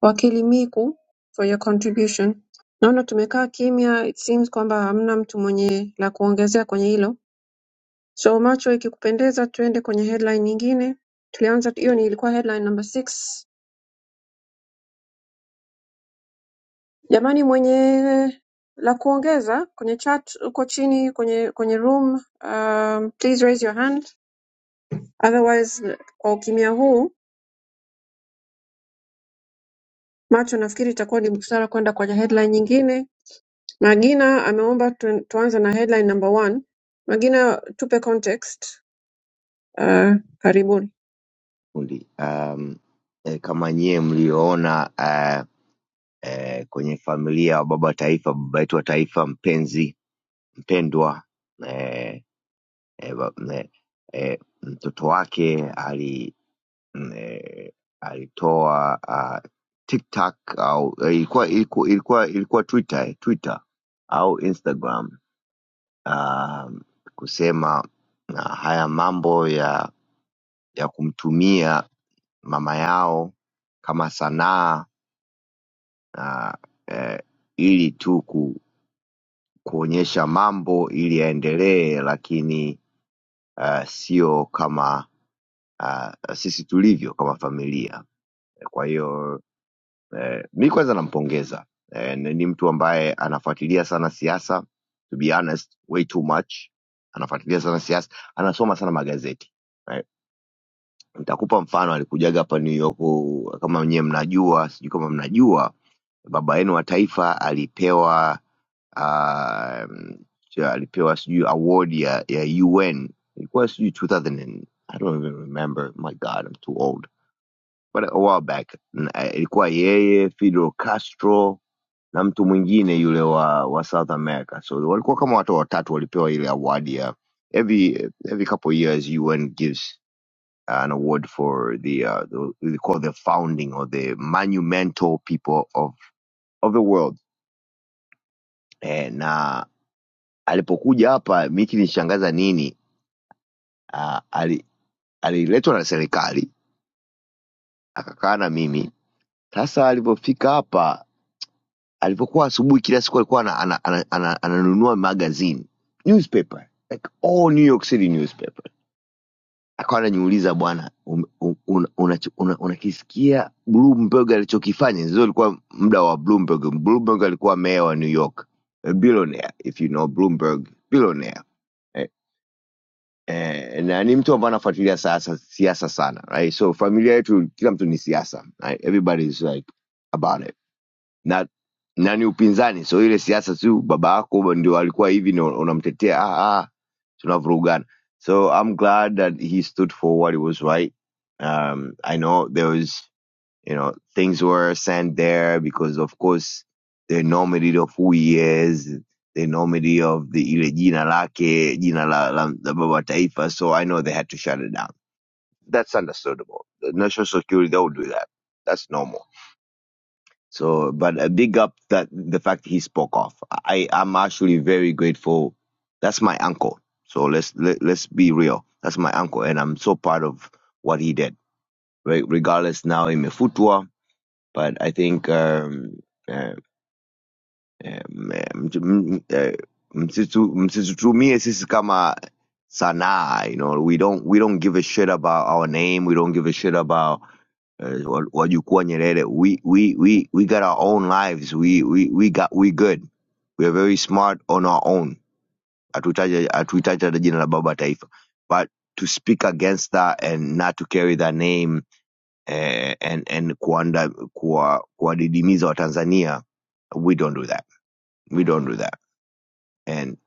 wakili miku for your contribution naona tumekaa kimya it seems kwamba hamna mtu mwenye la kuongezea kwenye hilo so macho ikikupendeza tuende kwenye headline nyingine tulianza hiyo ni ilikuwa headline number six jamani mwenye la kuongeza kwenye chat huko chini kwenye kwenye room um, please raise your hand otherwise kwa ukimya huu macho nafikiri itakuwa ni busara kwenda kwenye headline nyingine magina ameomba tu, tuanze na headline number one magina tupe context uh, karibuni
kundi um, e, kama nyie mlioona uh, e, kwenye familia wa baba wa taifa baba yetu wa taifa mpenzi mpendwa e, e, ba, e, e, mtoto wake ali eh, alitoa uh, TikTok au eh, ilikuwa ilikuwa ilikuwa ilikuwa Twitter eh, Twitter au Instagram ah, kusema ah, haya mambo ya ya kumtumia mama yao kama sanaa ah, eh, ili tu kuonyesha mambo ili yaendelee lakini uh, sio kama uh, sisi tulivyo kama familia kwa hiyo eh, mi kwanza nampongeza eh, ni mtu ambaye anafuatilia sana siasa to be honest way too much anafuatilia sana siasa anasoma sana magazeti Eh, Nitakupa mfano, alikujaga hapa New York, kama nyewe mnajua, sijui kama mnajua, baba yenu wa taifa alipewa ah, cha- alipewa sijui award ya, ya UN ilikuwa sijui 2000 and, I don't even remember. My God, I'm too old. But a while back n- eh, ilikuwa yeye Fidel Castro na mtu mwingine yule wa, wa South America. So walikuwa kama watu watatu walipewa ile award ya every every couple years UN gives an award for the uh the, they call the founding or the monumental people of of the world eh, na alipokuja hapa mi kilinishangaza nini uh, ali, aliletwa na serikali akakaa na mimi sasa alivyofika hapa alivyokuwa asubuhi kila siku alikuwa ananunua ana, ana, ana, ana, magazine newspaper like all new york city newspapers akawa anajiuliza bwana um- um- una- unacho- una- unakisikia bloomberg alichokifanya hizo ilikuwa muda wa bloomberg bloomberg alikuwa meya wa new york a billionaire if you know bloomberg billionaire eh, eh, na ni mtu ambaye anafuatilia siasa siasa sana right so familia yetu kila mtu ni siasa right? everybody is like about it na na upinzani so ile siasa tu baba yako ndio alikuwa hivi na unamtetea ah, ah, tunavurugana so i'm glad that he stood for what he was right um, i know there was you know things were sent there because of course the enormity of who he is the enormity of the ile jina lake jina la, la, la baba taifa so i know they had to shut it down that's understandable the national security they would do that that's normal so, but a big up that the fact he spoke off. I am actually very grateful. That's my uncle. So let's let, let's be real. That's my uncle, and I'm so proud of what he did. Re- regardless now in Mefutwa, but I think um, uh, um, um, uh, msitu- msitutumie sisi kama sanaa. You know, we don't we don't give a shit about our name. We don't give a shit about uh, wa- wajukuu wa Nyerere, we we we we got our own lives. We we we got we good. We are very smart on our own. Hatuhitaji hatuhitaji hata jina la baba taifa. But to speak against that and not to carry that name eh, and and kuanda kuwa kuwadidimiza Tanzania? we don't do that. We don't do that. And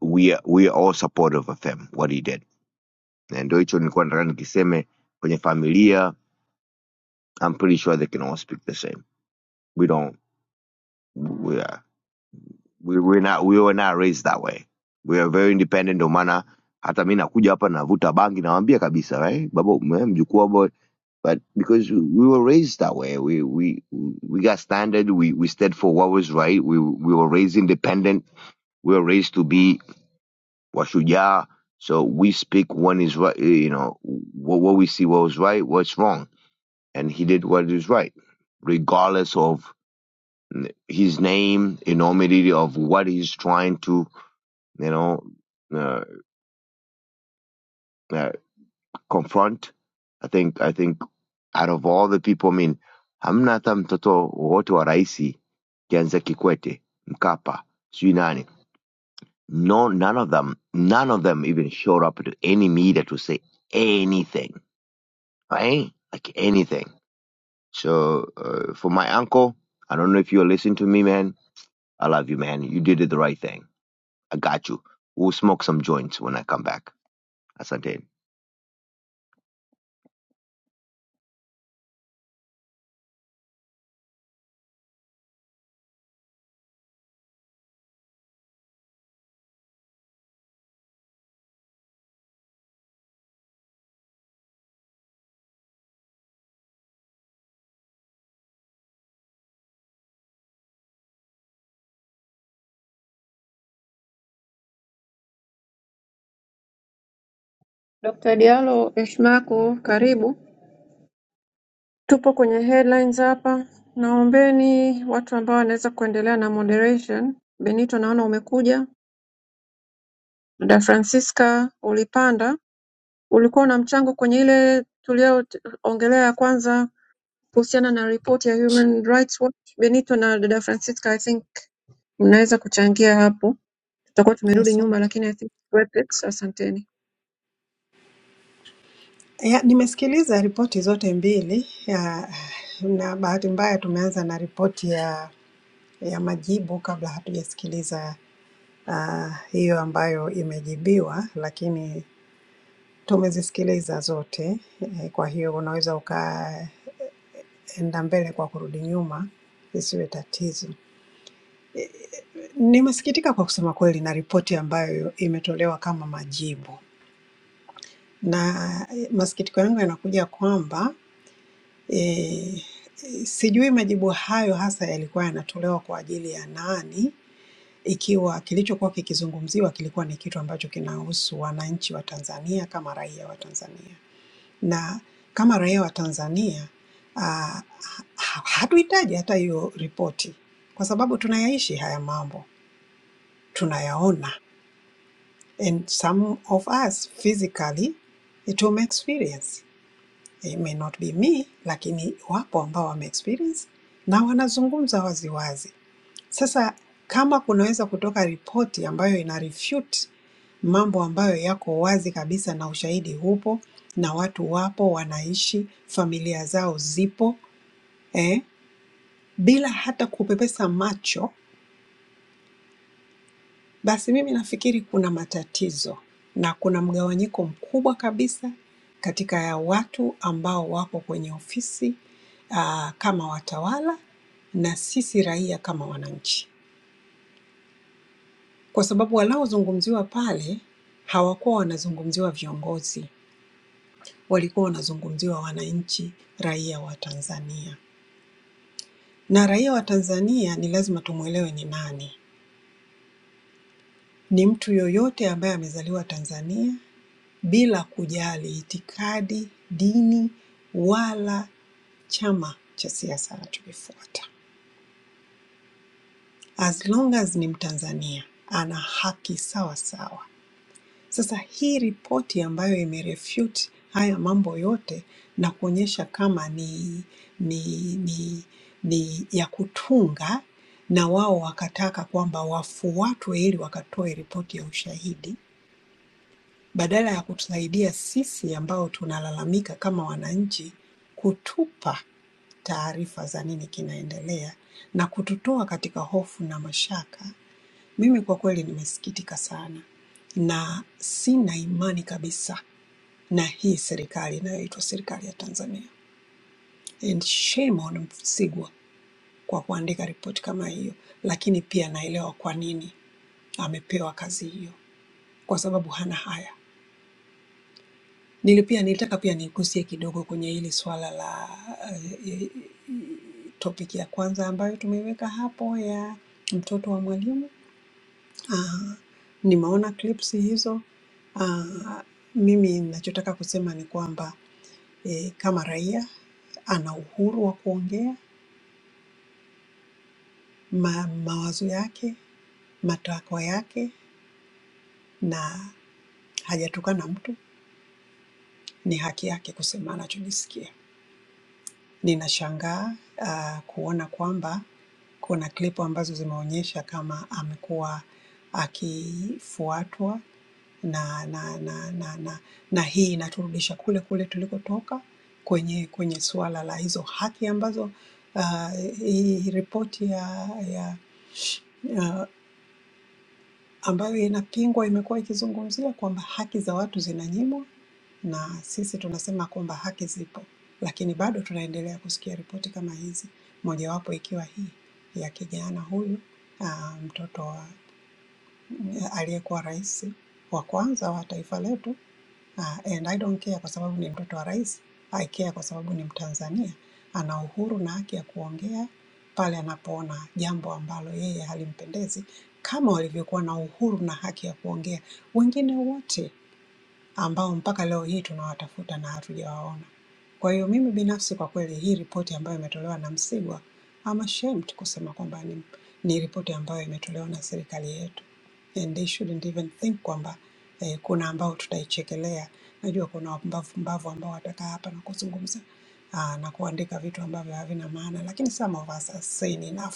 we are, we are all supportive of him what he did. Na ndio hicho nilikuwa nataka nikiseme kwenye familia, I'm pretty sure they can all speak the same. We don't. We are. we were not we were not raised that way we are very independent ndio maana hata mi nakuja hapa navuta bangi nawaambia kabisa right baba ume- mjukuu abo but because we were raised that way we we we got standard we we stood for what was right we we were raised independent we were raised to be washujaa so we speak when is right eh, you know what, what we see what was right what's wrong and he did what is right regardless of his name enormity of what he's trying to you know, uh, uh, confront. I think I think out of all the people, I mean, hamna hata mtoto wowote wa raisi kianzia Kikwete, Mkapa, sijui nani. No, none of them, none of them even showed up to any media to say anything, right? Like anything. So uh, for my uncle, I don't know if you're listening to me, man. I love you, man. You did the right thing. I got you. We'll smoke some joints when I come back. Asante.
dr dialo eshmako karibu tupo kwenye headlines hapa naombeni watu ambao wanaweza kuendelea na moderation benito naona umekuja da francisca ulipanda ulikuwa na mchango kwenye ile tulioongelea ya kwanza kuhusiana na ripoti ya human rights watch benito na dada francisca i think mnaweza kuchangia hapo, tutakuwa tumerudi nyuma,
Asante.
lakini I think worth it. Asanteni.
Ya, nimesikiliza ripoti zote mbili ya, na bahati mbaya tumeanza na ripoti ya, ya majibu kabla hatujasikiliza ah, hiyo ambayo imejibiwa, lakini tumezisikiliza zote eh, kwa hiyo unaweza ukaenda mbele kwa kurudi nyuma isiwe tatizo. Nimesikitika kwa kusema kweli na ripoti ambayo imetolewa kama majibu na eh, masikitiko yangu yanakuja kwamba E, sijui majibu hayo hasa yalikuwa yanatolewa kwa ajili ya nani, ikiwa kilichokuwa kikizungumziwa kilikuwa ni kitu ambacho kinahusu wananchi wa Tanzania kama raia wa Tanzania, na kama raia wa Tanzania ah, ha- hatuhitaji hata hiyo ripoti kwa sababu tunayaishi haya mambo, tunayaona and some of us physically tume experience. it may not be me, lakini wapo ambao wame experience na wanazungumza wazi wazi. Sasa kama kunaweza kutoka ripoti ambayo ina refute mambo ambayo yako wazi kabisa na ushahidi hupo na watu wapo wanaishi, familia zao zipo eh, bila hata kupepesa macho Basi mimi nafikiri kuna matatizo na kuna mgawanyiko mkubwa kabisa katika ya watu ambao wapo kwenye ofisi ah, kama watawala na sisi raia kama wananchi, kwa sababu wanaozungumziwa pale hawakuwa wanazungumziwa viongozi, walikuwa wanazungumziwa wananchi, raia wa Tanzania. Na raia wa Tanzania ni lazima tumwelewe ni nani. Ni mtu yoyote ambaye amezaliwa Tanzania bila kujali itikadi, dini wala chama cha siasa anachokifuata. As long as ni Mtanzania ana haki sawa sawa. Sasa hii ripoti ambayo imerefute haya mambo yote na kuonyesha kama ni ni ni, ni ya kutunga na wao wakataka kwamba wafuatwe ili wakatoe ripoti ya ushahidi badala ya kutusaidia sisi ambao tunalalamika kama wananchi, kutupa taarifa za nini kinaendelea na kututoa katika hofu na mashaka. Mimi kwa kweli nimesikitika sana na sina imani kabisa na hii serikali inayoitwa serikali ya Tanzania. And shame on Msigwa kwa kuandika ripoti kama hiyo, lakini pia naelewa kwa nini amepewa kazi hiyo, kwa sababu hana haya. Nili pia nilitaka pia nigusie kidogo kwenye hili swala la uh, topic ya kwanza ambayo tumeiweka hapo ya mtoto wa mwalimu. Uh, nimeona clips hizo. Uh, mimi ninachotaka kusema ni kwamba eh, kama raia ana uhuru wa kuongea ma, mawazo yake, matakwa yake na hajatukana mtu, ni haki yake kusema anachojisikia. Ninashangaa ah, kuona kwamba kuna klipu ambazo zimeonyesha kama amekuwa akifuatwa na na na na, na, na hii inaturudisha kule kule tulikotoka kwenye kwenye suala la hizo haki ambazo ah, hii ripoti ya, ya ah, ambayo inapingwa, imekuwa ikizungumzia kwamba haki za watu zinanyimwa, na sisi tunasema kwamba haki zipo, lakini bado tunaendelea kusikia ripoti kama hizi, mojawapo ikiwa hii ya kijana huyu ah, mtoto wa aliyekuwa rais wa kwanza wa taifa letu Ah, and I don't care kwa sababu ni mtoto wa rais. I care kwa sababu ni Mtanzania, ana uhuru na haki ya kuongea pale anapoona jambo ambalo yeye halimpendezi, kama walivyokuwa na uhuru na haki ya kuongea wengine wote ambao mpaka leo hii tunawatafuta na hatujawaona. Kwa hiyo mimi binafsi kwa kweli hii ripoti ambayo imetolewa na Msigwa, I'm ashamed kusema kwamba ni, ni ripoti ambayo imetolewa na serikali yetu and they shouldn't even think kwamba eh, kuna ambao tutaichekelea. Najua kuna wapumbavu pumbavu ambao watakaa hapa na kuzungumza ah, na kuandika vitu ambavyo havina maana, lakini some of us are sane enough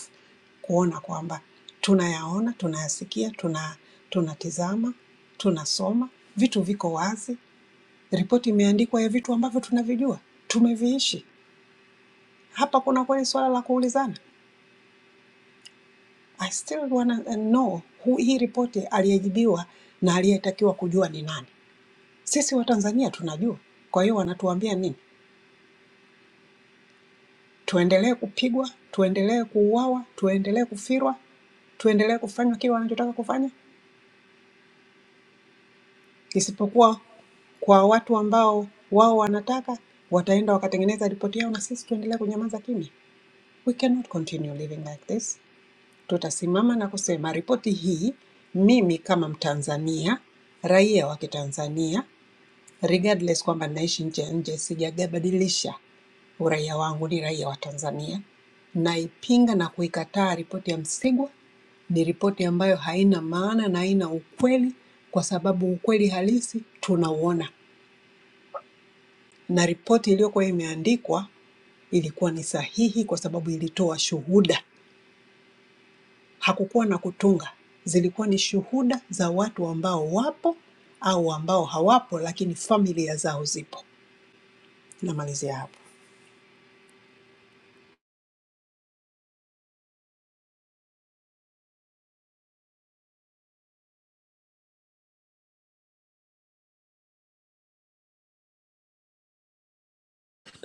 kuona kwamba tunayaona, tunayasikia, tuna tunatizama, tunasoma, vitu viko wazi, ripoti imeandikwa ya vitu ambavyo tunavijua, tumeviishi. Hapa kuna kweli suala la kuulizana. I still wanna know who, hii ripoti aliyejibiwa na aliyetakiwa kujua ni nani. Sisi Watanzania tunajua. Kwa hiyo wanatuambia nini? Tuendelee kupigwa, tuendelee kuuawa, tuendelee kufirwa, tuendelee kufanywa kile wanachotaka kufanya, isipokuwa kwa watu ambao wao wanataka wataenda wakatengeneza ripoti yao na sisi tuendelee kunyamaza kimya. We cannot continue living like this. Tutasimama na kusema ripoti hii, mimi kama Mtanzania, raia wa Kitanzania regardless kwamba naishi nje ya nje, sijabadilisha uraia wangu, ni raia wa Tanzania. Naipinga na kuikataa ripoti ya Msigwa. Ni ripoti ambayo haina maana na haina ukweli, kwa sababu ukweli halisi tunauona, na ripoti iliyokuwa imeandikwa ilikuwa ni sahihi kwa sababu ilitoa shuhuda, hakukuwa na kutunga, zilikuwa ni shuhuda za watu ambao wapo au ambao hawapo, lakini familia zao zipo. Namalizia hapo.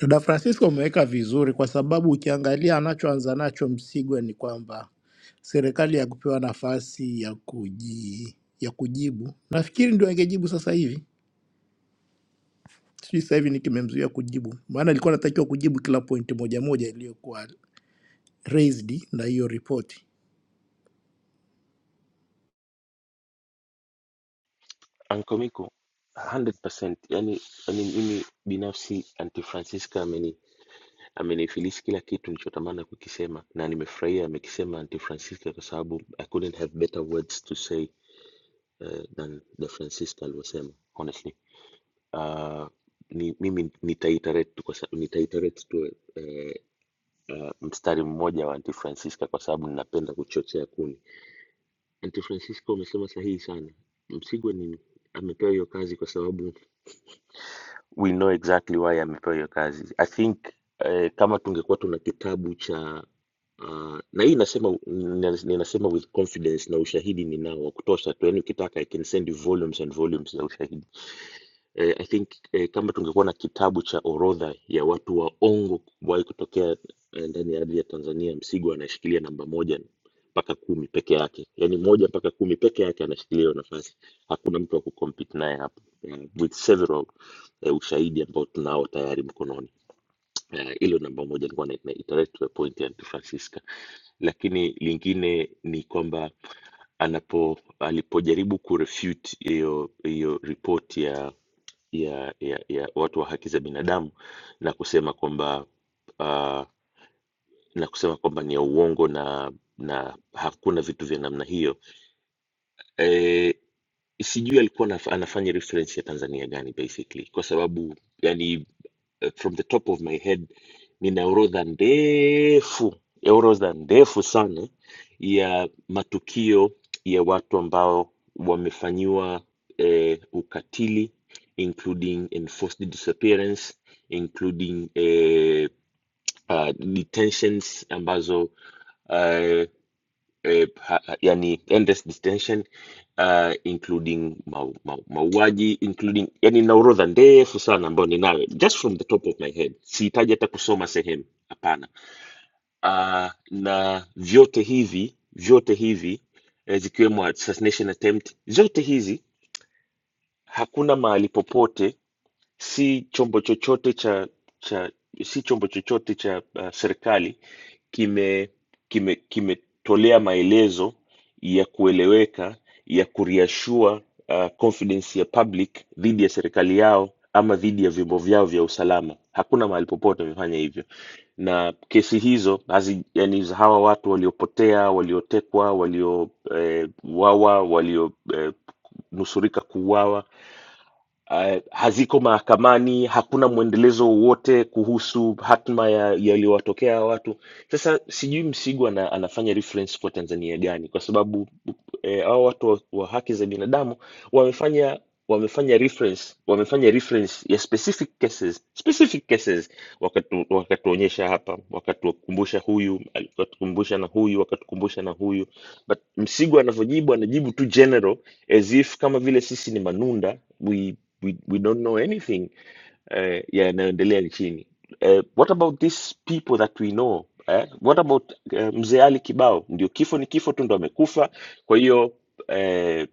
Dada Francisco umeweka vizuri, kwa sababu ukiangalia anachoanza nacho Msigwa ni kwamba serikali ya kupewa nafasi ya kuji, ya kujibu, nafikiri ndio angejibu sasa hivi. Sijui sasa hivi ni kimemzuia kujibu, maana alikuwa anatakiwa kujibu kila pointi moja moja iliyokuwa raised na hiyo ripoti.
Ankomiko 100% yani, yani mimi binafsi Aunty Francisca ameni amenifilisi kila kitu nilichotamani kukisema na nimefurahia amekisema Aunty Francisca kwa sababu I couldn't have better words to say uh, than the Francisca alivyosema honestly. Uh, ni, mimi nitaiterate tu kwa sababu nitaiterate tu eh, eh, mstari mmoja wa Aunty Francisca kwa sababu ninapenda kuchochea kuni. Aunty Francisca umesema sahihi sana. Msigwa ni amepewa hiyo kazi kwa sababu we know exactly why amepewa hiyo kazi. I think eh, kama tungekuwa tuna kitabu cha uh, na hii nasema nina- ninasema with confidence na ushahidi ninao wa kutosha tu, yani ukitaka I can send you volumes and volumes za ushahidi. Eh, I think eh, kama tungekuwa na kitabu cha orodha ya watu waongo kuwahi kutokea eh, ndani ya ardhi ya Tanzania, Msigwa anashikilia namba moja mpaka kumi peke yake, yani moja mpaka kumi peke yake anashikilia hiyo nafasi. Hakuna mtu wa kucompete naye hapo, eh, with several eh, ushahidi ambao tunao tayari mkononi. Eh, Hilo eh, namba moja nilikuwa na, na iterate to a point ya Aunty Francisca, lakini lingine ni kwamba anapo alipojaribu kurefute hiyo hiyo ripoti ya ya, ya ya watu wa haki za binadamu na kusema kwamba uh, na kusema kwamba ni ya uongo na na hakuna vitu vya namna hiyo eh, sijui alikuwa anaf- anafanya reference ya Tanzania gani basically kwa sababu yani uh, from the top of my head nina orodha ndefu ya orodha ndefu sana ya matukio ya watu ambao wamefanyiwa eh, ukatili including enforced disappearance including eh, uh, detentions ambazo uh, eh, pa, yani endless detention uh, including mau, mau, mauaji including yani na orodha ndefu sana ambayo ninayo just from the top of my head sihitaji hata kusoma sehemu hapana uh, na vyote hivi vyote hivi eh, zikiwemo assassination attempt zote hizi hakuna mahali popote si chombo chochote cha, cha si chombo chochote cha uh, serikali kime kime kimetolea maelezo ya kueleweka ya kureassure uh, confidence ya public dhidi ya serikali yao ama dhidi ya vyombo vyao vya usalama. Hakuna mahali popote wamefanya hivyo, na kesi hizo hazi, yani za hawa watu waliopotea, waliotekwa, waliouawa, eh, walionusurika eh, nusurika kuuawa uh, haziko mahakamani, hakuna mwendelezo wowote kuhusu hatma ya yaliyowatokea hawa watu. Sasa sijui Msigu ana, anafanya reference kwa Tanzania gani, kwa sababu eh, hao watu wa, wa haki za binadamu wamefanya wamefanya reference wamefanya reference ya specific cases specific cases wakatu, wakatuonyesha hapa wakatukumbusha huyu wakatukumbusha na huyu wakatukumbusha na huyu but msigo anavyojibu anajibu tu general as if kama vile sisi ni manunda we, we, we don't know anything Eh, yeah, naendelea nchini. Eh, what about these people that we know? Eh, what about eh, Mzee Ali Kibao? Ndio kifo ni kifo tu, ndo amekufa. Kwa hiyo eh,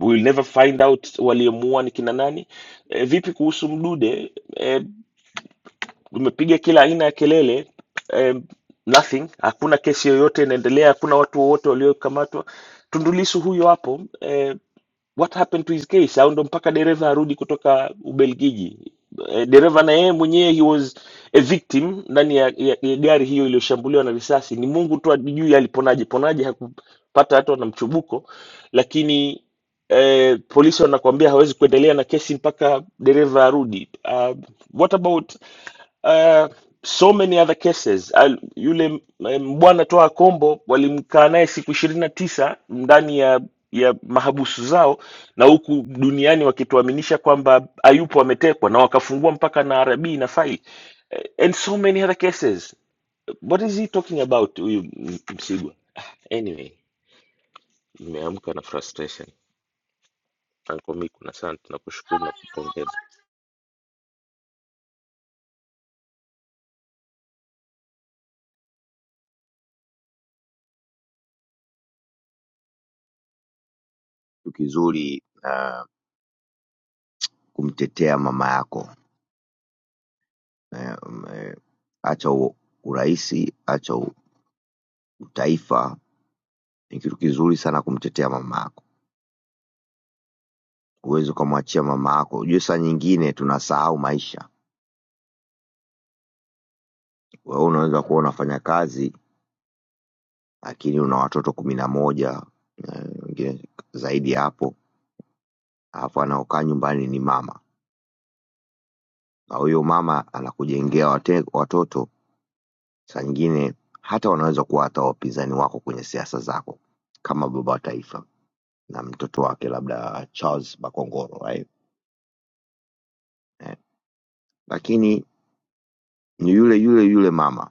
we'll never find out waliomuua ni kina nani. Eh, vipi kuhusu Mdude? Eh, tumepiga kila aina ya kelele eh, nothing. Hakuna kesi yoyote inaendelea, hakuna watu wowote waliokamatwa. Tundu Lissu huyo hapo Eh, what happened to his case au ndo mpaka dereva arudi kutoka ubelgiji Eh, dereva na yeye mwenyewe he was a victim ndani ya, ya, ya gari hiyo iliyoshambuliwa na risasi ni mungu tu ajui aliponaje ponaje hakupata hata na mchubuko lakini eh, polisi wanakuambia hawezi kuendelea na kesi mpaka dereva arudi uh, what about uh, so many other cases Al, yule m- m- bwana toa kombo walimkaa naye siku ishirini na tisa ndani ya ya mahabusu zao na huku duniani wakituaminisha kwamba ayupo ametekwa na wakafungua mpaka na rb na faili and so many other cases what is he talking about huyu M- msigwa anyway nimeamka na frustration Uncle Miku na asante na kushukuru na kupongeza
Tukizuri. Uh, kumtetea mama yako eh, eh, acha uraisi acha u- utaifa ni kitu kizuri sana kumtetea mama yako huwezi ukamwachia mama yako ujue saa nyingine tunasahau maisha wewe unaweza kuwa unafanya kazi lakini una watoto kumi na moja eh, wengine zaidi ya hapo alafu anaokaa nyumbani ni mama na huyo mama anakujengea wate- watoto saa nyingine hata wanaweza kuwa hata wapinzani wako kwenye siasa zako kama baba wa taifa na mtoto wake labda Charles Bakongoro right? eh. Lakini ni yule yule yule mama,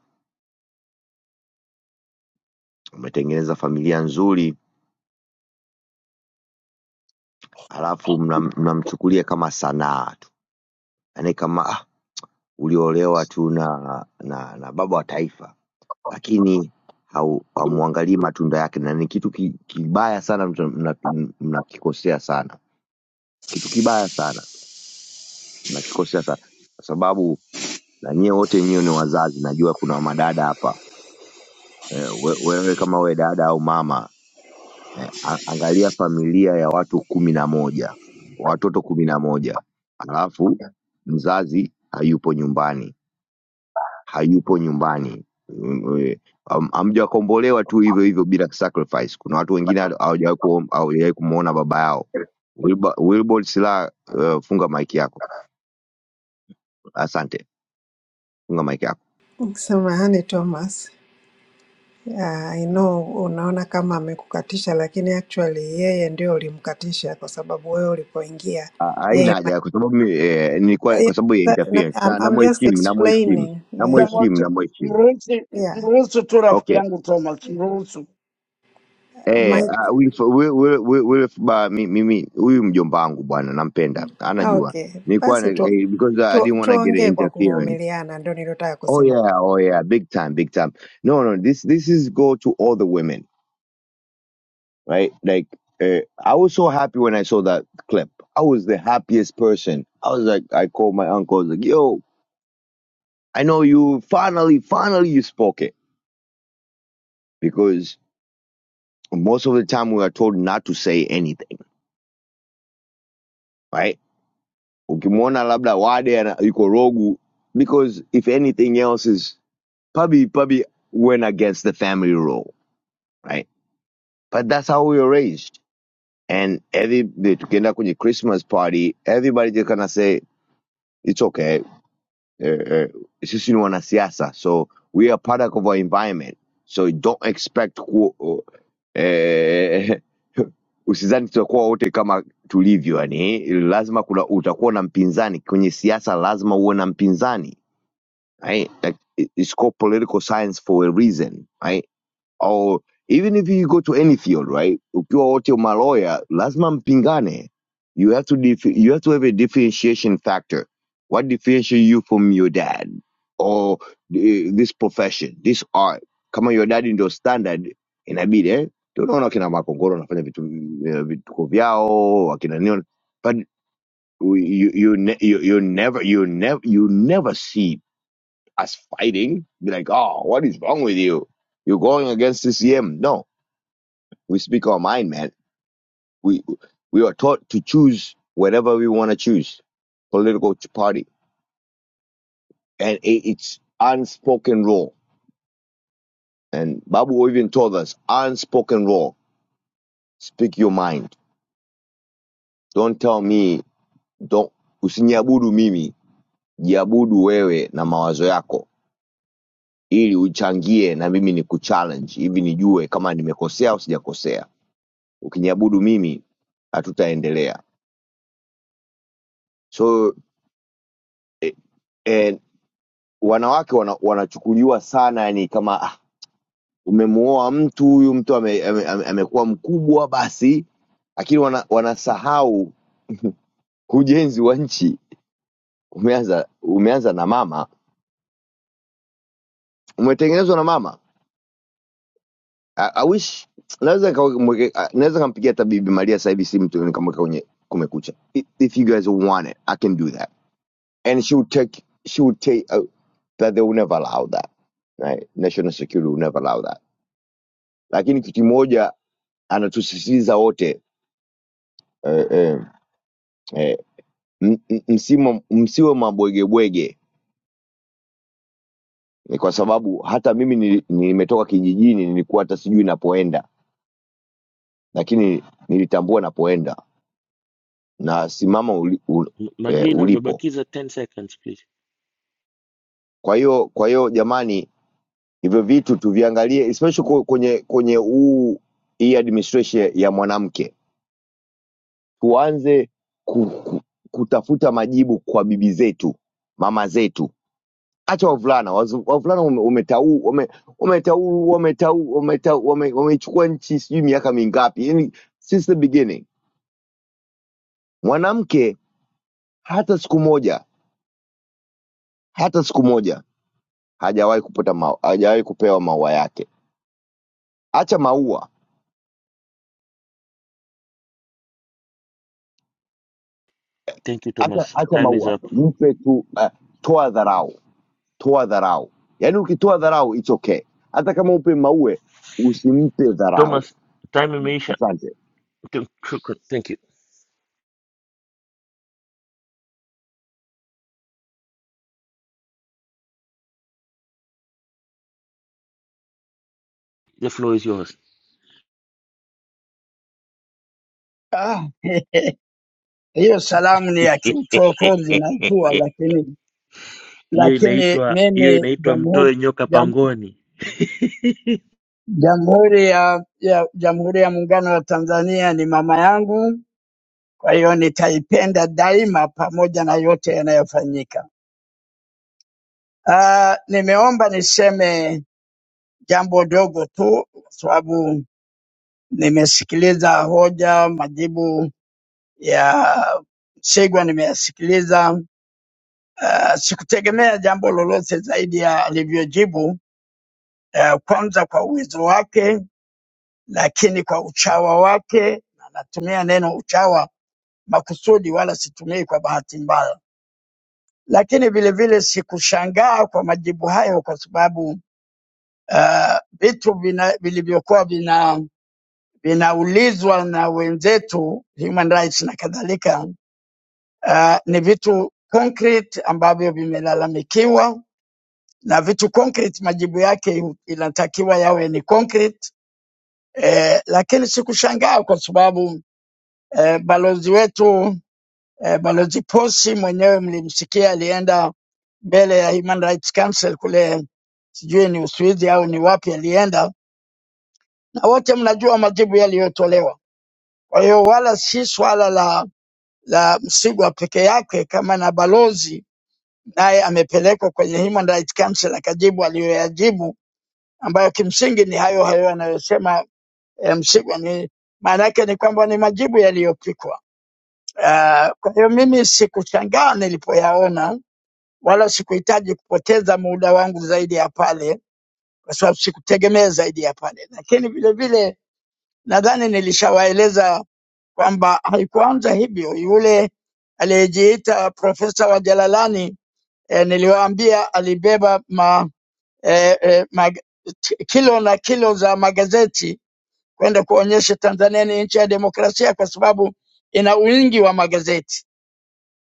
umetengeneza familia nzuri, halafu mnam- mnamchukulia mna kama sanaa tu, yaani kama ah, uliolewa tu na, na, na baba wa taifa, lakini hau- hamwangalii matunda yake, na ni kitu ki, kibaya sana, mtu- mna- mnakikosea sana, kitu kibaya sana, mnakikosea sana kwa sababu na nyie wote nyie ni wazazi, najua kuna madada hapa eh, we- wewe kama wewe dada au mama eh, a- angalia familia ya watu kumi na moja watoto kumi na moja alafu mzazi hayupo nyumbani hayupo nyumbani Mm, eh, am- hamjakombolewa tu hivyo hivyo bila sacrifice kuna watu wengine hata hawajawahi kuom- hawajawahi kumwona baba yao Wilbo- wilbord sila eh, funga mike yako asante funga mike yako
Samahani Thomas, Ah, I know unaona kama amekukatisha lakini actually yeye ndio ulimkatisha kwa sababu wewe ulipoingia
Ah, haina
yeye
haja kwa sababu mi- eh, nilikuwa
yes,
kwa sababu ya
na-
interference
I'm,
na
I'm just
namheshimu namheshimu
explaining yeah,
namheshimu
Dangote,
namheshimu
mruhusu,
yeah,
mruhusu tu
okay
rafiki yangu Thomas, mruhusu.
Eh,
my,
ah, wewe wewe wewe wewe wewe ba- mi- mimi huyu mjomba wangu bwana nampenda. Anajua.
okay
Nilikuwa
basi
na-
tu,
eh, because uh, I
tu,
didn't want to get an
tuongee kwa
interference.
kuvumiliana, ndio nilotaka
Oh
kusema.
yeah, oh yeah, big time, big time. No, no, this this is go to all the women, right? Like uh, I was so happy when I saw that clip. I was the happiest person. I was like I called my uncle I was like, "Yo, I know you finally finally you spoke it." Because most of the time we are told not to say anything, right? ukimwona labda wade ana- yuko rogu because if anything else is probably probably went against the family role, right but that's how we were raised and every tukienda kwenye christmas party everybody just gonna say it's okay uh, sisi ni wanasiasa so we are product of our environment so don't expect ku, eh, usizani tutakuwa wote kama tulivyo yani lazima kuna utakuwa na mpinzani kwenye siasa lazima uwe na mpinzani right? Like it- it's called political science for a reason, right? Or even if you go to any field, right? Ukiwa wote maloya, lazima mpingane. You have to dif- you have to have a differentiation factor. What differentiates you from your dad or the- this profession, this art? Kama your dad ndio standard, inabidi eh? Ndio Unaona akina Makongoro wanafanya vitu eh, vituko vyao, akina nini, but you you you ne- you you never you never you never see as fighting. Be like, oh, what is wrong with you? You're going against CCM. No, we speak our mind, man. We we are taught to choose whatever we want to choose, political party, and it, it's unspoken rule. And Babu even told us unspoken rule. Speak your mind. Don't tell me. Don't usiniabudu mimi, jiabudu wewe na mawazo yako, ili uchangie na mimi ni kuchallenge hivi nijue kama nimekosea au sijakosea. ukiniabudu mimi hatutaendelea so eh, eh, wanawake wana, wanachukuliwa sana yani kama ah, umemuoa mtu huyu mtu amekuwa ame, ame, amekuwa mkubwa basi lakini wana, wanasahau ujenzi wa nchi umeanza umeanza na mama umetengenezwa na mama I, I wish naweza nikamweke- ah, naweza kampigia hata bibi maria sasa hivi si mtu nikamweka kwenye kumekucha if you guys want it i can do that and she would take she would take uh, that they will never allow that right? national security will never allow that lakini kitu moja anatusisitiza wote eh, eh, eh, m- m- msimo- msiwe mabwegebwege ni kwa sababu hata mimi nili- nimetoka kijijini nilikuwa hata sijui napoenda lakini nilitambua napoenda na simama uli, u,
M-
eh,
magina
ulipo
umebakiza 10 seconds please
kwa hiyo kwa hiyo jamani hivyo vitu tuviangalie especially kwe- kwenye kwenye huu hii administration ya mwanamke tuanze ku, ku, kutafuta majibu kwa bibi zetu mama zetu hacha wavulana wazu- wavulana wame- wametau- wame- wametau- wametau- wametau- wame- wameichukua nchi sijui miaka mingapi yani since the beginning mwanamke hata siku moja hata siku moja hajawahi kupata ma, hajawahi kupewa maua yake hacha maua
thank you
hacha,
thomas
hacha
time is
maua
up
mpe tu uh, toa dharau toa dharau yaani ukitoa dharau it's okay hata kama upe maue usimpe dharau
thomas time imeisha
Asante.
crooked. Thank you. The floor is yours.
Ah, hiyo salamu ni ya kiuchokozi najua, lakini
Hiyo
lakini
inaitwa hiyo
mimi
inaitwa
jamhuri
mtoe nyoka
jam,
pangoni.
jamhuri ya, ya jamhuri ya muungano wa Tanzania ni mama yangu, kwa hiyo nitaipenda daima pamoja na yote yanayofanyika. Ah, nimeomba niseme jambo dogo tu kwa sababu nimesikiliza hoja, majibu ya Msigwa nimeyasikiliza. Uh, sikutegemea jambo lolote zaidi ya alivyojibu, uh, kwanza kwa uwezo wake, lakini kwa uchawa wake, na natumia neno uchawa makusudi, wala situmii kwa bahati mbaya. Lakini vilevile sikushangaa kwa majibu hayo, kwa sababu uh, vitu vina- vilivyokuwa vina vinaulizwa na wenzetu human rights na kadhalika Uh, ni vitu concrete ambavyo vimelalamikiwa na vitu concrete majibu yake inatakiwa yawe ni concrete. Eh, lakini sikushangaa kwa sababu eh, balozi wetu eh, balozi Posi mwenyewe mlimsikia alienda mbele ya Human Rights Council kule, sijui ni Uswizi au ni wapi alienda, na wote mnajua majibu yaliyotolewa. Kwa hiyo wala si swala la la Msigwa peke yake kama na balozi naye amepelekwa kwenye Human Rights Council akajibu aliyoyajibu, ambayo kimsingi ni hayo hayo anayosema eh, Msigwa. Ni maana yake ni kwamba ni majibu yaliyopikwa. Uh, kwa hiyo mimi sikushangaa nilipoyaona, wala sikuhitaji kupoteza muda wangu zaidi ya pale, kwa sababu sikutegemea zaidi ya pale, lakini vile vile nadhani nilishawaeleza kwamba haikuanza hivyo. Yule aliyejiita profesa wa Jalalani eh, niliwaambia alibeba ma eh, eh, mag, t- kilo na kilo za magazeti kwenda kuonyesha Tanzania ni nchi ya demokrasia kwa sababu ina wingi wa magazeti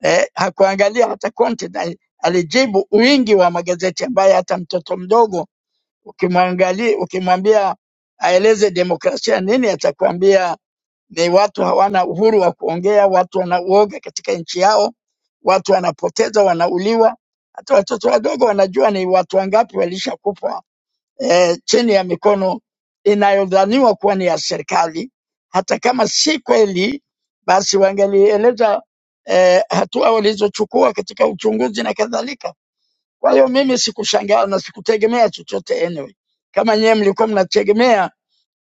eh, hakuangalia hata content, ali- alijibu wingi wa magazeti ambaye hata mtoto mdogo ukimwangalia, ukimwambia aeleze demokrasia nini, atakwambia ni watu hawana uhuru wa kuongea, watu wanauoga katika nchi yao, watu wanapoteza, wanauliwa. Hata watoto wadogo wanajua ni watu wangapi walishakufa eh, chini ya mikono inayodhaniwa kuwa ni ya serikali. Hata kama si kweli, basi wangelieleza eh, hatua walizochukua katika uchunguzi na kadhalika. Kwa hiyo mimi sikushangaa na sikutegemea chochote anyway. Kama nyewe mlikuwa mnategemea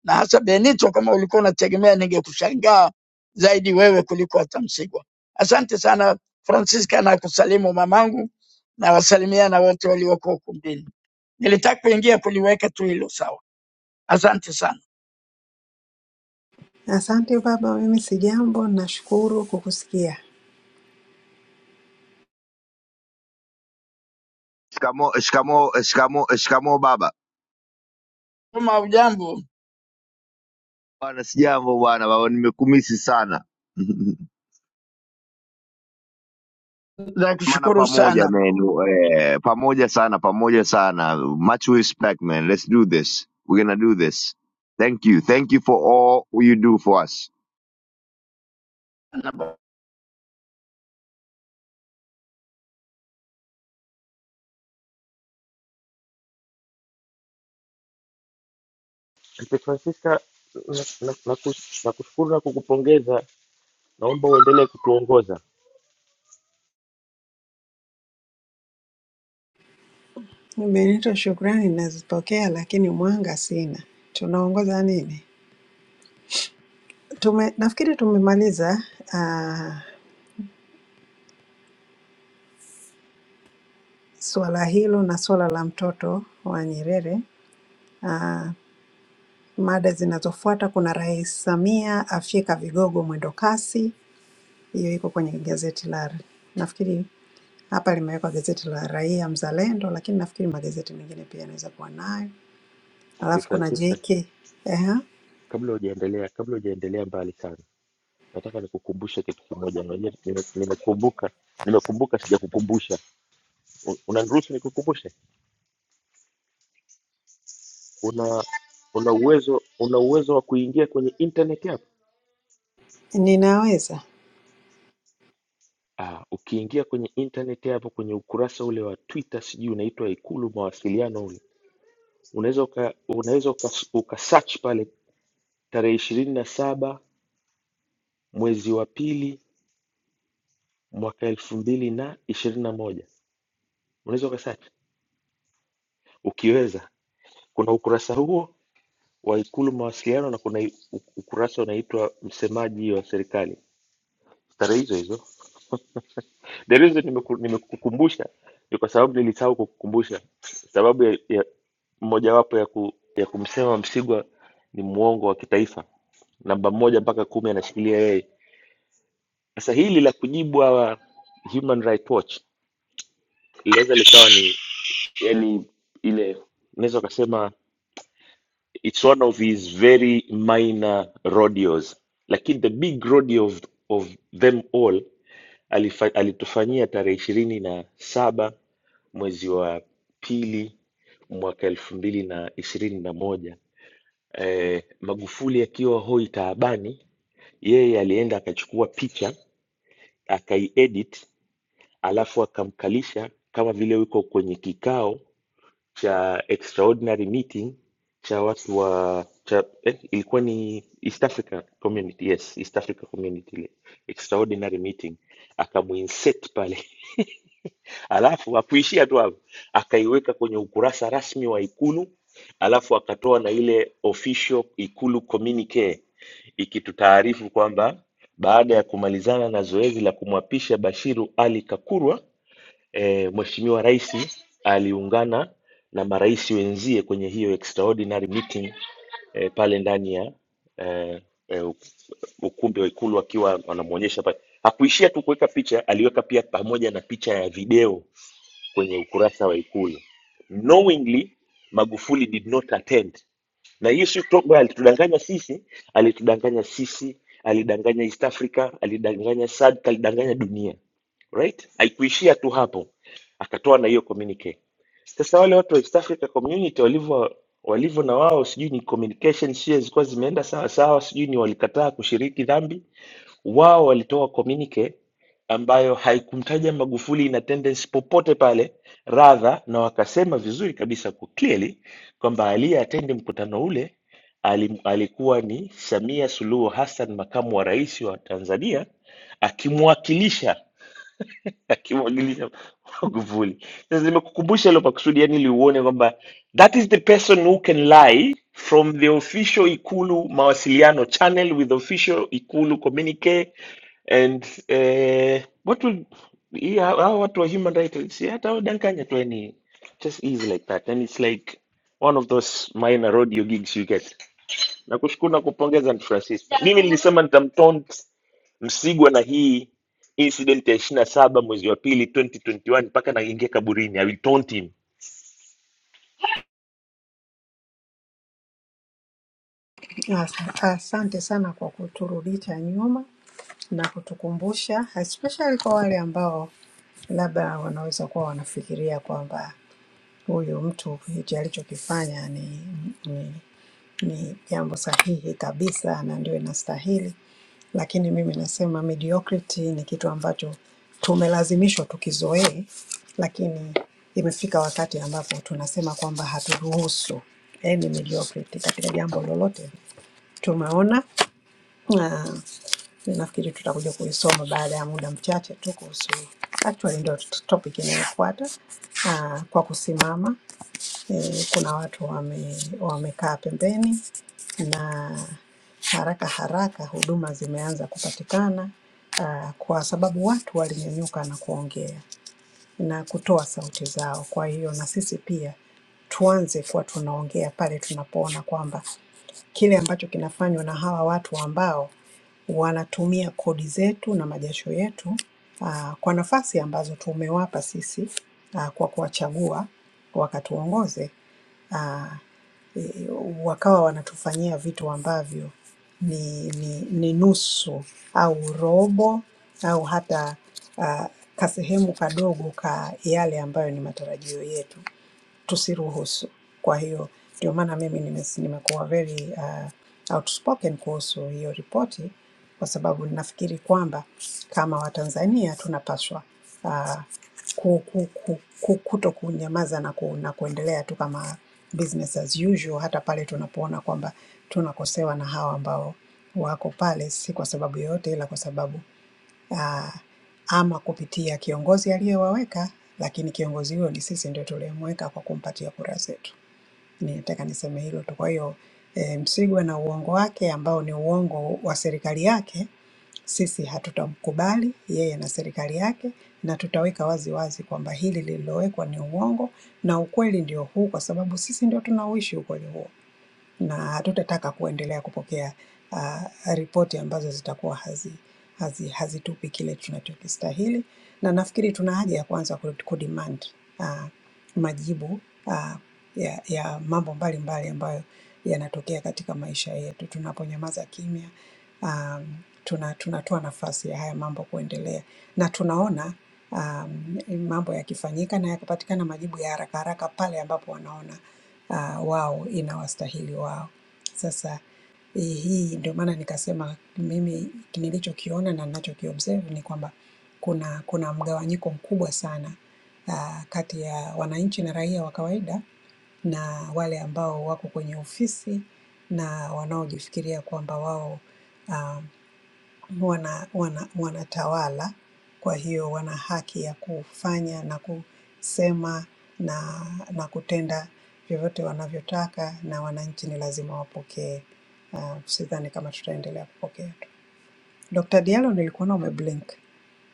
na hasa Benito, kama ulikuwa unategemea, ningekushangaa zaidi wewe kuliko hata Msigwa. Asante sana Francisca, na kusalimu mamangu na wasalimia na wote walioko ukumbini. Nilitaka kuingia kuliweka tu hilo sawa. Asante sana.
Asante baba, mimi sijambo, nashukuru kukusikia.
Shikamo, shikamo, shikamo, shikamo baba.
Kama hujambo,
Bwana sijambo bwana, baba nimekumisi sana.
za
Maana
kushukuru
pamoja
sana.
man, eh, pamoja sana, pamoja sana. Much respect man. Let's do this. We're gonna do this. Thank you. Thank you for all you do for us.
Mzee Francisca, nakushukuru na, na, na kus- na kushukuru na kukupongeza. Naomba uendelee kutuongoza
Benito, shukrani nazipokea, lakini mwanga sina. Tunaongoza nini? Tume, nafikiri tumemaliza uh, suala hilo na suala la mtoto wa Nyerere. Uh, mada zinazofuata kuna Rais Samia afyeka vigogo mwendo kasi, hiyo iko kwenye gazeti la nafikiri hapa limewekwa gazeti la Raia Mzalendo, lakini nafikiri magazeti mengine pia yanaweza kuwa nayo.
Mzee
Alafu kuna
Francisca.
JK. Ehe,
Kabla hujaendelea kabla hujaendelea mbali sana, nataka nikukumbushe kitu kimoja. Unajua nime- nimekumbuka nimekumbuka, sijakukumbusha. U- Unaniruhusu nikukumbushe? Una una uwezo una uwezo wa kuingia kwenye internet yako
ninaweza
Ah, ukiingia kwenye internet hapo kwenye ukurasa ule wa Twitter sijui unaitwa Ikulu mawasiliano ule, unaweza uka, unaweza uka, uka search pale tarehe ishirini na saba mwezi wa pili mwaka elfu mbili na ishirini na moja unaweza uka search ukiweza. Kuna ukurasa huo wa Ikulu mawasiliano na kuna i- u- ukurasa unaitwa msemaji wa serikali, tarehe hizo hizo. the reason nimeku- nimekukumbusha ni kwa sababu nilisahau kukukumbusha sababu ya, ya mojawapo ya, ku, ya kumsema Msigwa ni mwongo wa kitaifa, namba moja mpaka kumi anashikilia yeye. Sasa hili la kujibu hawa Human Rights Watch inaweza likawa ni yani, ile unaweza ukasema it's one of his very minor rodeos, lakini the big rodeo of, of them all alifa, alitufanyia tarehe ishirini na saba mwezi wa pili mwaka elfu mbili na ishirini na moja eh, Magufuli akiwa hoi taabani, yeye alienda akachukua picha akaiedit, alafu akamkalisha kama vile yuko kwenye kikao cha extraordinary meeting cha watu wa cha, eh, ilikuwa ni East Africa Community, yes, East Africa Community ile extraordinary meeting, akamuinsert pale alafu hakuishia tu hapo, akaiweka kwenye ukurasa rasmi wa Ikulu, alafu akatoa na ile official Ikulu communique ikitutaarifu kwamba baada ya kumalizana na zoezi la kumwapisha Bashiru Ali Kakurwa, e, Mheshimiwa Rais aliungana na marais wenzie kwenye hiyo extraordinary meeting e, pale ndani ya e, e, ukumbi wa Ikulu akiwa wanamwonyesha pale. Hakuishia tu kuweka picha, aliweka pia pamoja na picha ya video kwenye ukurasa wa ikulu knowingly magufuli did not attend na hiyo si kutoka kwamba alitudanganya sisi alitudanganya sisi alidanganya east africa alidanganya sadc alidanganya dunia right haikuishia tu hapo akatoa na hiyo communique sasa wale watu wa east africa community walivyo walivyo na wao sijui ni communication sio zilikuwa zimeenda sawa sawa sijui ni walikataa kushiriki dhambi wao walitoa communique ambayo haikumtaja Magufuli ina tendency popote pale radha, na wakasema vizuri kabisa kwa clearly kwamba aliyeatendi mkutano ule alim- alikuwa ni Samia Suluhu Hassan, makamu wa rais wa Tanzania, akimwakilisha akimwakilisha Magufuli. Sasa nimekukumbusha hilo kwa kusudi, yani ili uone kwamba that is the person who can lie from the official Ikulu mawasiliano channel with official Ikulu communique And uh, what will yeah, how what were human rights? Yeah, that would dankanya to any just easy like that. And it's like one of those minor rodeo gigs you get. Nakushukuru na kupongeza ni Francisco. Mimi nilisema nitamtaunt Msigwa na hii incident ya ishirini na saba mwezi wa pili 2021 mpaka naingia kaburini. I will taunt him.
Asa- Asante sana kwa kuturudisha nyuma na kutukumbusha, especially kwa wale ambao labda wanaweza kuwa wanafikiria kwamba huyu mtu hichi alichokifanya ni, ni, ni jambo sahihi kabisa na ndio inastahili, lakini mimi nasema mediocrity ni kitu ambacho tumelazimishwa tukizoee, lakini imefika wakati ambapo tunasema kwamba haturuhusu yani mediocrity katika jambo lolote tumeona na nafikiri tutakuja kuisoma baada ya muda mchache tu kuhusu actually ndio t- topic inayofuata ah, kwa kusimama eh, kuna watu wame, wamekaa pembeni na haraka haraka huduma zimeanza kupatikana ah, kwa sababu watu walinyanyuka na kuongea na kutoa sauti zao. Kwa hiyo na sisi pia tuanze kuwa tunaongea pale tunapoona kwamba kile ambacho kinafanywa na hawa watu ambao wanatumia kodi zetu na majasho yetu ah, kwa nafasi ambazo tumewapa sisi ah, kwa kuwachagua wakatuongoze, ah, e- wakawa wanatufanyia vitu ambavyo ni, ni, ni nusu au robo au hata ah, kasehemu kadogo ka yale ambayo ni matarajio yetu tusiruhusu. Kwa hiyo ndio maana mimi nimes- nimekuwa very uh, outspoken kuhusu hiyo ripoti, kwa sababu ninafikiri kwamba kama Watanzania tunapaswa uh, ku, ku, ku, ku, kuto kunyamaza na, ku, na kuendelea tu kama business as usual, hata pale tunapoona kwamba tunakosewa na hawa ambao wako pale, si kwa sababu yoyote, ila kwa sababu ah, ama kupitia kiongozi aliyewaweka, lakini kiongozi huyo ni sisi ndio tuliyemweka kwa kumpatia kura zetu. Ninataka niseme hilo tu. Kwa hiyo e, Msigwa na uongo wake ambao ni uongo wa serikali yake, sisi hatutamkubali yeye na serikali yake, na tutaweka wazi wazi kwamba hili lililowekwa ni uongo na ukweli ndio huu, kwa sababu sisi ndio tunauishi ukweli huo na hatutataka kuendelea kupokea uh, ripoti ambazo zitakuwa hazi, hazi, hazitupi kile tunachokistahili, na nafikiri tuna haja ya kuanza ku- kudemand uh, majibu uh, ya, ya mambo mbalimbali ambayo yanatokea katika maisha yetu. Tunaponyamaza kimya um, tuna tunatoa nafasi ya haya mambo kuendelea, na tunaona um, mambo yakifanyika na yakapatikana majibu ya haraka haraka pale ambapo wanaona ah, wao ina wastahili wao. Sasa hii hii ndio maana nikasema mimi nilichokiona na ninachokiobserve ni kwamba kuna kuna mgawanyiko mkubwa sana ah, kati ya wananchi na raia wa kawaida na wale ambao wako kwenye ofisi na wanaojifikiria kwamba wao uh, wana, wana, wanatawala, kwa hiyo wana haki ya kufanya na kusema na, na kutenda vyovyote wanavyotaka, na wananchi ni lazima wapokee. Uh, sidhani kama tutaendelea kupokea tu. Dr. Diallo nilikuona umeblink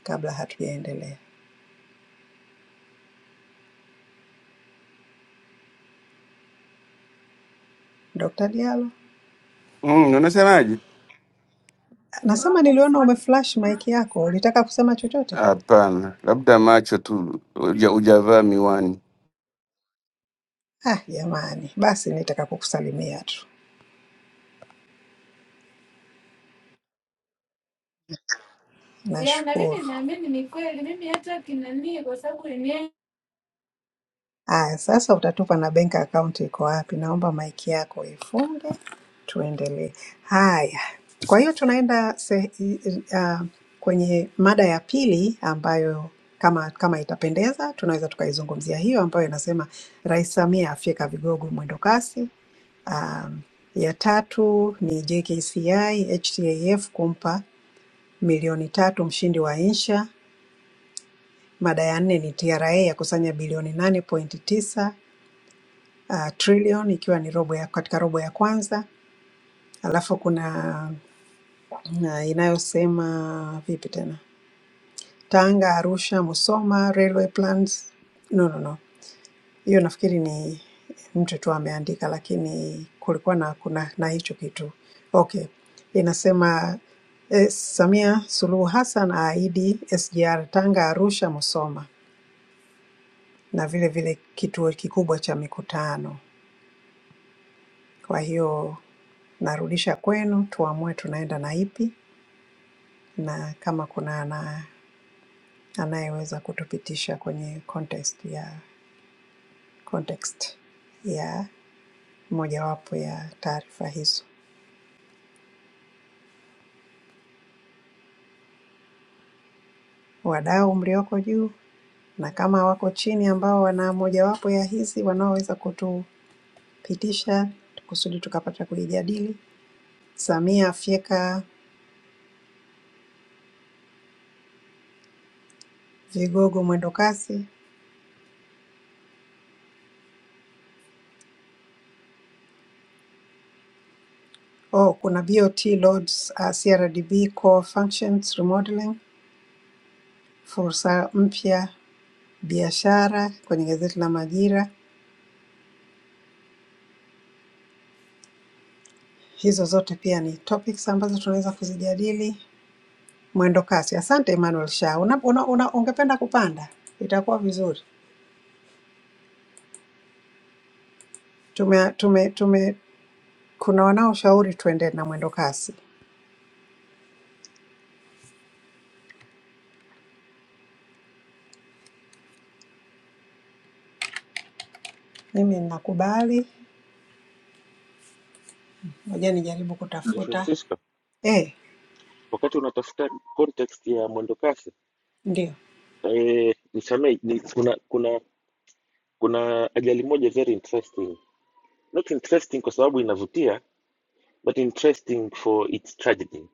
kabla hatujaendelea. Dr. Diallo,
Mm, unasemaje?
nasema niliona umeflash mic yako, ulitaka kusema chochote?
Hapana, labda macho tu, huja- hujavaa miwani.
Ah, jamani, basi nitaka kukusalimia tu.
ya na
Nashukuru.
mimi naamini ni kweli mimi hata kinani kwa sababu
Haya, sasa utatupa na bank account iko wapi. Naomba maiki yako ifunge, tuendelee. Haya, kwa hiyo tunaenda se, uh, kwenye mada ya pili ambayo kama kama itapendeza tunaweza tukaizungumzia hiyo, ambayo inasema Rais Samia afyeka vigogo mwendo kasi. Um, ya tatu ni JKCI HTAF kumpa milioni tatu mshindi wa insha. Mada ya nne ni TRA ya kusanya bilioni nane pointi tisa ah, trillion ikiwa ni robo ya, katika robo ya kwanza. Alafu kuna ah, inayosema vipi tena, Tanga, Arusha, Musoma railway plans. No, no, no, hiyo nafikiri ni mtu tu ameandika, lakini kulikuwa na kuna na hicho kitu okay. Inasema eh, Samia Suluhu Hassan aahidi SGR Tanga, Arusha, Musoma na vile vile kituo kikubwa cha mikutano. Kwa hiyo narudisha kwenu tuamue tunaenda na ipi, na kama kuna ana, anayeweza kutupitisha kwenye contest ya context ya mojawapo ya taarifa hizo, wadau mlioko juu, na kama wako chini ambao wana mojawapo ya hizi wanaoweza kutupitisha kusudi tukapata kuijadili. Samia fyeka vigogo mwendo kasi. Oh, kuna BOT loads uh, CRDB core functions remodeling Fursa mpya, biashara kwenye gazeti la Majira. Hizo zote pia ni topics ambazo tunaweza kuzijadili. Mwendo kasi. Asante Emmanuel Sha. Una, una, una, ungependa kupanda? Itakuwa vizuri. Tume, tume, tume, kuna wanaoshauri tuende na mwendo kasi. Mimi ninakubali. Ngoja nijaribu
Ni
kutafuta.
Francisco,
Eh,
wakati unatafuta context ya mwendokasi
ndio.
eh, nisamee, ni, kuna kuna kuna ajali moja very interesting not interesting kwa sababu inavutia but interesting for its tragedy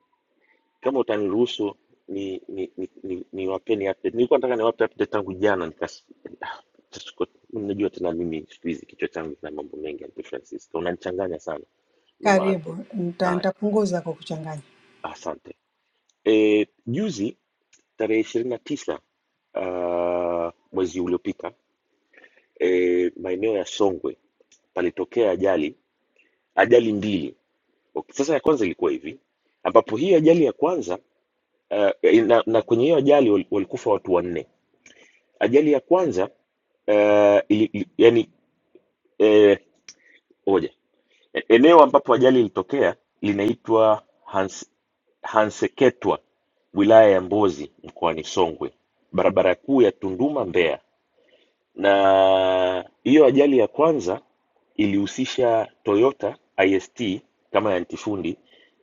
kama utaniruhusu ni ni ni ni, ni wapeni update nilikuwa nataka niwape update tangu jana nikas Ah, siko- mnajua tena mimi siku hizi kichwa changu kina mambo mengi and differences so unanichanganya sana ndio maana
Karibu. Nita,
haya
nitapunguza kwa kuchanganya.
asante e, juzi tarehe ishirini na tisa uh, mwezi uliopita e, maeneo ya songwe palitokea ajali ajali mbili Okay. Sasa ya kwanza ilikuwa hivi ambapo hii ajali ya kwanza uh, na, na kwenye hiyo ajali wal- walikufa watu wanne. Ajali ya kwanza uh, ili, ili, yani eh, oja E- eneo ambapo ajali ilitokea linaitwa Hans, Hanseketwa wilaya ya Mbozi mkoani Songwe, barabara kuu ya Tunduma Mbeya. na hiyo ajali ya kwanza ilihusisha Toyota IST kama ya ntifundi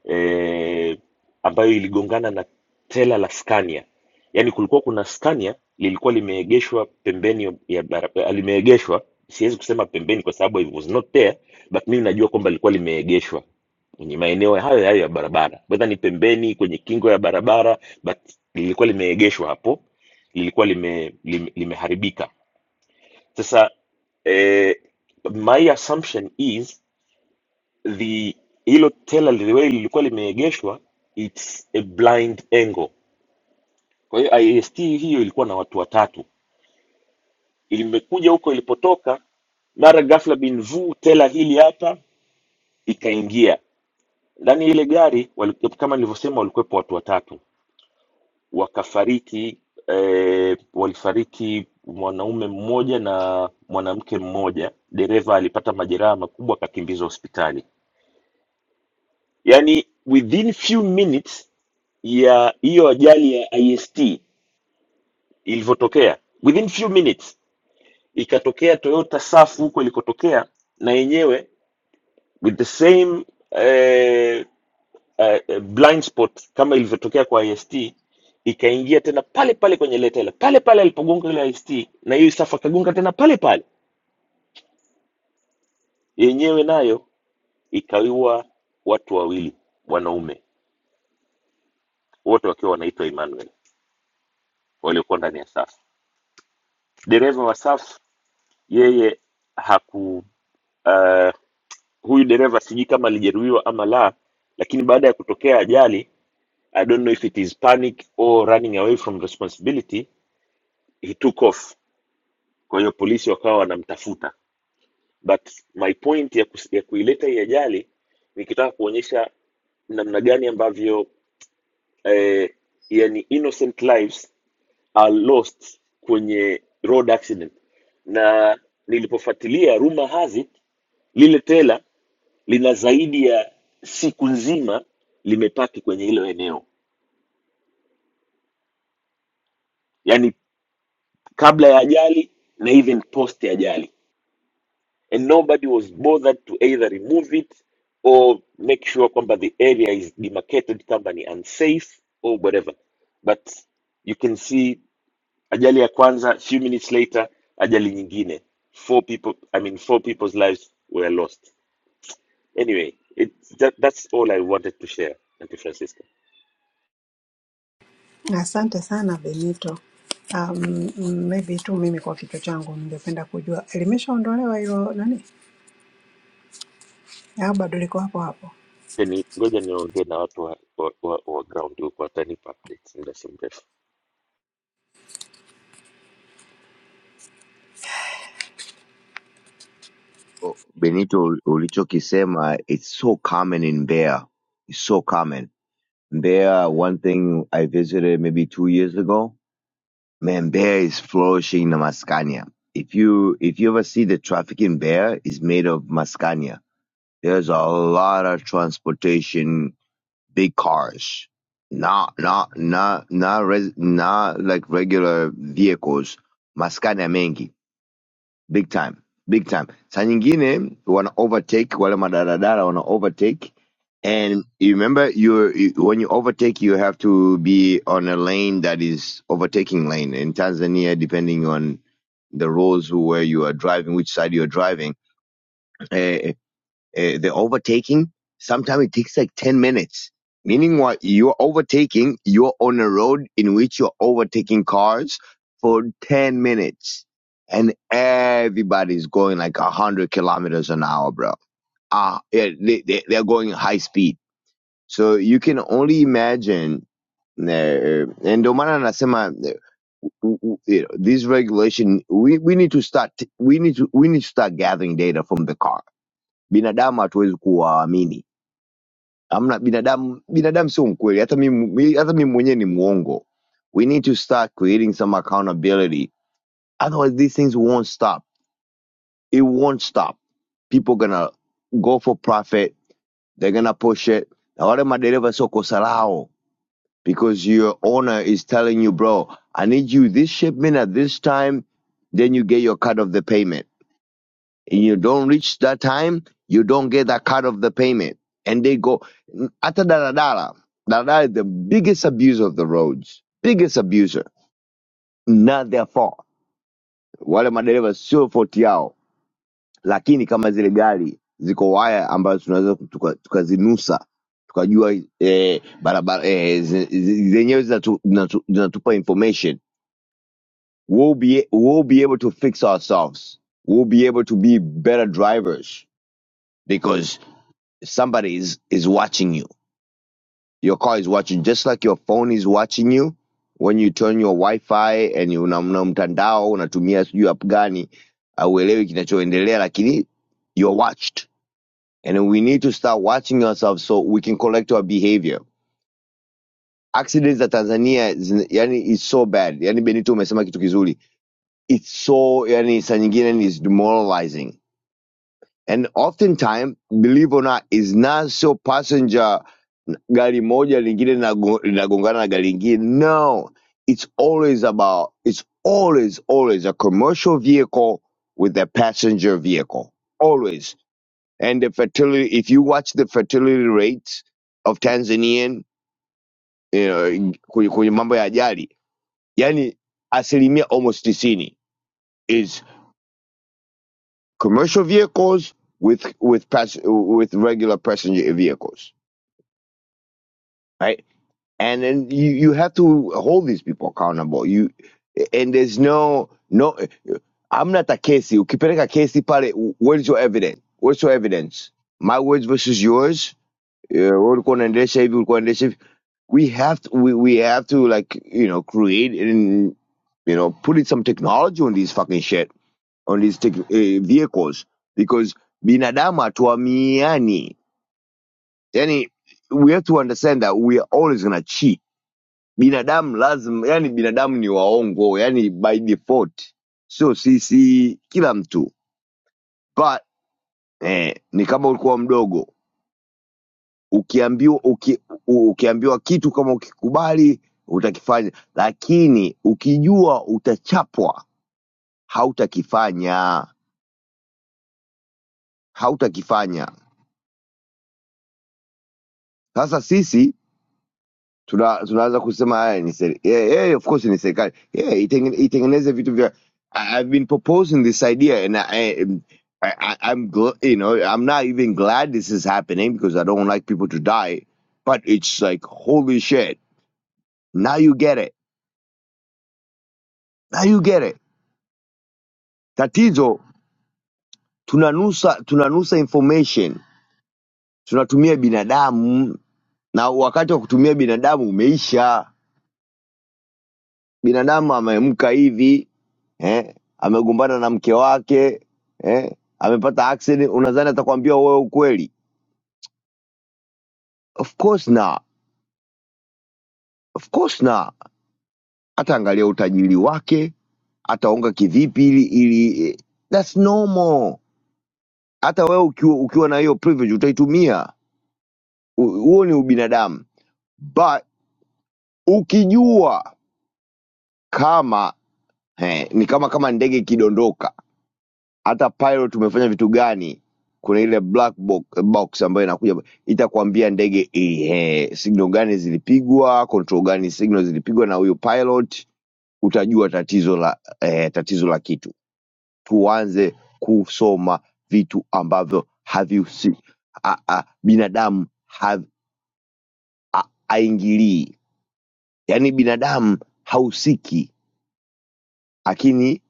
eh, ambayo iligongana na trela la Scania. Yaani kulikuwa kuna Scania lilikuwa limeegeshwa pembeni ya barabara, limeegeshwa siwezi kusema pembeni kwa sababu it was not there, but mimi najua kwamba lilikuwa limeegeshwa kwenye maeneo hayo hayo ya barabara, whether ni pembeni kwenye kingo ya barabara, but lilikuwa limeegeshwa hapo, lilikuwa lime, lime, limeharibika sasa eh, my assumption is the hilo tela lile lilikuwa limeegeshwa it's a blind angle. Kwa hiyo IST hiyo ilikuwa na watu watatu, ilimekuja huko ilipotoka, mara ghafla bin vu tela hili hapa ikaingia ndani ya ile gari. Wali, kama nilivyosema, walikuwepo watu watatu, wakafariki eh, walifariki mwanaume mmoja na mwanamke mmoja. Dereva alipata majeraha makubwa, akakimbizwa hospitali yani within few minutes ya hiyo ajali ya ist ilivyotokea within few minutes ikatokea toyota safu huko ilikotokea na yenyewe with the same eh, eh, eh, blind spot kama ilivyotokea kwa ist ikaingia tena pale pale kwenye ile tela pale pale alipogonga ile ist na hiyo safu akagonga tena pale pale yenyewe nayo ikaiwa watu wawili wanaume wote wakiwa wanaitwa emmanuel waliokuwa ndani ya safu dereva wa saf yeye haku uh, huyu dereva sijui kama alijeruhiwa ama la lakini baada ya kutokea ajali i don't know if it is panic or running away from responsibility he took off kwa hiyo polisi wakawa wanamtafuta but my point ya, kus- ya kuileta hii ajali nikitaka kuonyesha namna gani ambavyo eh, yani innocent lives are lost kwenye road accident na nilipofuatilia rumor has it Lile tela lina zaidi ya siku nzima limepaki kwenye hilo eneo, yaani kabla ya ajali na even post ya ajali, and nobody was bothered to either remove it or make sure kwamba the area is demarcated kama ni unsafe or whatever, but you can see ajali ya kwanza, few minutes later ajali nyingine, four people, I mean four people's lives were lost. Anyway, it, that, that's all I wanted to share, Auntie Francisca.
Asante sana Benito. Um, maybe tu mimi kwa kichwa changu ningependa kujua limeshaondolewa hilo nani au bado liko hapo hapo?
Ngoja ni ngoja niongee na watu wa, wa, wa, wa ground huko, watanipa updates muda si mrefu.
Oh, Benito ulichokisema, it's so common in Bear. It's so common. Bear, one thing I visited maybe two years ago. Man, bear is flourishing in Mascania. If you if you ever see the traffic in bear, it's made of Mascania. There's a lot of transportation, big cars, not not not not res, not like regular vehicles. Mascania mengi big time big time saa nyingine wana overtake wale madaradara wana overtake and you remember you you- when you overtake you have to be on a lane that is overtaking lane in tanzania depending on the rules where you are driving which side you are driving eh, uh, the overtaking, sometimes it takes like 10 minutes. Meaning what you're overtaking, you're on a road in which you're overtaking cars for 10 minutes and everybody's going like 100 kilometers an hour, bro. Ah, yeah, they, they, they're going high speed. So you can only imagine uh, and ndio maana nasema uh, w- w- you know, this regulation we, we need to start we need to we need to start gathering data from the car binadamu hatuwezi kuwaamini Hamna binadamu, binadamu sio mkweli. Hata mimi mi- hata mimi mwenyewe ni muongo. We need to start creating some accountability. Otherwise these things won't stop. It won't stop. People gonna go for profit. They're gonna push it. Na wale madereva sio kosa lao because your owner is telling you, bro, I need you this shipment at this time, then you get your cut of the payment and you don't reach that time, you don't get that cut of the payment. And they go, Ata Daradara, Daradara is the biggest abuser of the roads, biggest abuser. Not their fault. Wale madereva sio fault yao, lakini kama zile gari ziko waya ambazo tunaweza tuka- tukazinusa tukajua eh, barabara eh, ze- ze- zenyewe zinatu- zinatu- zinatupa information we'll be, we'll be able to fix ourselves we'll be able to be better drivers somebody is, is watching you. Your car is watching, just like your phone is watching you when you turn your Wi-Fi and you- una, una mtandao unatumia sijui app gani, auelewi kinachoendelea, lakini you're watched. And we need to start watching ourselves so we can correct our behavior. Accidents za Tanzania zina- yani is so bad. Yani Benito umesema kitu kizuri. It's so yani saa nyingine is demoralizing. And oftentimes, believe or not, is not so passenger gari moja lingine linago- linagongana na gari lingine no it's always about it's always always a commercial vehicle with a passenger vehicle always and the fertility if you watch the fertility rates of tanzanian you know, kwenye kwenye mambo ya ajali yani asilimia almost 90 is commercial vehicles with with pass, with regular passenger vehicles right and then you, you have to hold these people accountable you and there's no no I'm amna hata kesi ukipeleka casey, pale where's your evidence where's your evidence my words versus yours Eh, ulikuwa unaendesha hivi ulikuwa unaendesha hivi we have to we, we have to like you know create and you know put in some technology on these fucking shit on these tech, eh, vehicles because binadamu hatuamiani yani we have to understand that we are always gonna cheat binadamu lazima yani binadamu ni waongo yani by default so sisi kila mtu but eh, ni kama ulikuwa mdogo ukiambiwa uki, u- ukiambiwa kitu kama ukikubali utakifanya lakini ukijua utachapwa hautakifanya hautakifanya sasa sisi tuna, tunaanza kusema haya ni seri- yeah, yeah, of course ni serikali yeah, itengene- itengeneze vitu vya I- I've been proposing this idea and I, um, I, I, I'm gl- you know I'm not even glad this is happening because I don't like people to die but it's like holy shit now you get it now you get it tatizo tunanusa tunanusa information tunatumia binadamu na wakati wa kutumia binadamu umeisha binadamu ameamka hivi eh? amegombana na mke wake eh? amepata accident, unadhani atakwambia wewe ukweli? Of course na, of course na. Ataangalia utajiri wake, ataonga kivipi ili ili eh, that's normal. Hata wewe ukiwa, ukiwa na hiyo privilege utaitumia, U- huo ni ubinadamu, but ukijua kama eh, ni kama kama ndege ikidondoka hata pilot umefanya vitu gani kuna ile black box, box ambayo inakuja itakwambia ndege ehe signal gani zilipigwa control gani signal zilipigwa na huyu pilot utajua tatizo la eh, tatizo la kitu tuanze kusoma vitu ambavyo havihusi a- a- binadamu hav- a- haingilii yaani binadamu hahusiki lakini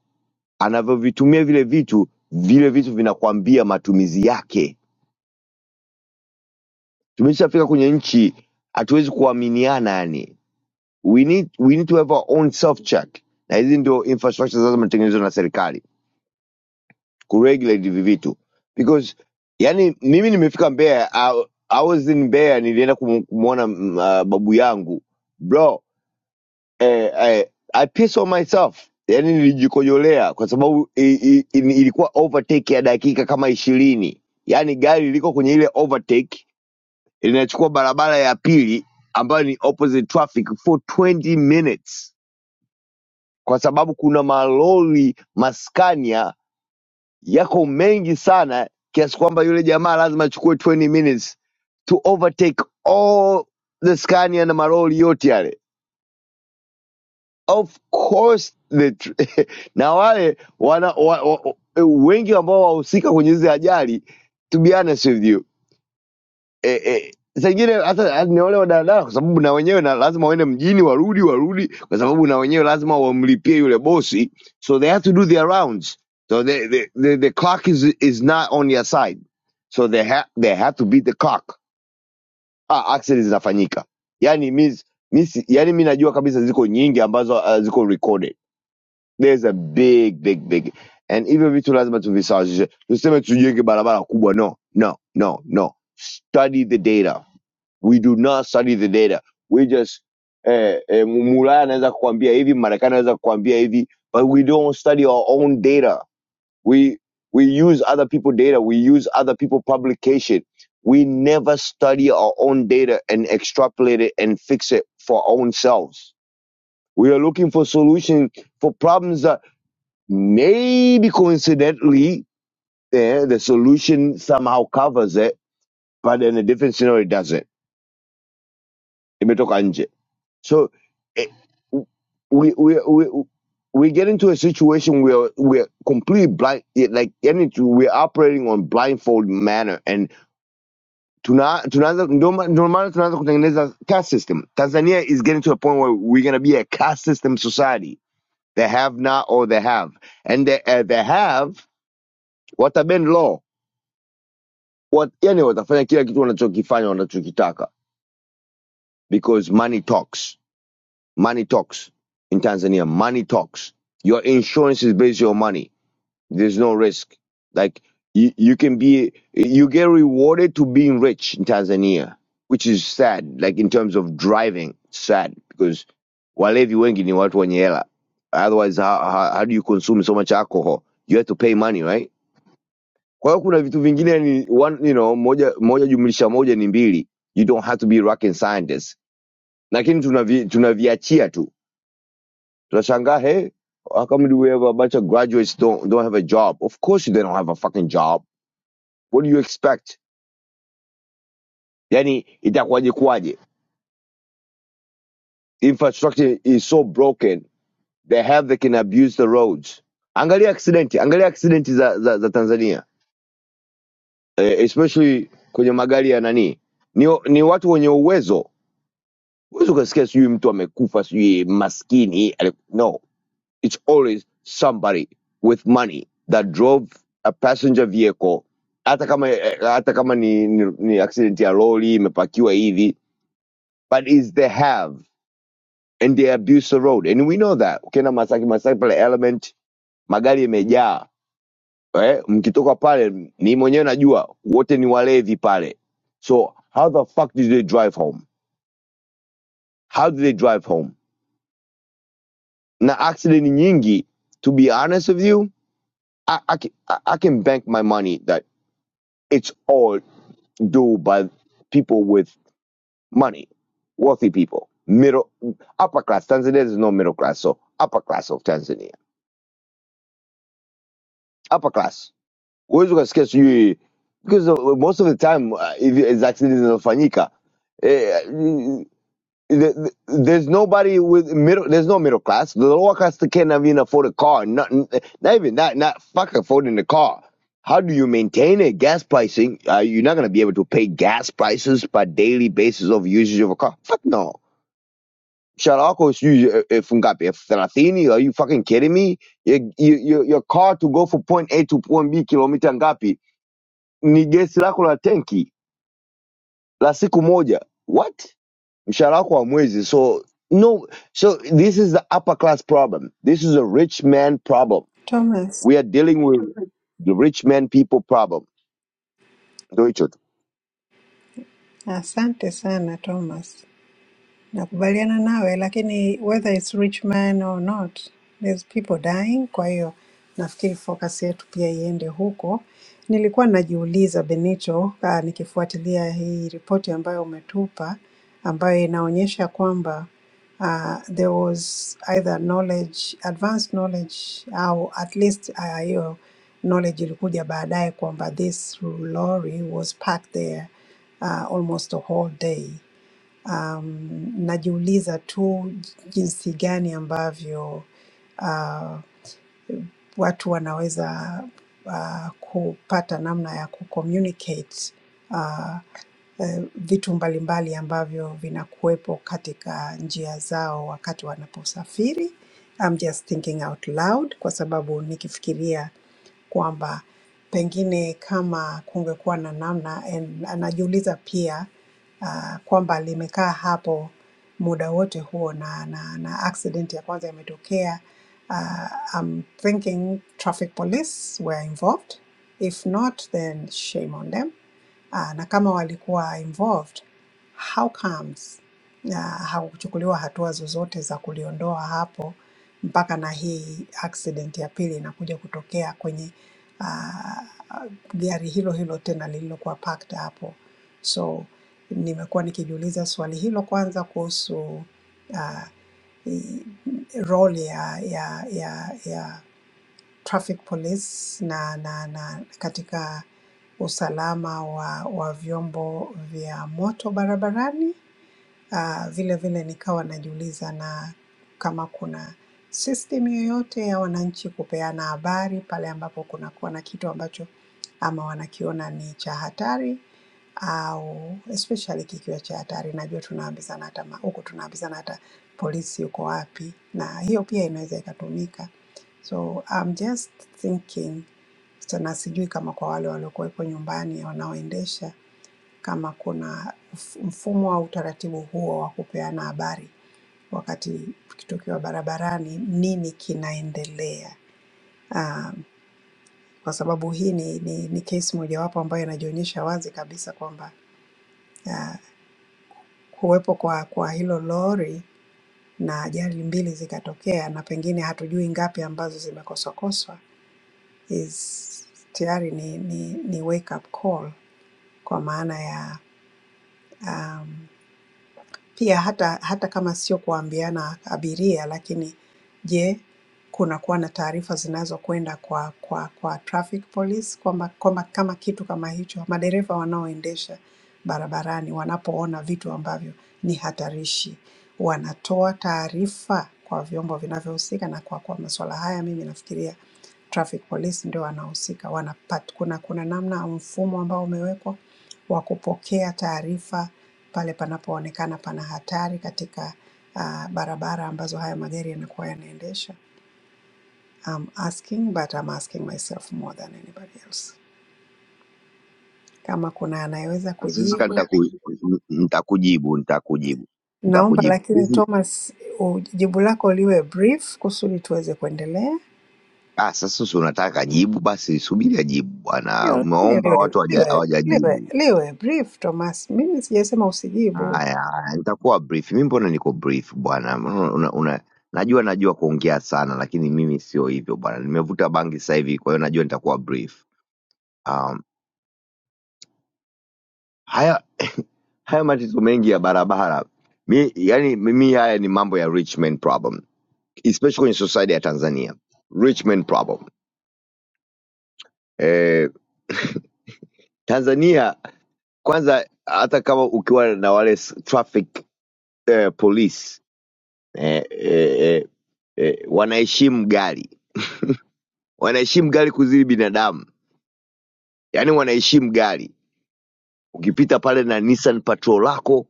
anavyovitumia vile vitu vile vitu vinakwambia matumizi yake tumeshafika kwenye nchi hatuwezi kuaminiana yani we need, we need to have our own self check na hizi ndio infrastructure sasa zinatengenezwa na serikali kuregulate hivi vitu because yani mimi nimefika mbeya I, I was in mbeya nilienda kumu- kumuona mm, ah, babu yangu bro eh, eh, i piss on myself yani nilijikojolea kwa sababu i, i, i, ilikuwa overtake ya dakika kama ishirini yani gari liko kwenye ile overtake linachukua barabara ya pili ambayo ni opposite traffic for 20 minutes kwa sababu kuna malori maskania yako mengi sana kiasi kwamba yule jamaa lazima achukue 20 minutes to overtake all the scania na malori yote yale of course the tr- na wale wana, wa, wa, wengi ambao wahusika kwenye hizi ajali to be honest with you eh, eh, saa hata hata ni wale wa kwa sababu na wenyewe na lazima waende mjini, warudi warudi, kwa sababu na wenyewe lazima wamlipie yule bosi, so they have to do their rounds, so the the the, the clock is is not on their side, so they have they have to beat the clock. Ah, accident zinafanyika, yani means means yani mimi najua kabisa ziko nyingi ambazo uh, ziko recorded. There's a big big big and hivyo vitu lazima tuvisawazishe, tuseme tujenge barabara kubwa, no no no no, study the data we do not study the data we just eh, eh, mulaya anaweza kukwambia hivi marekani anaweza kukwambia hivi but we don't study our own data we we use other people data we use other people publication we never study our own data and extrapolate it and fix it for our own selves we are looking for solutions for problems that maybe coincidentally eh, the solution somehow covers it but in a different scenario it doesn't imetoka nje So eh, we we we we get into a situation where we're completely blind, eh, like any we're operating on blindfold manner, and tuna tunaanza ndio ma- ndio maana tunaanza kutengeneza caste system. Tanzania is getting to a point where we're gonna be a caste system society. They have not or they have, and they uh, they have watabend law. What yani watafanya kila kitu wanachokifanya wanachokitaka because money talks. Money talks in Tanzania. Money talks. Your insurance is based on your money. There's no risk. Like you, you can be, you get rewarded to being rich in Tanzania, which is sad. Like in terms of driving, sad because walevi wengi ni watu wenye hela. Otherwise, how, how, how do you consume so much alcohol? You have to pay money, right? Kwa hiyo kuna vitu vingine ni one, you know, moja, moja jumlisha moja ni mbili. You don't have to be rocket scientist. Lakini tunavi- tunaviachia tu so Shanghai, hey, how come do we have a bunch of graduates don't don't have a job? Of course they don't have a fucking job. What do you expect? Yani itakuwaje kuwaje? Infrastructure is so broken. They have they can abuse the roads. Angalia accident, angalia accident za, za, za Tanzania. Eh, especially kwenye magari ya nani? Ni, ni watu wenye uwezo. Uwezo ukasikia sijui mtu amekufa sijui maskini. eh, ale- No. it's always somebody with money that drove a passenger vehicle hata kama eh, hata kama ni, ni, ni accident ya lori imepakiwa hivi but is they have and they abuse the road and we know that ukienda masaki masaki pale element magari yamejaa eh, mkitoka pale ni mwenyewe najua wote ni walevi pale so how the fuck do they drive home how do they drive home na accident nyingi to be honest with you I, I I can bank my money that It's all do by people with money, wealthy people, middle, upper class. Tanzania there's no middle class, so upper class of Tanzania, upper class. Huwezi ukasikia sijui because uh, most of the time uh, hivi accidents zinazofanyika eh, there's nobody with middle. There's no middle class. The lower class can't even afford a car. Not, not even not not fuck affording the car. How do you maintain it? Gas pricing. Uh, you're not gonna be able to pay gas prices by daily basis of usage of a car. Fuck no. Sharako is usually from Ngapi. Are you fucking kidding me? Your, your, your car to go from point A to point B kilomita ngapi? Ni gesi lako la tenki la siku moja. What? mshahara wako wa mwezi. so no so this is the upper class problem this is a rich man problem
Thomas,
we are dealing with the rich man people problem ndo hicho tu
asante sana Thomas. Nakubaliana nawe, lakini whether it's rich man or not, there's people dying. Kwa hiyo nafikiri focus yetu pia iende huko. Nilikuwa najiuliza Benito, ah, nikifuatilia hii ripoti ambayo umetupa ambayo inaonyesha kwamba ah, there was either knowledge, advanced knowledge au at least ah, hiyo knowledge ilikuja baadaye kwamba this lorry was parked there uh, almost a whole day Um, najiuliza tu jinsi gani ambavyo uh, watu wanaweza uh, kupata namna ya kucommunicate eh, vitu mbalimbali ambavyo vinakuwepo katika njia zao wakati wanaposafiri. I'm just thinking out loud kwa sababu nikifikiria kwamba pengine kama kungekuwa na namna and anajiuliza pia uh, kwamba limekaa hapo muda wote huo na, na, na accident ya kwanza imetokea. Uh, I'm thinking traffic police were involved. If not, then shame on them. Ah, na kama walikuwa involved, how comes ah, hakuchukuliwa hatua zozote za kuliondoa hapo mpaka na hii accident ya pili inakuja kutokea kwenye ah, gari hilo hilo tena lililokuwa parked hapo. So nimekuwa nikijiuliza swali hilo kwanza kuhusu ah, i- role ya ya ya ya traffic police na, na, na katika usalama wa, wa vyombo vya moto barabarani Ah, vile vile nikawa najiuliza na kama kuna system yoyote ya wananchi kupeana habari pale ambapo kunakuwa na kitu ambacho ama wanakiona ni cha hatari au especially kikiwa cha hatari. Najua tunaambizana hata ma- huku tunaambizana hata polisi yuko wapi, na hiyo pia inaweza ikatumika. So I'm just thinking sana, sijui kama kwa wale waliokuwepo nyumbani wanaoendesha kama kuna mf- mfumo au utaratibu huo wa kupeana habari wakati tukiwa barabarani, nini kinaendelea. Ah, Kwa sababu hii ni, ni, ni kesi mojawapo ambayo inajionyesha wazi kabisa kwamba ah, kuwepo kwa, kwa hilo lori na ajali mbili zikatokea na pengine hatujui ngapi ambazo zimekoswakoswa is tayari ni, ni, ni wake up call kwa maana ya um, Pia hata, hata kama sio kuambiana abiria, lakini je, kunakuwa na taarifa zinazokwenda kwa, kwa, kwa traffic police kwamba kwamba kama kitu kama hicho, madereva wanaoendesha barabarani wanapoona vitu ambavyo ni hatarishi wanatoa taarifa kwa vyombo vinavyohusika, na kwa kuwa masuala haya mimi nafikiria traffic police ndio wanahusika, wanapata kuna, kuna namna au mfumo ambao umewekwa wa kupokea taarifa pale panapoonekana pana hatari katika uh, barabara ambazo haya magari yanakuwa yanaendesha. I'm asking but I'm asking myself more than anybody else. Kama kuna anayeweza
Na sisi ka
kujibu,
nitaku- nitakujibu nitakujibu
naomba
nitakujibu
lakini
This is-
Thomas, u- jibu lako liwe brief kusudi tuweze kuendelea.
ah sasa si unataka jibu basi subiri ajibu
Ndio,
bwana
lakini
umeomba
liwe,
watu hawaja-
liwe, liwe,
hawajajibu
liwe brief Thomas. Mimi sijasema usijibu.
haya haya, nitakuwa brief mimi mbona niko brief bwana Mbona una, una, najua najua kuongea sana lakini mimi sio hivyo bwana nimevuta bangi sasa hivi kwa hiyo najua nitakuwa brief um, haya haya matatizo mengi ya barabara mi, yani mimi haya ni mambo ya rich man problem especially kwenye society ya tanzania rich man problem eh, tanzania kwanza hata kama ukiwa na wale s- traffic eh, police eh, eh, eh, eh, wanaheshimu gari wanaheshimu gari kuzidi binadamu yaani wanaheshimu gari ukipita pale na nissan patrol lako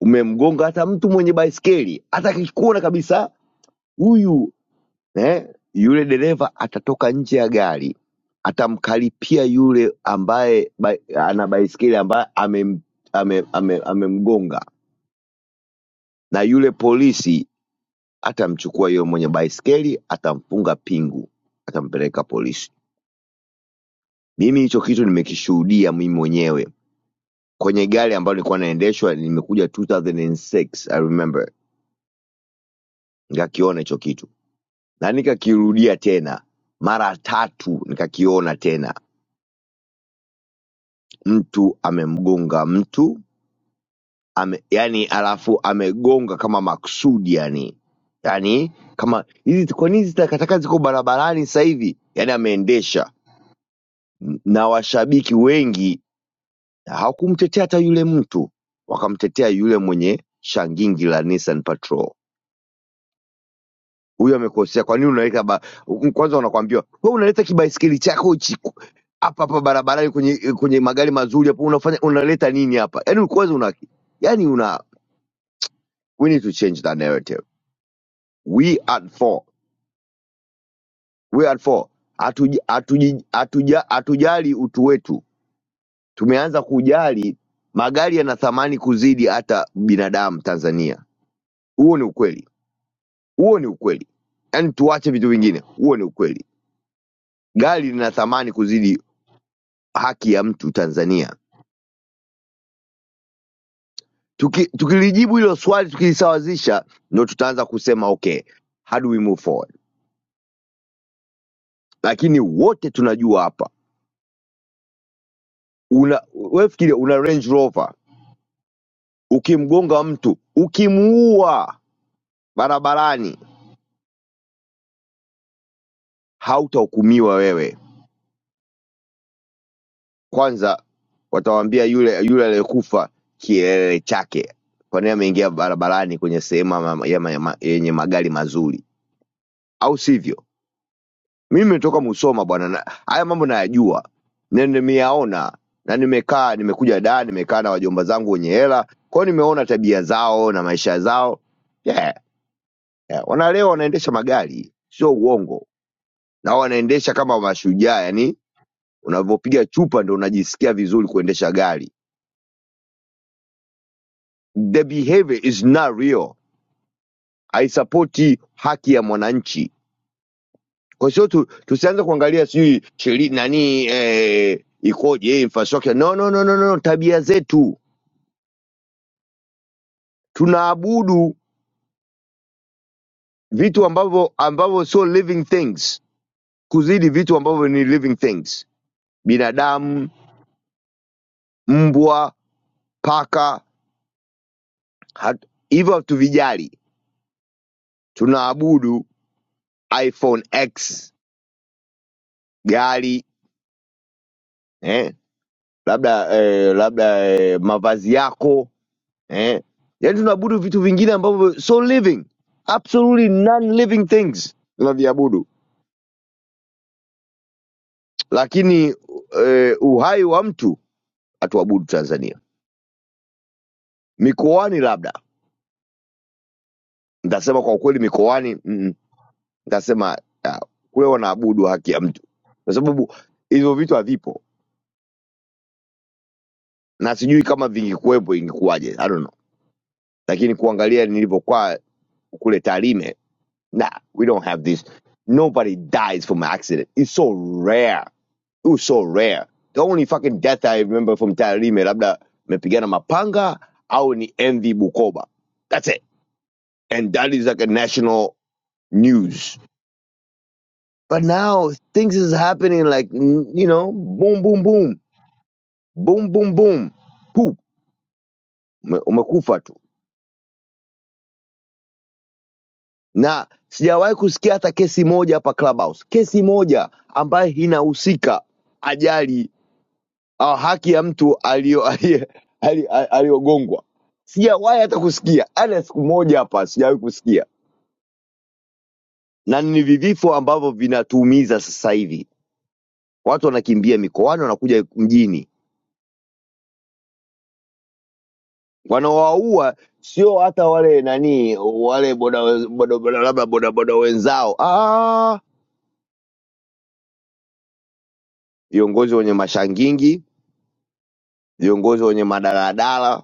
umemgonga hata mtu mwenye baiskeli hata akikuona kabisa huyu eh, yule dereva atatoka nje ya gari atamkaripia yule ambaye ba, ana baiskeli ambaye amem- ame- ame- amemgonga, na yule polisi atamchukua yule mwenye baiskeli atamfunga pingu, atampeleka polisi. Mimi hicho kitu nimekishuhudia mimi mwenyewe kwenye gari ambalo nilikuwa naendeshwa, nimekuja 2006 I remember, nikakiona hicho kitu na nikakirudia tena mara tatu, nikakiona tena mtu amemgonga mtu ame, yani alafu amegonga kama maksudi yani yani kama hizi kwa nini hizi ziko barabarani sasa hivi yani ameendesha na washabiki wengi hawakumtetea hata yule mtu wakamtetea yule mwenye shangingi la Nissan Patrol huyu amekosea kwa nini unaweka ba... kwanza unakwambiwa wewe unaleta kibaisikeli chako hichi ku- hapa hapa barabarani kwenye kwenye magari mazuri hapo unafanya unaleta nini hapa yani kwanza una yani We need to change that narrative. We at four, we at four hatuji- hatuji- hatuja- hatujali atuja, atuja, atuja, utu wetu, tumeanza kujali magari yana thamani kuzidi hata binadamu Tanzania. Huo ni ukweli, huo ni ukweli. Yaani tuache vitu vingine, huo ni ukweli. Gari lina thamani kuzidi haki ya mtu Tanzania. Tuki, tukilijibu hilo swali tukilisawazisha, ndo tutaanza kusema okay, how do we move forward? Lakini wote tunajua hapa, una wewe fikiria, una Range Rover Ukimgonga mtu ukimuua barabarani hautahukumiwa wewe. Kwanza watawaambia yule yule aliyekufa kielele chake, kwani ameingia barabarani kwenye sehemu ama- ya ma- ya ma- yenye magari mazuri, au sivyo? Mimi nimetoka Musoma bwana, na- haya mambo nayajua na nimeyaona na nimekaa, nimekuja da, nimekaa na wajomba zangu wenye hela, kwao nimeona tabia zao na maisha zao yeah, yeah. Wanalewa wanaendesha magari, sio uongo na wanaendesha kama mashujaa yani unavyopiga chupa ndo unajisikia vizuri kuendesha gari the behavior is not real haisapoti haki ya mwananchi kwa sio tu, tusianze kuangalia sijui Sheli nani eh, ikoje eh, infrastructure no, no, no, no, no. no, tabia zetu tunaabudu vitu ambavyo ambavyo so living things kuzidi vitu ambavyo ni living things binadamu mbwa paka hat- hivyo hatuvijali tunaabudu iPhone X, gari eh? labda eh, labda eh, mavazi yako eh? Yaani tunaabudu vitu vingine ambavyo so living, absolutely non-living things tunaviabudu, lakini eh, uhai wa mtu hatuabudu Tanzania. Mikoani labda nitasema kwa ukweli, mikoani mm, nitasema ah, kule wanaabudu haki ya mtu, kwa sababu hivyo vitu havipo, na sijui kama vingekuwepo ingekuwaje, I don't know, lakini kuangalia nilivyokuwa kule Tarime Nah, we don't have these. Nobody dies from accident. It's so rare. It was so rare. The only fucking death I remember from Tarime, labda mepigana mapanga au ni MV Bukoba. That's it. And that is like a national news. But now things is happening like, mm, you know, boom, boom, boom. Boom, boom, boom. Poop. Ume- Umekufa tu. Na sijawahi kusikia hata kesi moja hapa Clubhouse. Kesi moja ambayo inahusika ajali ah, haki ya mtu alio- aliye- ali- ali- aliyogongwa. Sijawahi hata kusikia hata siku moja hapa, sijawahi kusikia, na ni vivifo ambavyo vinatuumiza sasa hivi. Watu wanakimbia mikoani, wanakuja mjini, wanawaua sio hata wale nani wale boda boda boda labda boda boda wenzao, Ah, viongozi wenye mashangingi, viongozi wenye madaladala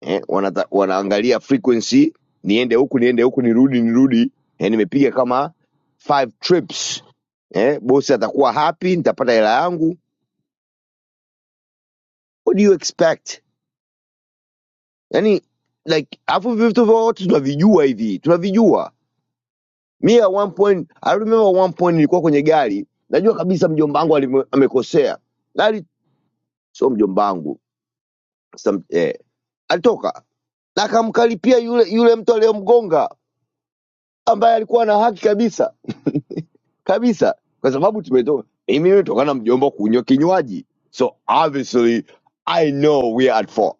eh, wanata, wanaangalia frequency, niende huku niende huku nirudi nirudi, eh, nimepiga kama five trips eh, bosi atakuwa happy, nitapata hela yangu. What do you expect? Yani like alafu vitu vyote tunavijua hivi, tunavijua. Me at one point, I remember one point nilikuwa kwenye gari, najua kabisa mjomba wangu alime- amekosea, gari sio mjomba wangu some- eh, alitoka na akamkaripia yule yule mtu aliyomgonga ambaye alikuwa na haki kabisa kabisa kwa sababu tumetoka mimi nimetoka na mjomba kunywa kinywaji so obviously i know we are at fault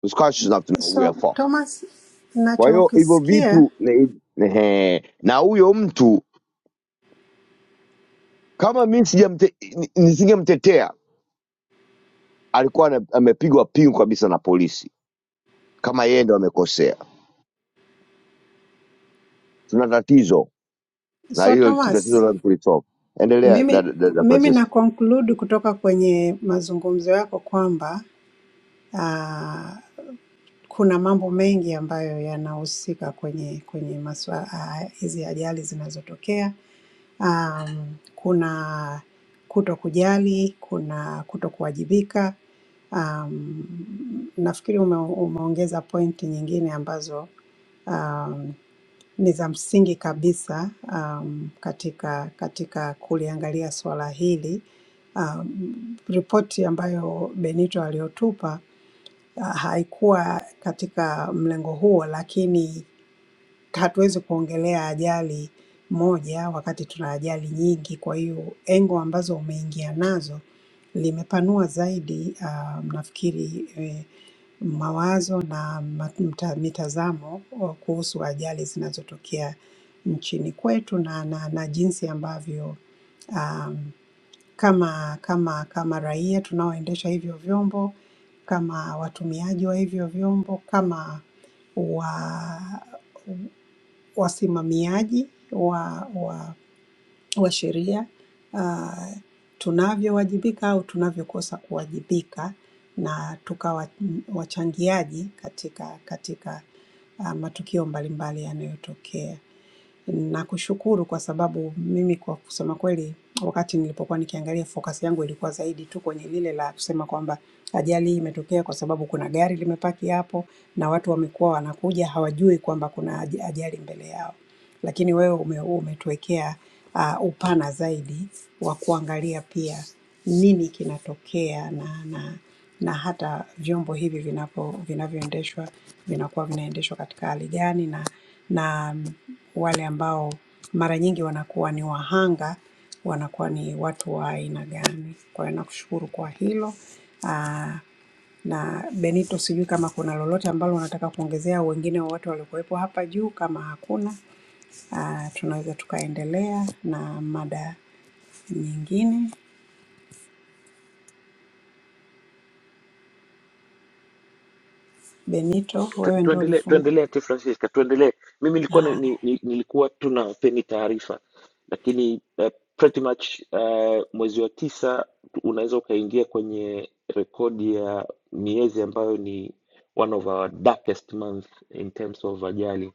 Who's conscious enough to know we are
So
at fault
Thomas,
kwa hiyo hivyo
nachokisikia
vitu ne, ne, na huyo mtu kama mi sijamte- ni- nisingemtetea alikuwa ana- amepigwa pingu kabisa na polisi kama yeye ndo amekosea tuna tatizo na
so
hilo
Thomas
tatizo la kulisolve endelea
Mimi,
dada da,
mimi
da,
na conclude kutoka kwenye mazungumzo yako kwamba ah, kuna mambo mengi ambayo yanahusika kwenye kwenye maswa, ah, hizi ajali zinazotokea. Um, kuna kuto kujali, kuna kuto kuwajibika. Um, nafikiri ume, umeongeza pointi nyingine ambazo um, ni za msingi kabisa um, katika katika kuliangalia suala hili. Um, ripoti ambayo Benito aliyotupa uh, haikuwa katika mlengo huo, lakini hatuwezi kuongelea ajali moja wakati tuna ajali nyingi. Kwa hiyo engo ambazo umeingia nazo limepanua zaidi ah, nafikiri eh, mawazo na ma- mta- mitazamo wa- kuhusu ajali zinazotokea nchini kwetu na, na, na jinsi ambavyo um, kama kama kama raia tunaoendesha hivyo vyombo, kama watumiaji wa hivyo vyombo, kama wa wasimamiaji wa, wa, wa sheria uh, tunavyowajibika au tunavyokosa kuwajibika na tukawa mm, wachangiaji katika, katika uh, matukio mbalimbali yanayotokea. Nakushukuru kwa sababu mimi kwa kusema kweli, wakati nilipokuwa nikiangalia focus yangu ilikuwa zaidi tu kwenye lile la kusema kwamba ajali hii imetokea kwa sababu kuna gari limepaki hapo na watu wamekuwa wanakuja hawajui kwamba kuna aj- ajali mbele yao. Lakini wewe ume, umetuwekea uh, upana zaidi wa kuangalia pia nini kinatokea na, na na hata vyombo hivi vinapo vinavyoendeshwa vinakuwa vinaendeshwa katika hali gani, na na wale ambao mara nyingi wanakuwa ni wahanga wanakuwa ni watu wa aina gani. Kwa hiyo nakushukuru kwa hilo. Aa, na Benito, sijui kama kuna lolote ambalo unataka kuongezea au wengine wowote waliokuwepo hapa juu. Kama hakuna, aa, tunaweza tukaendelea na mada nyingine. Benito,
Tu-
wewe ndio
Tuendelee
ulifungua.
tuendelee Aunty Francisca, tuendelee. Mimi nilikuwa na- ni, ni, nilikuwa tu nawapeni taarifa, lakini uh, pretty much uh, mwezi wa tisa tu- unaweza ukaingia kwenye rekodi ya miezi ambayo ni one of our darkest month in terms of ajali.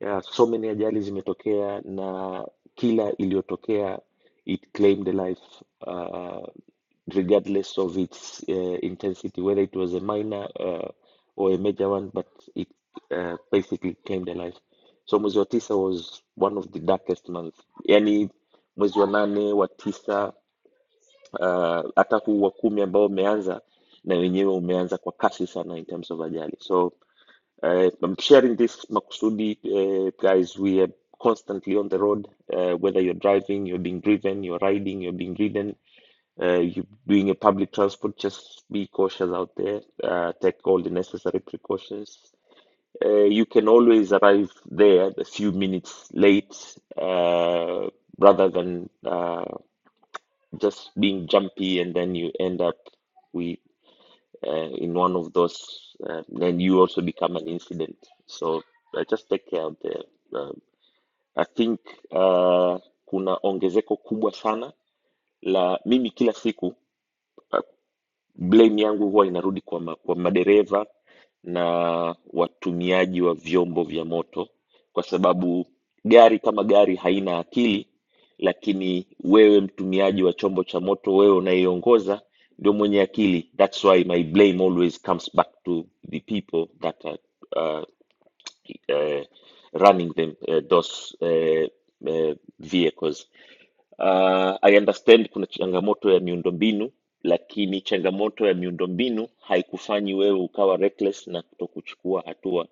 Yeah, so many ajali zimetokea na kila iliyotokea it claimed the life ah, regardless of its uh, intensity, whether it was a minor uh, or a major one, but it uh, basically claimed their life. So mwezi wa tisa was one of the darkest months, yani mwezi wa nane wa tisa, uh, hata huu wa kumi ambao umeanza na wenyewe umeanza kwa kasi sana in terms of ajali. So uh, I'm sharing this makusudi uh, guys, we are constantly on the road, uh, whether you're driving, you're being driven, you're riding, you're being ridden uh, you doing a public transport, just be cautious out there. Uh, take all the necessary precautions. Uh, you can always arrive there a few minutes late, uh, rather than uh, just being jumpy and then you end up with uh, in one of those. Uh, then you also become an incident. So uh, just take care out there. Uh, I think uh, kuna ongezeko kubwa sana la mimi kila siku. uh, blame yangu huwa inarudi kwa, ma, kwa madereva na watumiaji wa vyombo vya moto, kwa sababu gari kama gari haina akili, lakini wewe mtumiaji wa chombo cha moto, wewe unayeongoza ndio mwenye akili. That's why my blame always comes back to the people that are uh, uh, running them, uh, those uh, uh, vehicles Uh, I understand kuna changamoto ya miundombinu, lakini changamoto ya miundombinu haikufanyi wewe ukawa reckless na kutokuchukua hatua.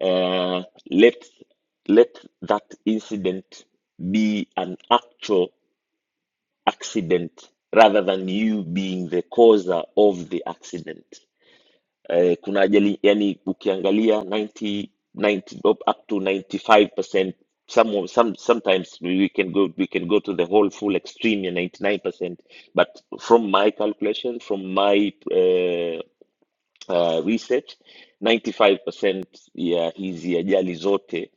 Uh, let, let that incident be an actual accident rather than you being the causer of the accident. eh, kuna ajali yani ukiangalia 90, 90 up up to 95% some of- some sometimes we we can go we can go to the whole full extreme and 99% but from my calculation from my uh, uh, research 95% ya hizi ajali zote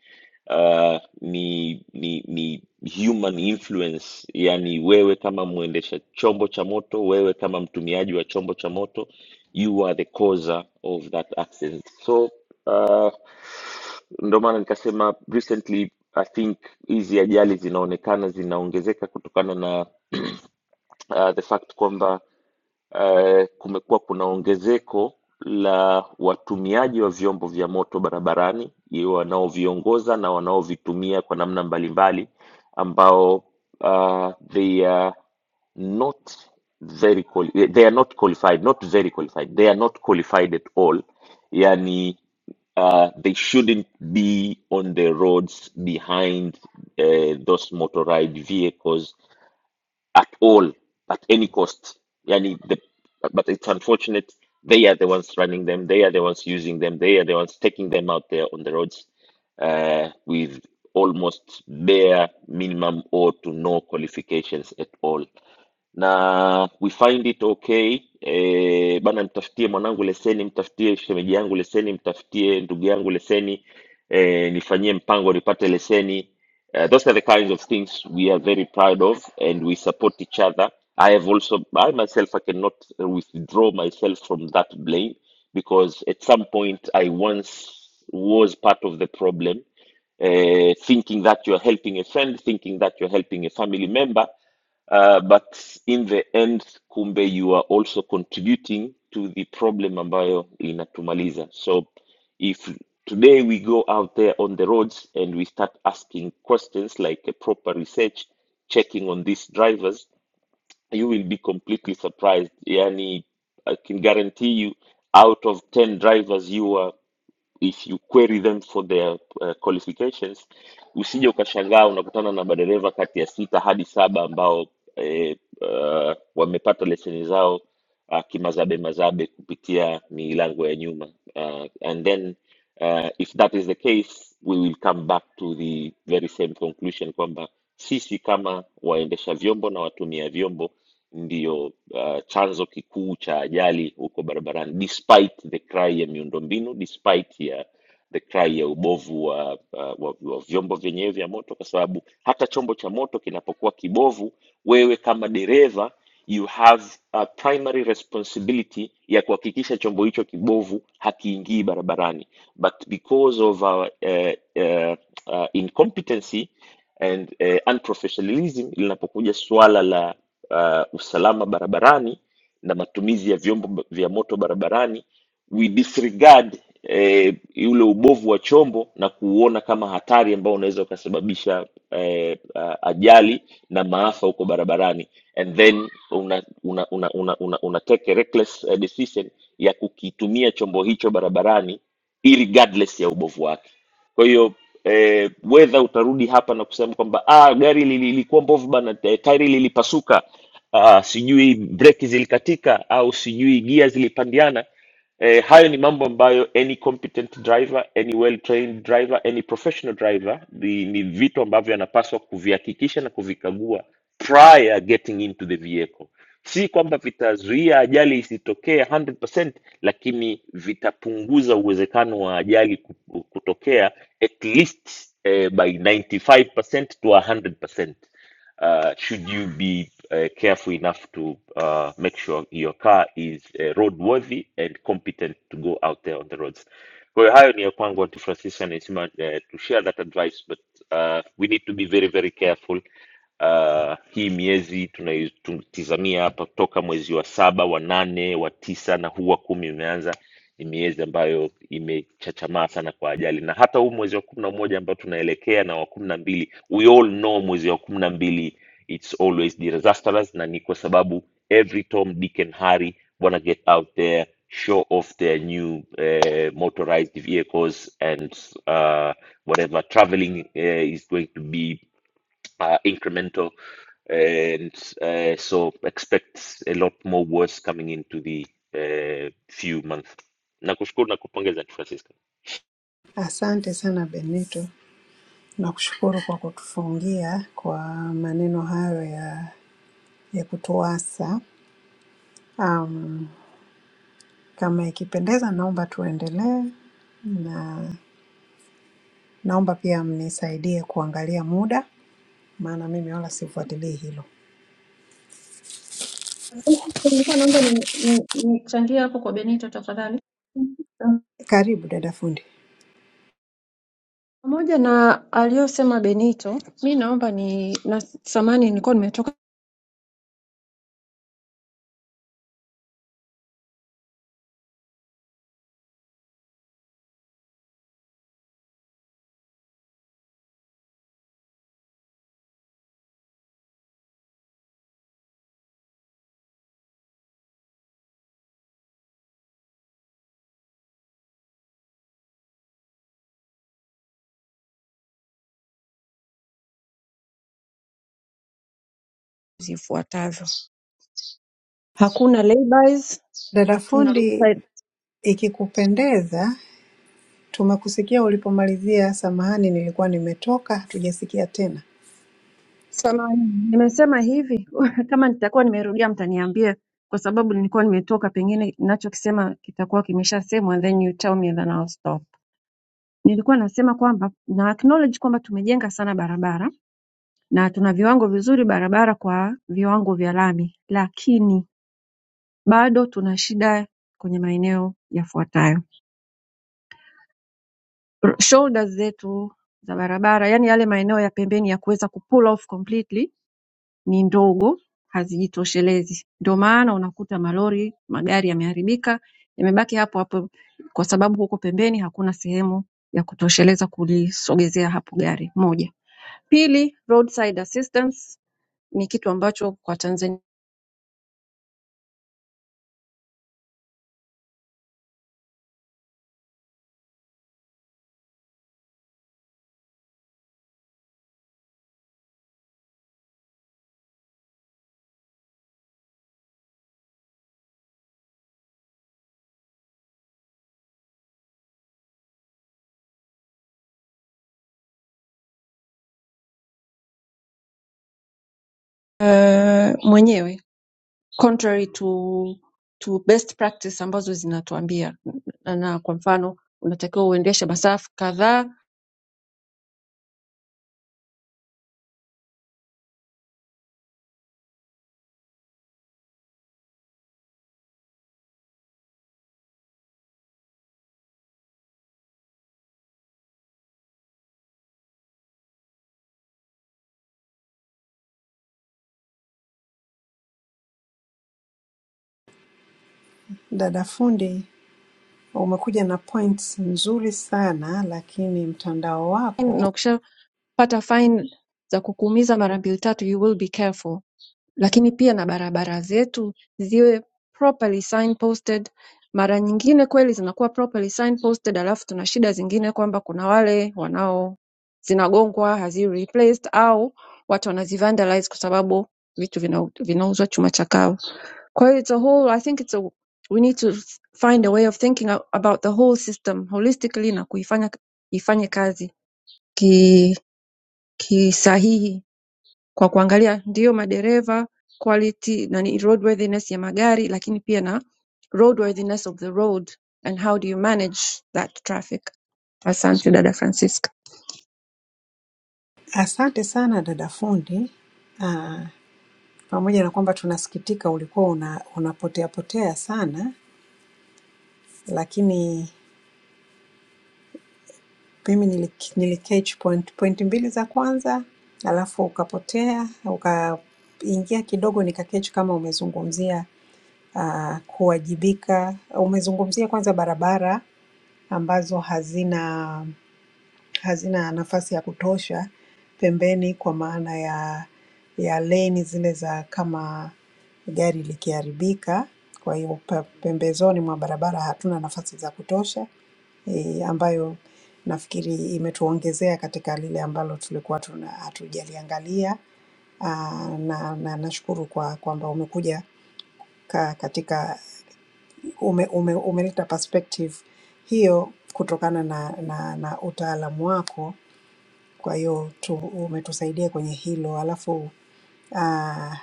uh, ni, ni ni human influence yani wewe kama mwendesha chombo cha moto wewe kama mtumiaji wa chombo cha moto you are the causer of that accident so uh, ndo maana nikasema recently i think hizi ajali zinaonekana zinaongezeka kutokana na uh, the fact kwamba eh, kumekuwa kuna ongezeko la watumiaji wa vyombo vya moto barabarani, iwe wanaoviongoza na wanaovitumia kwa namna mbalimbali, ambao uh, they are not very quali- they are not qualified, not very qualified, they are not qualified at all. Yani uh, they shouldn't be on the roads behind uh, those motorized vehicles at all, at any cost. Yani the, but it's unfortunate. They are the ones running them. They are the ones using them. They are the ones taking them out there on the roads uh, with almost bare minimum or to no qualifications at all na we find it okay e, bana mtafutie mwanangu leseni mtafutie shemeji yangu leseni mtafutie ndugu yangu leseni e, nifanyie mpango nipate leseni uh, those are the kinds of things we are very proud of and we support each other i have also i myself i cannot uh, withdraw myself from that blame because at some point i once was part of the problem uh, thinking that you're helping a friend, thinking that you're helping a family member. Uh, but in the end kumbe you are also contributing to the problem ambayo inatumaliza so if today we go out there on the roads and we start asking questions like a proper research checking on these drivers you will be completely surprised yani i can guarantee you out of 10 drivers you are if you query them for their uh, qualifications usije ukashangaa unakutana na madereva kati ya sita hadi saba ambao eh, uh, wamepata leseni zao uh, kimazabe mazabe kupitia milango ya nyuma uh, and then Uh, if that is the case, we will come back to the very same conclusion kwamba sisi kama waendesha vyombo na watumia vyombo ndiyo uh, chanzo kikuu cha ajali huko barabarani, despite the cry ya miundombinu, despite ya the cry ya ubovu wa, wa, wa, wa vyombo vyenyewe vya moto, kwa sababu hata chombo cha moto kinapokuwa kibovu, wewe kama dereva you have a primary responsibility ya kuhakikisha chombo hicho kibovu hakiingii barabarani but because of our uh, uh, uh, incompetency and uh, unprofessionalism linapokuja suala la uh, usalama barabarani na matumizi ya vyombo ba- vya moto barabarani we disregard eh, ule ubovu wa chombo na kuuona kama hatari ambao unaweza ukasababisha eh, ah, ajali na maafa huko barabarani and then una, una, una, una, una, una take a reckless eh, decision ya kukitumia chombo hicho barabarani regardless ya ubovu wake kwa hiyo eh, wedha utarudi hapa na kusema kwamba ah, gari lili- lilikuwa mbovu bana eh, tairi lilipasuka ah, sijui breki zilikatika au sijui gia zilipandiana eh, hayo ni mambo ambayo any competent driver any well trained driver any professional driver ni, ni vitu ambavyo anapaswa kuvihakikisha na kuvikagua prior getting into the vehicle si kwamba vitazuia ajali isitokee 100% lakini vitapunguza uwezekano wa ajali ku- kutokea at least eh, by 95% to 100% uh, should you be uh, careful enough to uh, make sure your car is uh, roadworthy and competent to go out there on the roads. Kwa hiyo hayo ni ya kwangu Aunty Francisca, nisema uh, to share that advice but uh, we need to be very very careful uh, hii miezi tunai- tunatizamia hapa toka mwezi wa saba wa nane wa tisa na huu wa kumi umeanza ni miezi ambayo imechachamaa sana kwa ajali na hata huu mwezi wa kumi na moja ambao tunaelekea na wa kumi na mbili we all know mwezi wa kumi na mbili it's always disastrous na ni kwa sababu every Tom Dick and Harry wanna get out there show off their new eh, motorized vehicles and uh, whatever traveling eh, is going to be uh, incremental. And uh, so expect a lot more words coming into the uh, few months. Nakushukuru na kupongeza Aunty Francisca.
Asante sana Benito. Nakushukuru kwa kutufungia kwa maneno hayo ya, ya kutuasa. Um, kama ikipendeza, naomba tuendelee, na naomba pia mnisaidie kuangalia muda, maana mimi wala sifuatilii hilo.
Nilikuwa naomba ni- ni- nichangie hapo kwa Benito tafadhali.
Karibu dada fundi.
Pamoja na aliyosema Benito, mi naomba ni na samani, nilikuwa nimetoka zifuatavyo: hakuna laybys,
Dada
hatuna
fundi,
roadside.
ikikupendeza, tumekusikia ulipomalizia. Samahani, nilikuwa nimetoka, hatujasikia tena.
Samani nimesema hivi kama nitakuwa nimerudia mtaniambia, kwa sababu nilikuwa nimetoka, pengine ninachokisema kitakuwa kimeshasemwa, then you tell me then I'll stop. Nilikuwa nasema kwamba na acknowledge kwamba tumejenga sana barabara na tuna viwango vizuri barabara kwa viwango vya lami, lakini bado tuna shida kwenye maeneo yafuatayo. R- Shoulders zetu za barabara, yani yale maeneo ya pembeni ya kuweza kupull off completely ni ndogo, hazijitoshelezi. Ndio maana unakuta malori, magari yameharibika, yamebaki hapo hapo kwa sababu huko pembeni hakuna sehemu ya kutosheleza kulisogezea hapo gari moja Pili roadside assistance ni kitu ambacho kwa Tanzania eh, mwenyewe contrary to to best practice ambazo zinatuambia na na kwa mfano unatakiwa uendeshe masafa kadhaa
Dada fundi, umekuja na points nzuri sana, lakini mtandao wako
na ukishapata fine za kukuumiza mara mbili tatu you will be careful Lakini pia na barabara zetu ziwe properly signposted. Mara nyingine kweli zinakuwa properly signposted, alafu tuna shida zingine kwamba kuna wale wanao zinagongwa hazi replaced au watu wanazivandalize kwa sababu vitu vina- vinauzwa chuma cha kawa. Kwa hiyo it's a whole, I think it's a, we need to find a way of thinking a- about the whole system holistically na kuifanya ifanye kazi ki kisahihi kwa kuangalia ndio madereva quality na ni roadworthiness ya magari lakini pia na roadworthiness of the road and how do you manage that traffic asante dada francisca
Asante sana dada fundi. Ah, pamoja na kwamba tunasikitika ulikuwa una, unapotea potea sana, lakini mimi nili, nili catch point, point mbili za kwanza alafu ukapotea ukaingia kidogo nika catch kama umezungumzia ah, kuwajibika. Umezungumzia kwanza barabara ambazo hazina hazina nafasi ya kutosha pembeni kwa maana ya ya lane zile za kama gari likiharibika. Kwa hiyo pa- pembezoni mwa barabara hatuna nafasi za kutosha eh, ambayo nafikiri imetuongezea katika lile ambalo tulikuwa tuna hatujaliangalia. Ah, na na nashukuru kwa kwamba umekuja ka, katika ume, ume, umeleta perspective hiyo kutokana na na, na utaalamu wako kwa hiyo tu umetusaidia kwenye hilo. Alafu ah,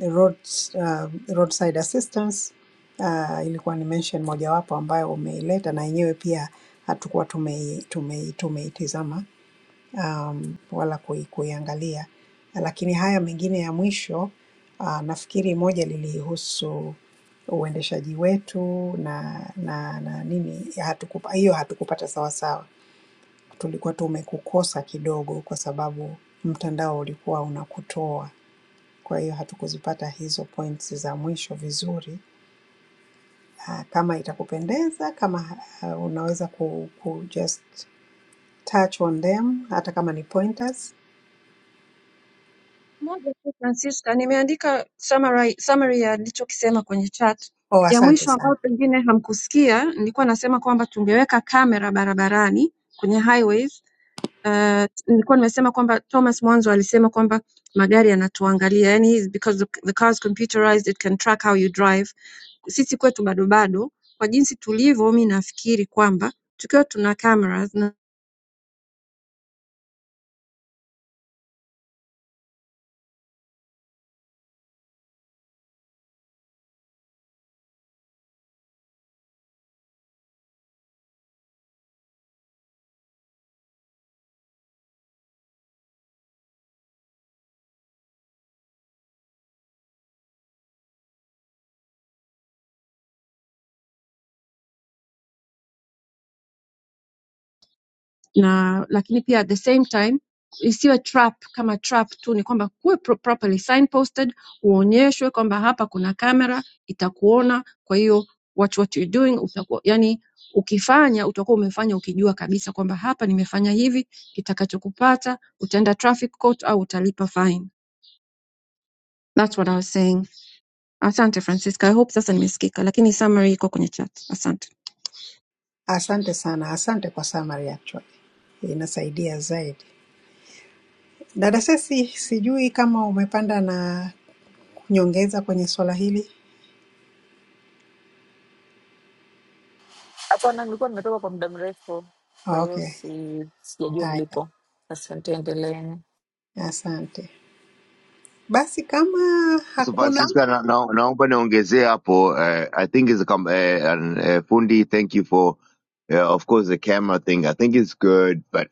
road, ah, roadside assistance ah, ilikuwa ni mention mojawapo ambayo umeileta na yenyewe pia hatukuwa tumei, tumei, tumeitizama um, wala kui, kuiangalia, lakini haya mengine ya mwisho ah, nafikiri moja lilihusu uendeshaji wetu na na na nini hatukupa, hiyo hatukupata sawasawa tulikuwa tumekukosa kidogo kwa sababu mtandao ulikuwa unakutoa. Kwa hiyo hatukuzipata hizo points za mwisho vizuri. Ah, Kama itakupendeza, kama ah, unaweza ku, ku just touch on them, hata kama ni pointers.
moja tu francisca nimeandika summary, summary ya alichokisema kwenye chat
Oh,
ya
asante
mwisho ambayo
sana,
pengine hamkusikia nilikuwa nasema kwamba tungeweka kamera barabarani kwenye highways Uh, nilikuwa nimesema kwamba Thomas mwanzo alisema kwamba magari yanatuangalia yani his- because the, the car is computerized it can track how you drive sisi kwetu bado bado kwa jinsi tulivyo mi nafikiri kwamba tukiwa tuna cameras na na lakini pia at the same time isiwe trap kama trap tu ni kwamba kuwe pro properly signposted uonyeshwe kwamba hapa kuna kamera itakuona kwa hiyo watch what you're doing utakuwa yani ukifanya utakuwa umefanya ukijua kabisa kwamba hapa nimefanya hivi kitakachokupata utaenda traffic court au utalipa fine that's what i was saying asante francisca i hope sasa nimesikika lakini summary iko kwenye chat asante
asante sana, asante kwa summary actually, inasaidia zaidi. Dada Sesi, sijui kama umepanda na kunyongeza kwenye swala hili.
Hapana, nilikuwa nimetoka kwa muda mrefu, kwa
Ah,
hiyo
Okay,
si sijajua
haya,
mlipo. Asante, endeleeni.
asante. Basi kama
So
hakuna
Francisco, na, na, naomba niongezee hapo eh, I think it's a com- eh, an, eh, fundi thank you for yeah, of course the camera thing. I think it's good, but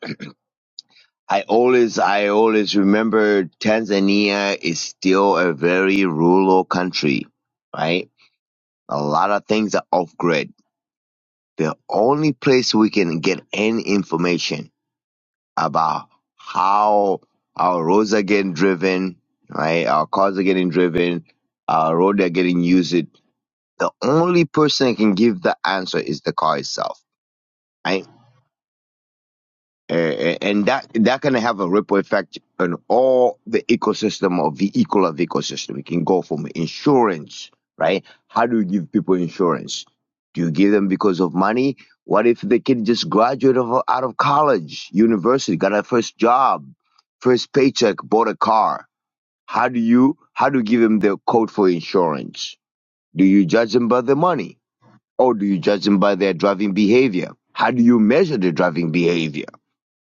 I always I always remember Tanzania is still a very rural country, right? A lot of things are off grid. The only place we can get any information about how our roads are getting driven, right? Our cars are getting driven, our road are getting used. the only person that can give the answer is the car itself, right? Uh, and that that can have a ripple effect on all the ecosystem or vehicle of ecosystem. It can go from insurance, right? How do you give people insurance? Do you give them because of money? What if the kid just graduated of, out of college, university, got a first job, first paycheck, bought a car? How do you how do you give them the code for insurance? Do you judge them by the money? Or do you judge them by their driving behavior? How do you measure the driving behavior?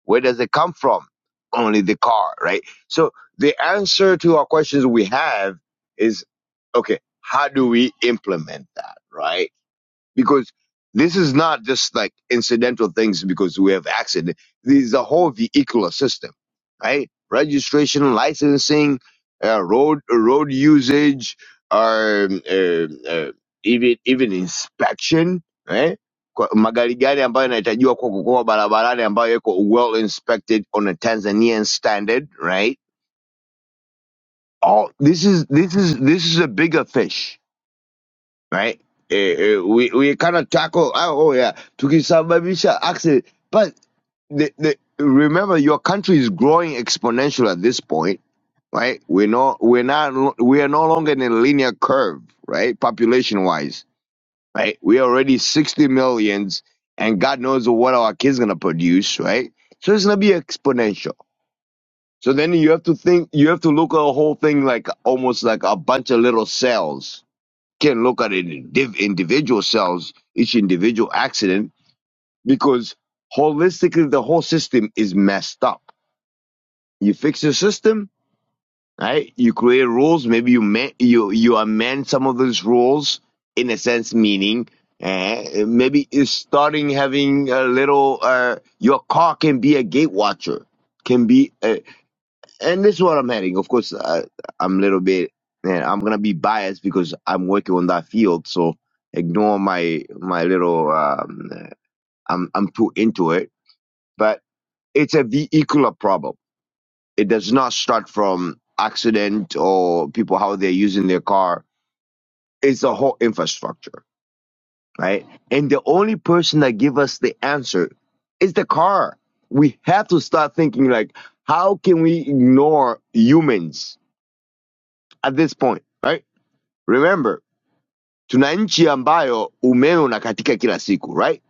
Where does it come from? Only the car, right? So the answer to our questions we have is okay, how do we implement that, right? because this is not just like incidental things because we have accident. This is a whole vehicular system, right? Registration, licensing, uh, road road usage, um, uh, uh, even even inspection, right? Kwa- Magari gani ambayo yanahitajiwa kwa kukoa barabarani ambayo yako well inspected on a Tanzanian standard, right? All this is this is this is a bigger fish right? Eh, eh, we we cannot tackle. Oh, oh yeah, tukisababisha accident. But the, the remember, your country is growing exponential at this point, right? We're not we're not we are no longer in a linear curve, right? Population wise, right? We are already sixty millions, and God knows what our kids gonna produce, right? So it's gonna be exponential. So then you have to think, you have to look at the whole thing like almost like a bunch of little cells, can look at an indiv- individual cells, each individual accident, because holistically the whole system is messed up. You fix the system, right? You create rules. Maybe you ma- you you amend some of those rules in a sense, meaning. Uh, maybe it's starting having a little. Uh, your car can be a gate watcher, can be a, and this is what I'm heading. Of course, I, I'm a little bit, man, I'm gonna be biased because I'm working on that field. So ignore my my little. Um, uh, I'm I'm too into it, but it's a vehicular problem. It does not start from accident or people how they're using their car. It's the whole infrastructure, right? And the only person that give us the answer is the car. We have to start thinking like, how can we ignore humans at this point, right? remember tuna nchi ambayo umeme unakatika kila siku right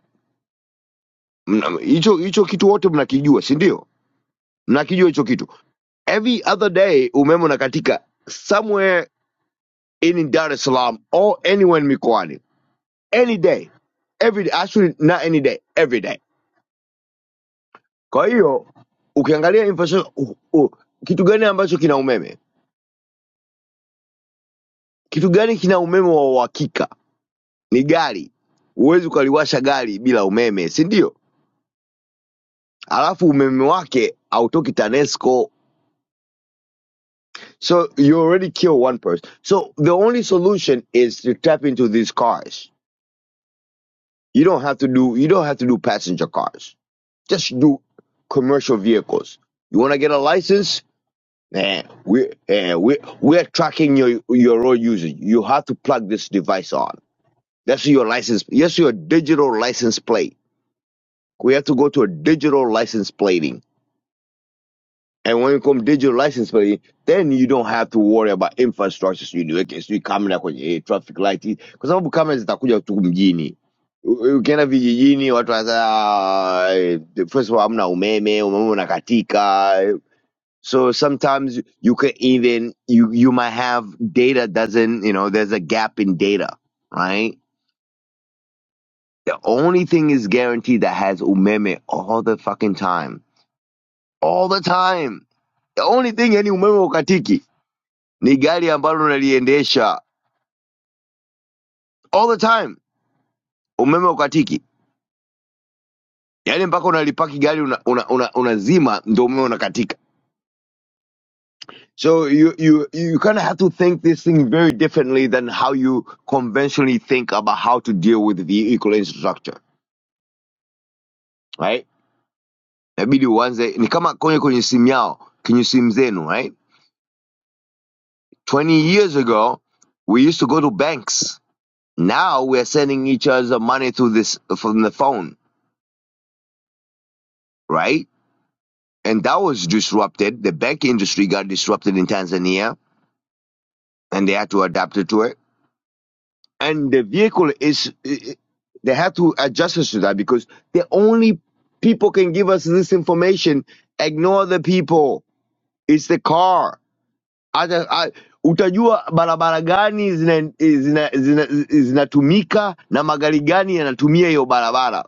Mna- hicho hicho kitu wote mnakijua si ndio mnakijua hicho kitu every other day umeme unakatika somewhere in dar es salaam or anywhere mikoani any day every day actually not any day every day kwa hiyo ukiangalia infrastructure uh, uh, kitu gani ambacho kina umeme kitu gani kina umeme wa uhakika ni gari huwezi ukaliwasha gari bila umeme si ndio alafu umeme wake autoki tanesco so you already kill one person so the only solution is to tap into these cars you don't have to do you don't have to do passenger cars just do commercial vehicles you want to get a license man we eh, we we're tracking your your road usage you have to plug this device on that's your license yes your digital license plate we have to go to a digital license plating And when it comes digital license plate, then you don't have to worry about infrastructure sijui sijui kamera kwenye traffic light, kwa sababu kamera zitakuja tu mjini. U- Ukienda vijijini watu wasa, first of all hamna umeme, umeme unakatika. So sometimes you can even you you might have data doesn't you know there's a gap in data, right? The only thing is guaranteed that has umeme all the fucking time, all the time. The only thing any umeme ukatiki ni gari ambalo unaliendesha all the time, umeme ukatiki, yaani mpaka unalipaki gari unazima una, una, una unazima, ndo umeme unakatika. So you you you kind of have to think this thing very differently than how you conventionally think about how to deal with the equivalent structure, right? Inabidi uanze ni kama kwenye kwenye simu yao, kwenye simu zenu, right? 20 years ago we used to go to banks. Now we are sending each other money through this from the phone, right? and that was disrupted. The bank industry got disrupted in Tanzania, and they had to adapt it to it. And the vehicle is they had to adjust us to that because the only people can give us this information. Ignore the people. It's the car. Other, I, utajua barabara gani zina- zina- zina- zinatumika na magari gani yanatumia hiyo barabara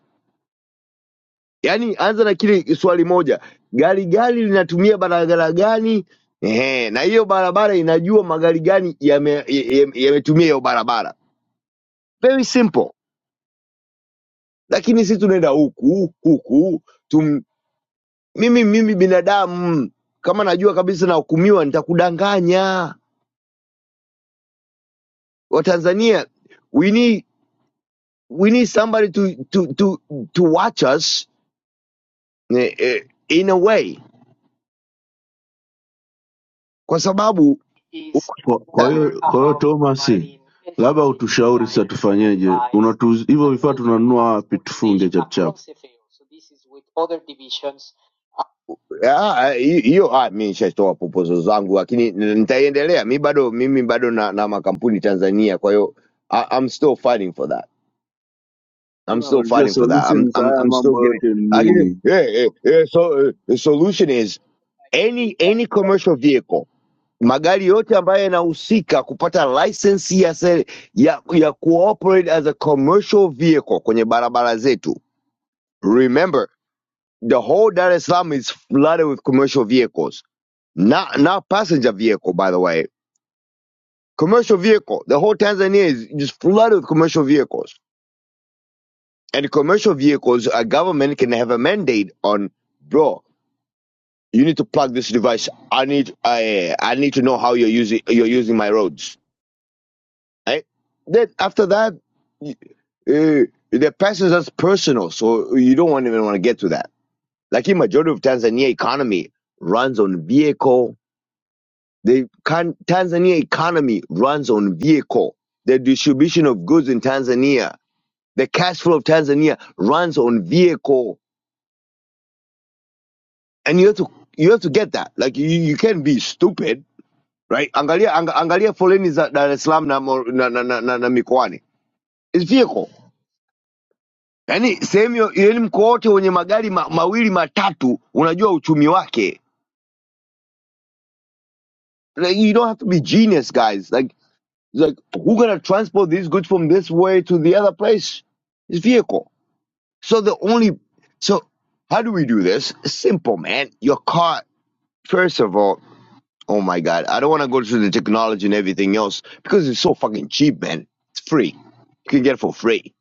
Yaani anza na kile swali moja, gari gani linatumia barabara gani? Ehe, na hiyo barabara inajua magari gani yame- ya- ya- yametumia hiyo barabara. Very simple. Lakini sisi tunaenda huku huku tum, mimi mimi binadamu kama najua kabisa nahukumiwa nitakudanganya. Watanzania we need, we need somebody to, to, to, to watch us eh, eh, in a way kwa sababu
Kwa kwa hiyo kwa hiyo Thomas, labda utushauri sasa tufanyeje? Unatu hivyo vifaa tunanunua wapi? Tufunge chap chap.
Ah, ah, hi- hiyo ah, mi nishatoa proposal zangu lakini n- nitaiendelea mi bado mimi bado na, na makampuni Tanzania kwa hiyo I- I'm still fighting for that. I'm still
Naulizia
fighting for that. I'm
solution za
I'm
haya
I'm still
mambo
getting
yote ni
I lakini
nini?
yeah, yeah, yeah, so eh, the solution is any any commercial vehicle magari yote ambayo yanahusika kupata license ya, se- ya ya cooperate as a commercial vehicle kwenye barabara zetu. Remember the whole Dar es Salaam is flooded with commercial vehicles Not not passenger vehicle, by the way. Commercial vehicle. The whole Tanzania is just flooded with commercial vehicles. And commercial vehicles, a government can have a mandate on, bro. You need to plug this device. I need I I need to know how you're using you're using my roads. Right? Then after that, y- uh, the passengers personal, so you don't want, even want to get to that. Like in majority of Tanzania economy runs on vehicle The Kan- Tanzania economy runs on vehicle. The distribution of goods in Tanzania, the cash flow of Tanzania runs on vehicle. And you have to you have to get that. Like you, you can't be stupid, right? Angalia ang, angalia foleni za Dar es Salaam na, mo- na, na, na, na, na mikoani. It's vehicle. Yaani sehemu yo- yaani mkoa wote wenye magari ma, mawili matatu unajua uchumi wake. Like, you don't have to be genius guys. Like like who gonna transport these goods from this way to the other place? It's vehicle. So the only so how do we do this? Simple, man. Your car, first of all, oh my god, I don't want to go through the technology and everything else because it's so fucking cheap, man. It's free. You can get it for free.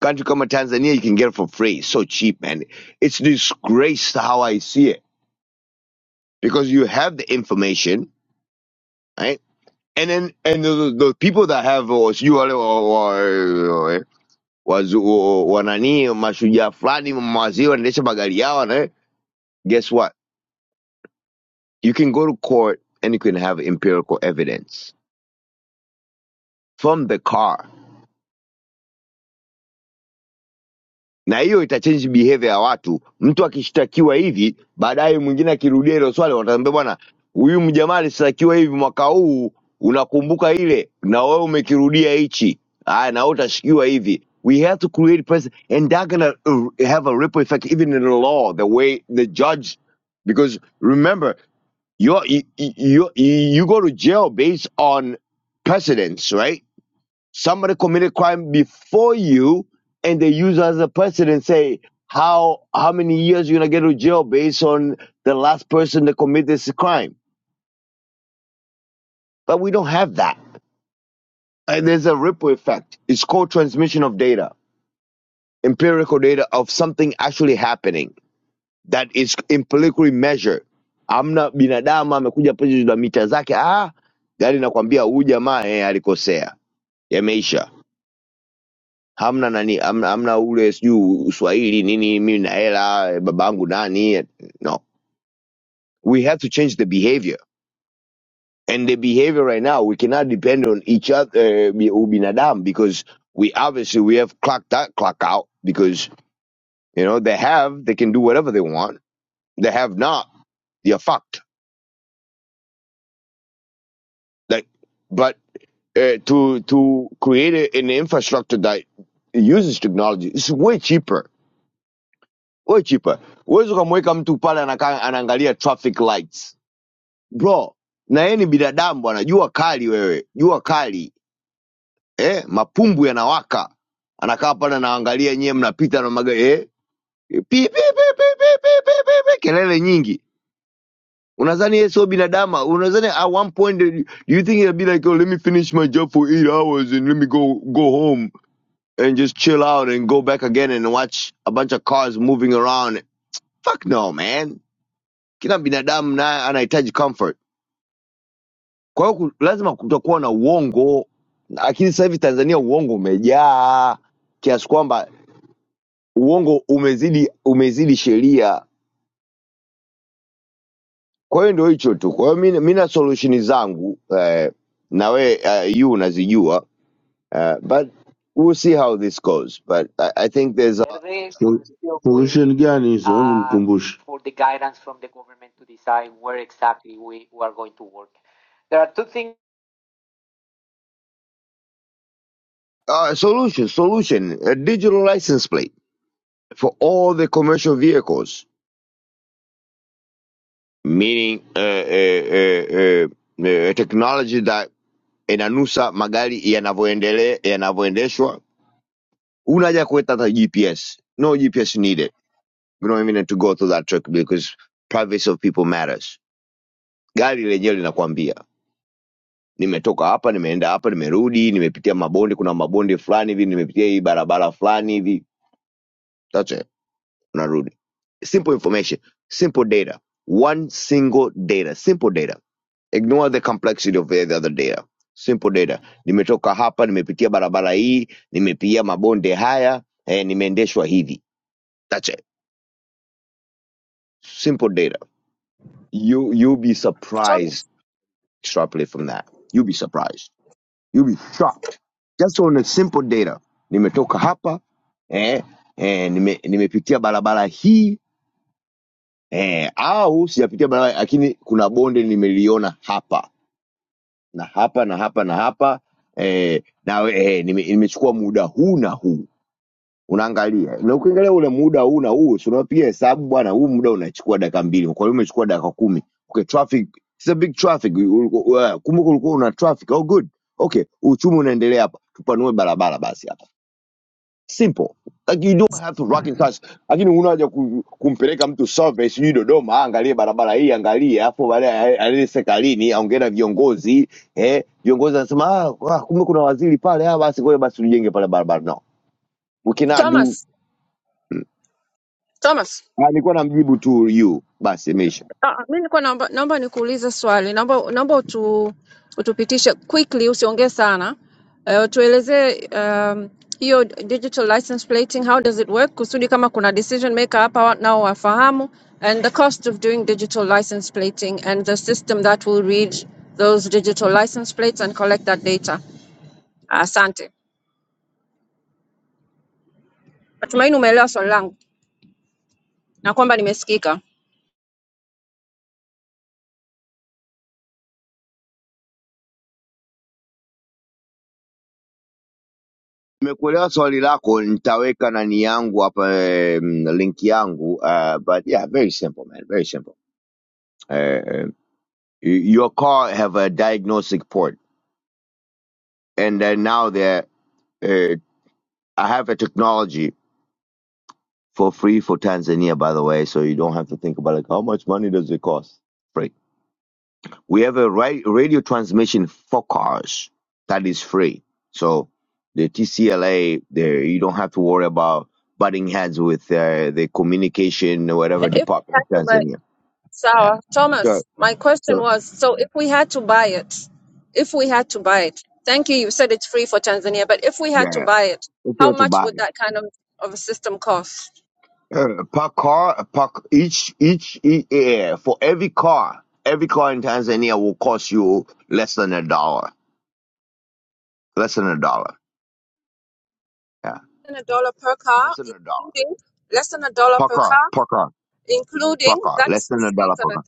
Country come to Tanzania, you can get it for free. It's so cheap, man. It's disgrace to how I see it because you have the information, right? And then and the, the the people that have or you or, or, or wazu wanani mashujaa fulani maziwa wanaendesha magari yao, eh? Guess what? You can go to court and you can have empirical evidence from the car, na hiyo itachange behavior ya watu. Mtu akishtakiwa hivi, baadaye mwingine akirudia hilo swali, wataambia bwana, huyu mjamaa alishtakiwa hivi mwaka huu, unakumbuka ile, na wewe umekirudia hichi, aya, na wewe utashikiwa hivi. We have to create precedent and that's gonna uh, have a ripple effect even in the law, the way the judge, because remember, you're, you, you, you you go to jail based on precedents, right? Somebody committed crime before you and they use as a precedent say how how many years you're gonna get to jail based on the last person that committed this crime. But we don't have that. And there's a ripple effect. It's called transmission of data, empirical data of something actually happening that is empirically measured. amna binadamu amekuja pale na mita zake ah gari nakwambia huyu jamaa eh, alikosea yameisha hamna nani hamna, hamna ule sijui uswahili nini mimi na hela babangu nani no we have to change the behavior and the behavior right now we cannot depend on each other uh, ubinadamu because we obviously we have clocked that clock out because you know they have they can do whatever they want they have not they're fucked like but uh, to to create a, an infrastructure that uses technology is way cheaper we chipa huwezi ukamweka mtu pale anakaa anaangalia traffic lights bro na yeye ni binadamu bwana jua kali wewe jua kali eh mapumbu yanawaka anakaa pale anaangalia nyewe mnapita na magari eh pi pi pi pi pi pi pi pi pi, kelele nyingi unadhani yeye sio binadamu unadhani at one point do you think he'll be like oh, let me finish my job for eight hours and let me go go home and just chill out and go back again and watch a bunch of cars moving around fuck no man kila binadamu naye anahitaji comfort kwa hiyo lazima kutakuwa na uongo lakini sasa hivi tanzania uongo umejaa kiasi kwamba uongo umezidi umezidi sheria kwa hiyo ndio hicho tu kwa hiyo mi mi na solution zangu eh, na we eh, yu unazijua eh, but we'll see how this goes but i, I think there's a,
So- Solution gani hizo? Hebu Mkumbushe.
a solution solution a digital license plate for all the commercial vehicles meaning uh, uh, uh, uh, uh, technology that inanusa magari yanavyoendele- yanavyoendeshwa una haja ya kuweka hata gps no gps needed we don't even need to go through that trick because privacy of people matters gari lenyewe linakwambia nimetoka hapa nimeenda hapa nimerudi nimepitia mabonde kuna mabonde fulani hivi nimepitia hii barabara fulani hivi That's it. unarudi simple information simple data one single data simple data Ignore the complexity of the other data. Simple data. Nimetoka hapa, nimepitia barabara hii, nimepitia mabonde haya, eh, nimeendeshwa hivi. That's it. Simple data. You you'll be
thomas
surprised. Extrapolate from that. You'll be surprised. You'll be shocked. Just on the simple data. Nimetoka hapa, eh, eh, nime, nimepitia barabara hii, eh, au sijapitia barabara lakini kuna bonde nimeliona hapa na hapa na hapa na hapa eh, na eh, nime- nimechukua nime muda huu na huu unaangalia na ukiangalia ule muda huu na huu si unapiga hesabu bwana huu muda unachukua dakika mbili kwa hiyo umechukua dakika kumi okay traffic it's a big traffic U- u- u- uh, kumbuka ulikuwa una traffic oh good okay uchumi unaendelea hapa tupanue barabara basi simple like you don't have to rocket science lakini unaja ku, kumpeleka mtu service sijui dodoma "Ah, angalie barabara hii angalie afu baadaye alele serikalini aongee na viongozi eh viongozi anasema ah, ah, kumbe kuna waziri pale ah, basi ngoja basi tujenge pale barabara no we cannot do
thomas Thomas.
Ah, nilikuwa namjibu tu you basi imeisha
Ah, mi nilikuwa naomba, naomba nikuulize swali, naomba naomba utu, utupitishe quickly, usiongee sana uh, tuelezee um, hiyo digital license plating, how does it work, kusudi kama kuna decision maker hapa wa- nao wafahamu, and the cost of doing digital license plating and the system that will read those digital license plates and collect that data. Asante, natumaini umeelewa swali langu na kwamba nimesikika.
nimekuelewa swali lako nitaweka nani yangu hapa eh, link yangu uh, but yeah very simple man very simple uh, your car have a diagnostic port and then now they're uh, I have a technology for free for Tanzania, by the way, so you don't have to think about like how much money does it cost. Free. We have a ra- radio transmission for cars that is free. So the TCLA, there you don't have to worry about butting heads with uh, the communication or whatever
And if
department of Tanzania. Yeah.
Sawa.
Sure.
Thomas, my question
so
was, so if we had to buy it, if we had to buy it, thank you, you said it's free for Tanzania, but if we had to
yeah,
buy it,
it's
how
here to
much
buy.
would that kind of, of a system cost?
Uh, per car, per each each e- eh, for every car, every car in Tanzania will cost you less than a dollar. Less than a dollar. Yeah,
Less than a dollar per car,
less than a dollar
including less than a dollar
per
per
car,
car,
per car, per
including
car. Less
that's
than a
excuse
dollar per
me,
car,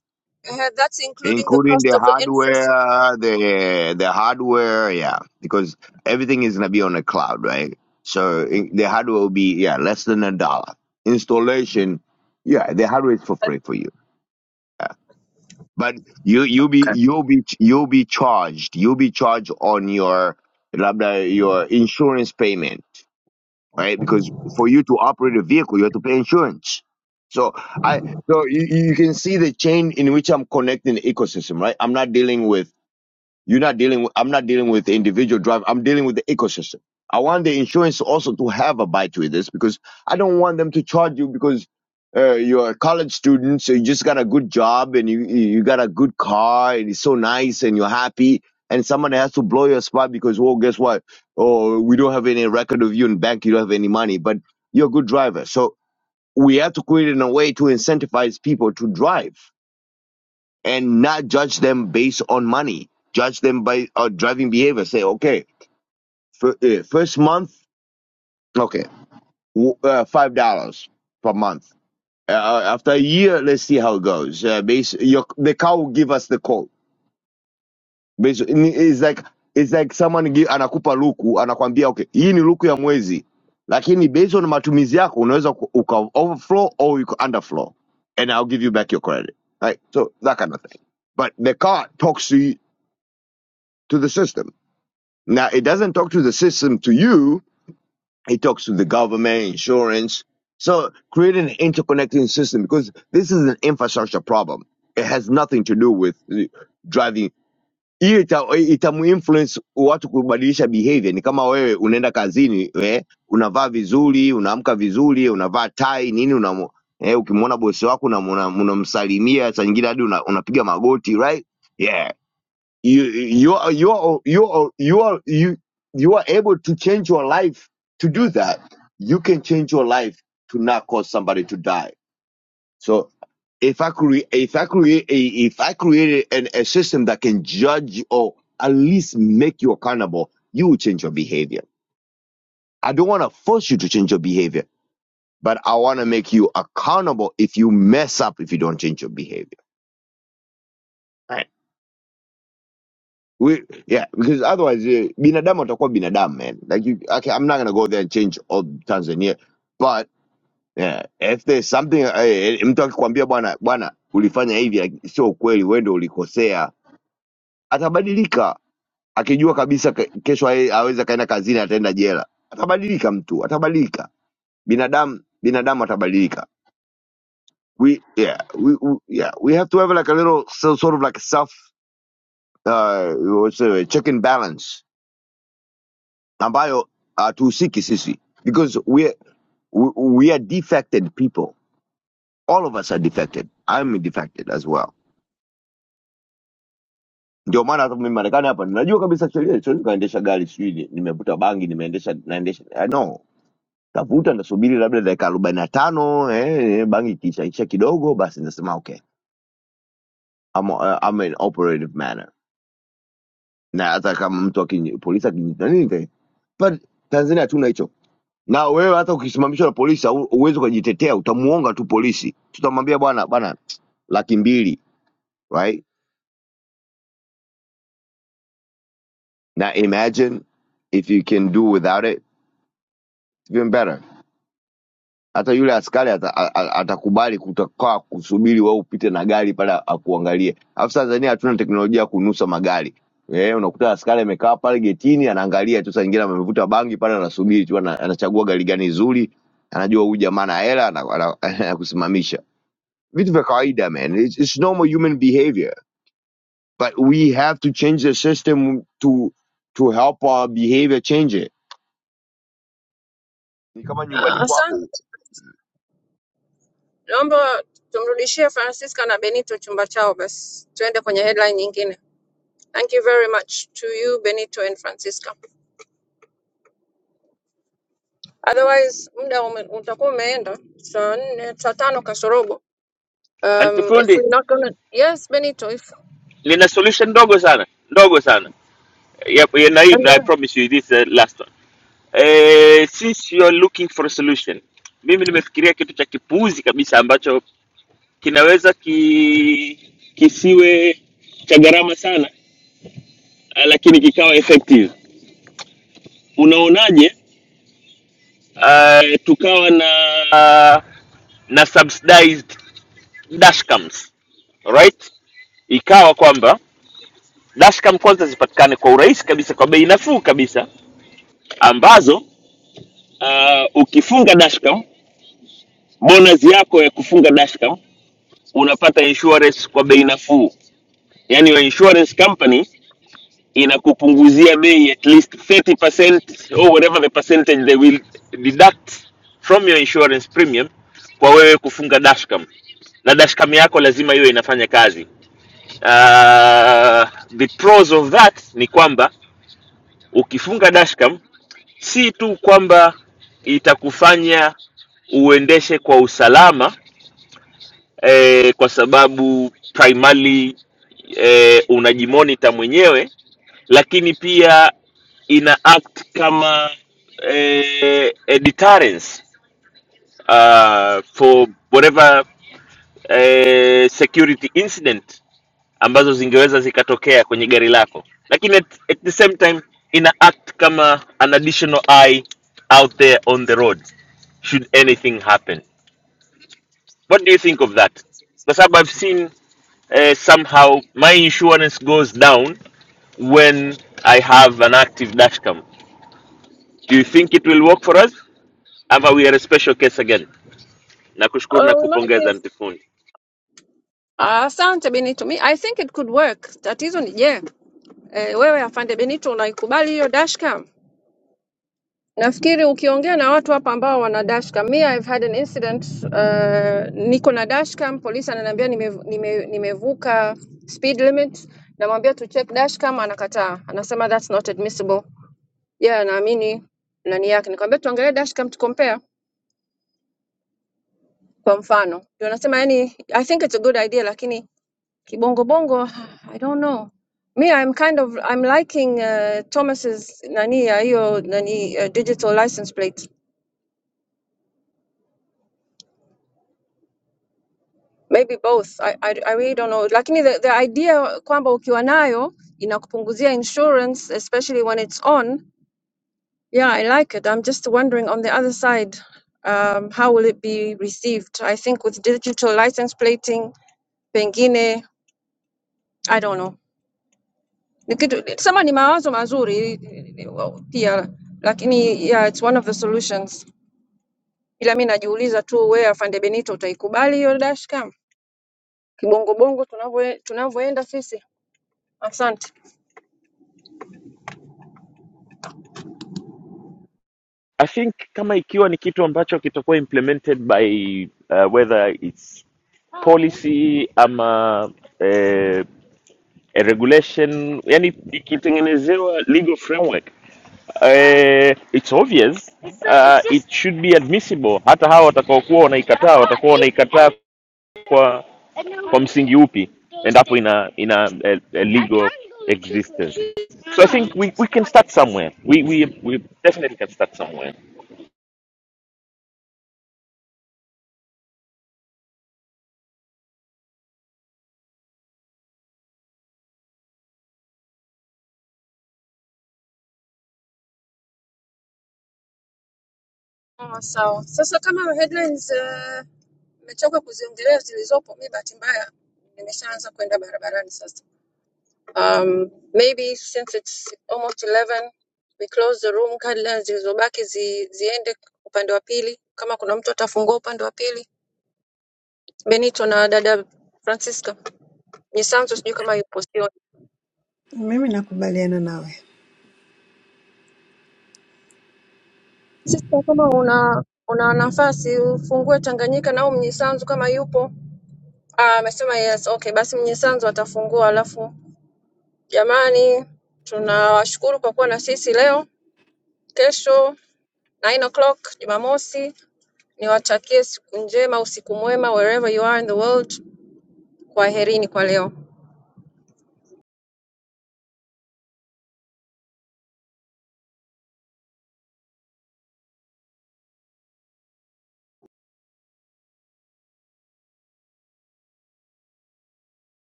eh, that's including the
including
cost
the
of the infrastructure.
hardware, the the hardware. Yeah, because everything is gonna be on the cloud, right? So i the hardware will be yeah less than a dollar. Installation, yeah, the hardware is for free for you. But you you be
Okay.
you'll be you'll be charged. You'll be charged on your labda your insurance payment, right? Because for you to operate a vehicle, you have to pay insurance. So I so you, you can see the chain in which I'm connecting the ecosystem, right? I'm not dealing with you're not dealing with, I'm not dealing with the individual driver. I'm dealing with the ecosystem. I want the insurance also to have a bite with this because I don't want them to charge you because uh, you're a college student, so you just got a good job and you, you you got a good car and it's so nice and you're happy. And someone has to blow your spot because, well, guess what? Oh, we don't have any record of you in bank. You don't have any money, but you're a good driver. So we have to create in a way to incentivize people to drive and not judge them based on money. Judge them by uh, driving behavior. Say, okay, for, uh, first month, okay, w- uh, five dollars per month. Uh, uh, after a year, let's see how it goes. Uh, base, your, the car will give us the code. Basi- ni- It's like it's like someone give anakupa luku anakwambia okay, hii ni luku ya mwezi, lakini based on matumizi yako unaweza ku- uka overflow or you could underflow, and I'll give you back your credit. Right, so that kind of thing. But the car talks to you, to the system Now, it doesn't talk to the system to you, it talks to the government, insurance. So, create an interconnecting system because this is an infrastructure problem. It has nothing to do with eh, driving. Hii ita- itamuinfluence watu kubadilisha behavior. Ni kama wewe unaenda kazini eh, unavaa vizuri, unaamka vizuri, unavaa tai nini, unamu, eh, ukimwona bosi wako unamsalimia, una, una unamsalimia, saa nyingine hadi una- unapiga magoti right? yeah you you are you are you are you are you you are able to change your life to do that you can change your life to not cause somebody to die so if i create if i create if i created an, a system that can judge or at least make you accountable you will change your behavior i don't want to force you to change your behavior but i want to make you accountable if you mess up if you don't change your behavior We, yeah, because otherwise eh, binadamu atakuwa binadamu man. Like you, okay, I'm not gonna go there and change all Tanzania, but yeah, if there's something eh, eh, mtu akikwambia bwana bwana ulifanya hivi like, sio ukweli, wewe ndio ulikosea, atabadilika akijua kabisa ke- kesho yeye aweza kaenda kazini ataenda jela. Atabadilika mtu, atabadilika binadamu, binadamu atabadilika. We yeah, we, we yeah, we have to have like a little so, sort of like a self uh, what's it, check and balance ambayo hatuhusiki sisi because we are, we we are defected people all of us are defected I'm defected as well ndio maana hata mimi marekani hapa ninajua kabisa sheria siwezi kaendesha gari sijui ni- nimevuta bangi nimeendesha naendesha I know tavuta nasubiri labda dakika arobaini na tano eh, eh, bangi ikiishaisha kidogo basi nasema okay I'm, uh, I'm in operative manner na hata kama mtu akini- polisi akinini but tanzania hatuna hicho na wewe hata ukisimamishwa na polisi hau- huwezi ukajitetea utamuonga tu polisi tutamwambia bwana bwana laki mbili right Now, imagine if you can do without it it's even better hata yule askari ata- a- a- atakubali kutakaa kusubiri wewe upite na gari pale akuangalie alafu tanzania hatuna teknolojia ya kunusa magari Eh, unakuta askari amekaa pale getini anaangalia tu saa nyingine amevuta bangi pale anasubiri tu ana- anachagua gari gani zuri anajua huyu jamaa na hela ana- ana- anakusimamisha with the qaida man it's, it's normal human behavior but we have to change the system to to help our behavior change it Ni kama nyumbani
Uh,
kwako
asante, naomba tumrudishie Francisca na Benito chumba chao basi, tuende kwenye headline nyingine. Thank you very much to you, Benito and Francisca. otherwise muda ume, utakuwa umeenda saa nne saa tano kasorobo
Aunty
um, if
Fundi,
we're not gonna yes benito if
nina solution ndogo sana, ndogo sana. Yep, yeah, na hii
and then,
I promise you this is the last one. Eh, since you are looking for a solution, mimi nimefikiria kitu cha kipuuzi kabisa ambacho kinaweza ki, kisiwe cha gharama sana, ah, lakini kikawa effective. Unaonaje uh, tukawa na na subsidized dashcams right ikawa kwamba dashcam kwanza zipatikane kwa urahisi kabisa kwa bei nafuu kabisa ambazo uh, ukifunga dashcam bonus yako ya kufunga dashcam unapata insurance kwa bei nafuu yani your insurance company inakupunguzia bei at least 30% or whatever the percentage they will deduct from your insurance premium kwa wewe kufunga dashcam na dashcam yako lazima iwe inafanya kazi uh, the pros of that ni kwamba ukifunga dashcam si tu kwamba itakufanya uendeshe kwa usalama eh, kwa sababu primarily eh, unajimonita mwenyewe lakini pia ina act kama eh, a deterrence uh, for whatever eh, security incident ambazo zingeweza zikatokea kwenye gari lako lakini at, at the same time ina act kama an additional eye out there on the road should anything happen what do you think of that kwa sababu i've seen uh, somehow my insurance goes down when i have an active dashcam Do you think it will work for us? Ama we are a special case again? Nakushukuru na
uh, we might be
kupongeza Mtifuni.
Ah, asante benito mi i think it could work tatizo ni je eh, wewe afande benito unaikubali hiyo dashcam nafikiri ukiongea na watu hapa ambao wana dashcam mi i've had an incident uh, niko na dashcam polisi ananiambia nimevu- nime- nimevuka speed limit namwambia to check dashcam anakataa anasema that's not admissible yeah, naamini nani yake. Nikwambia tuangalie dashcam to compare kwa mfano. Ndio nasema yani I think it's a good idea lakini kibongo bongo I don't know. Me I'm kind of I'm liking uh, Thomas's nani ya hiyo nani uh, digital license plate. Maybe both. I, I, I really don't know. Lakini the, the idea kwamba ukiwa nayo inakupunguzia insurance especially when it's on. Yeah, I like it. I'm just wondering on the other side um, how will it be received? I think with digital license plating pengine I don't know. Ni kitu sema ni mawazo mazuri pia, lakini yeah, it's one of the solutions, ila mi najiuliza tu wewe afande Benito utaikubali hiyo dashcam kibongobongo tunavyo- tunavyoenda sisi. Asante.
I think kama ikiwa ni kitu ambacho kitakuwa implemented by uh, whether it's policy ama eh, a regulation yani ikitengenezewa legal framework eh, it's obvious uh, it should be admissible hata hawa watakaokuwa wanaikataa watakuwa wanaikataa kwa kwa msingi upi endapo ina ina a, a legal existence so i think we, we can start somewhere we, we, we definitely can start somewhere
Oh, sawa. Sasa kama headlines eh, nimechoka kuziongelea zilizopo, mi bahati mbaya nimeshaanza kwenda barabarani sasa. Um, maybe since it's almost 11 we close the room, kadla zilizobaki zi, ziende upande wa pili, kama kuna mtu atafungua upande wa pili. Benito na dada Francisca Nyisanzo, sijui kama yupo, sioni.
Mimi nakubaliana nawe.
Sister, kama una una nafasi ufungue Tanganyika nao Mnyisanzo kama yupo. Ah, amesema yes. Okay, basi Mnyisanzo atafungua. Alafu jamani, tunawashukuru kwa kuwa na sisi leo. Kesho 9 o'clock Jumamosi Niwatakie siku njema, usiku mwema wherever you are in the world. Kwaherini kwa leo.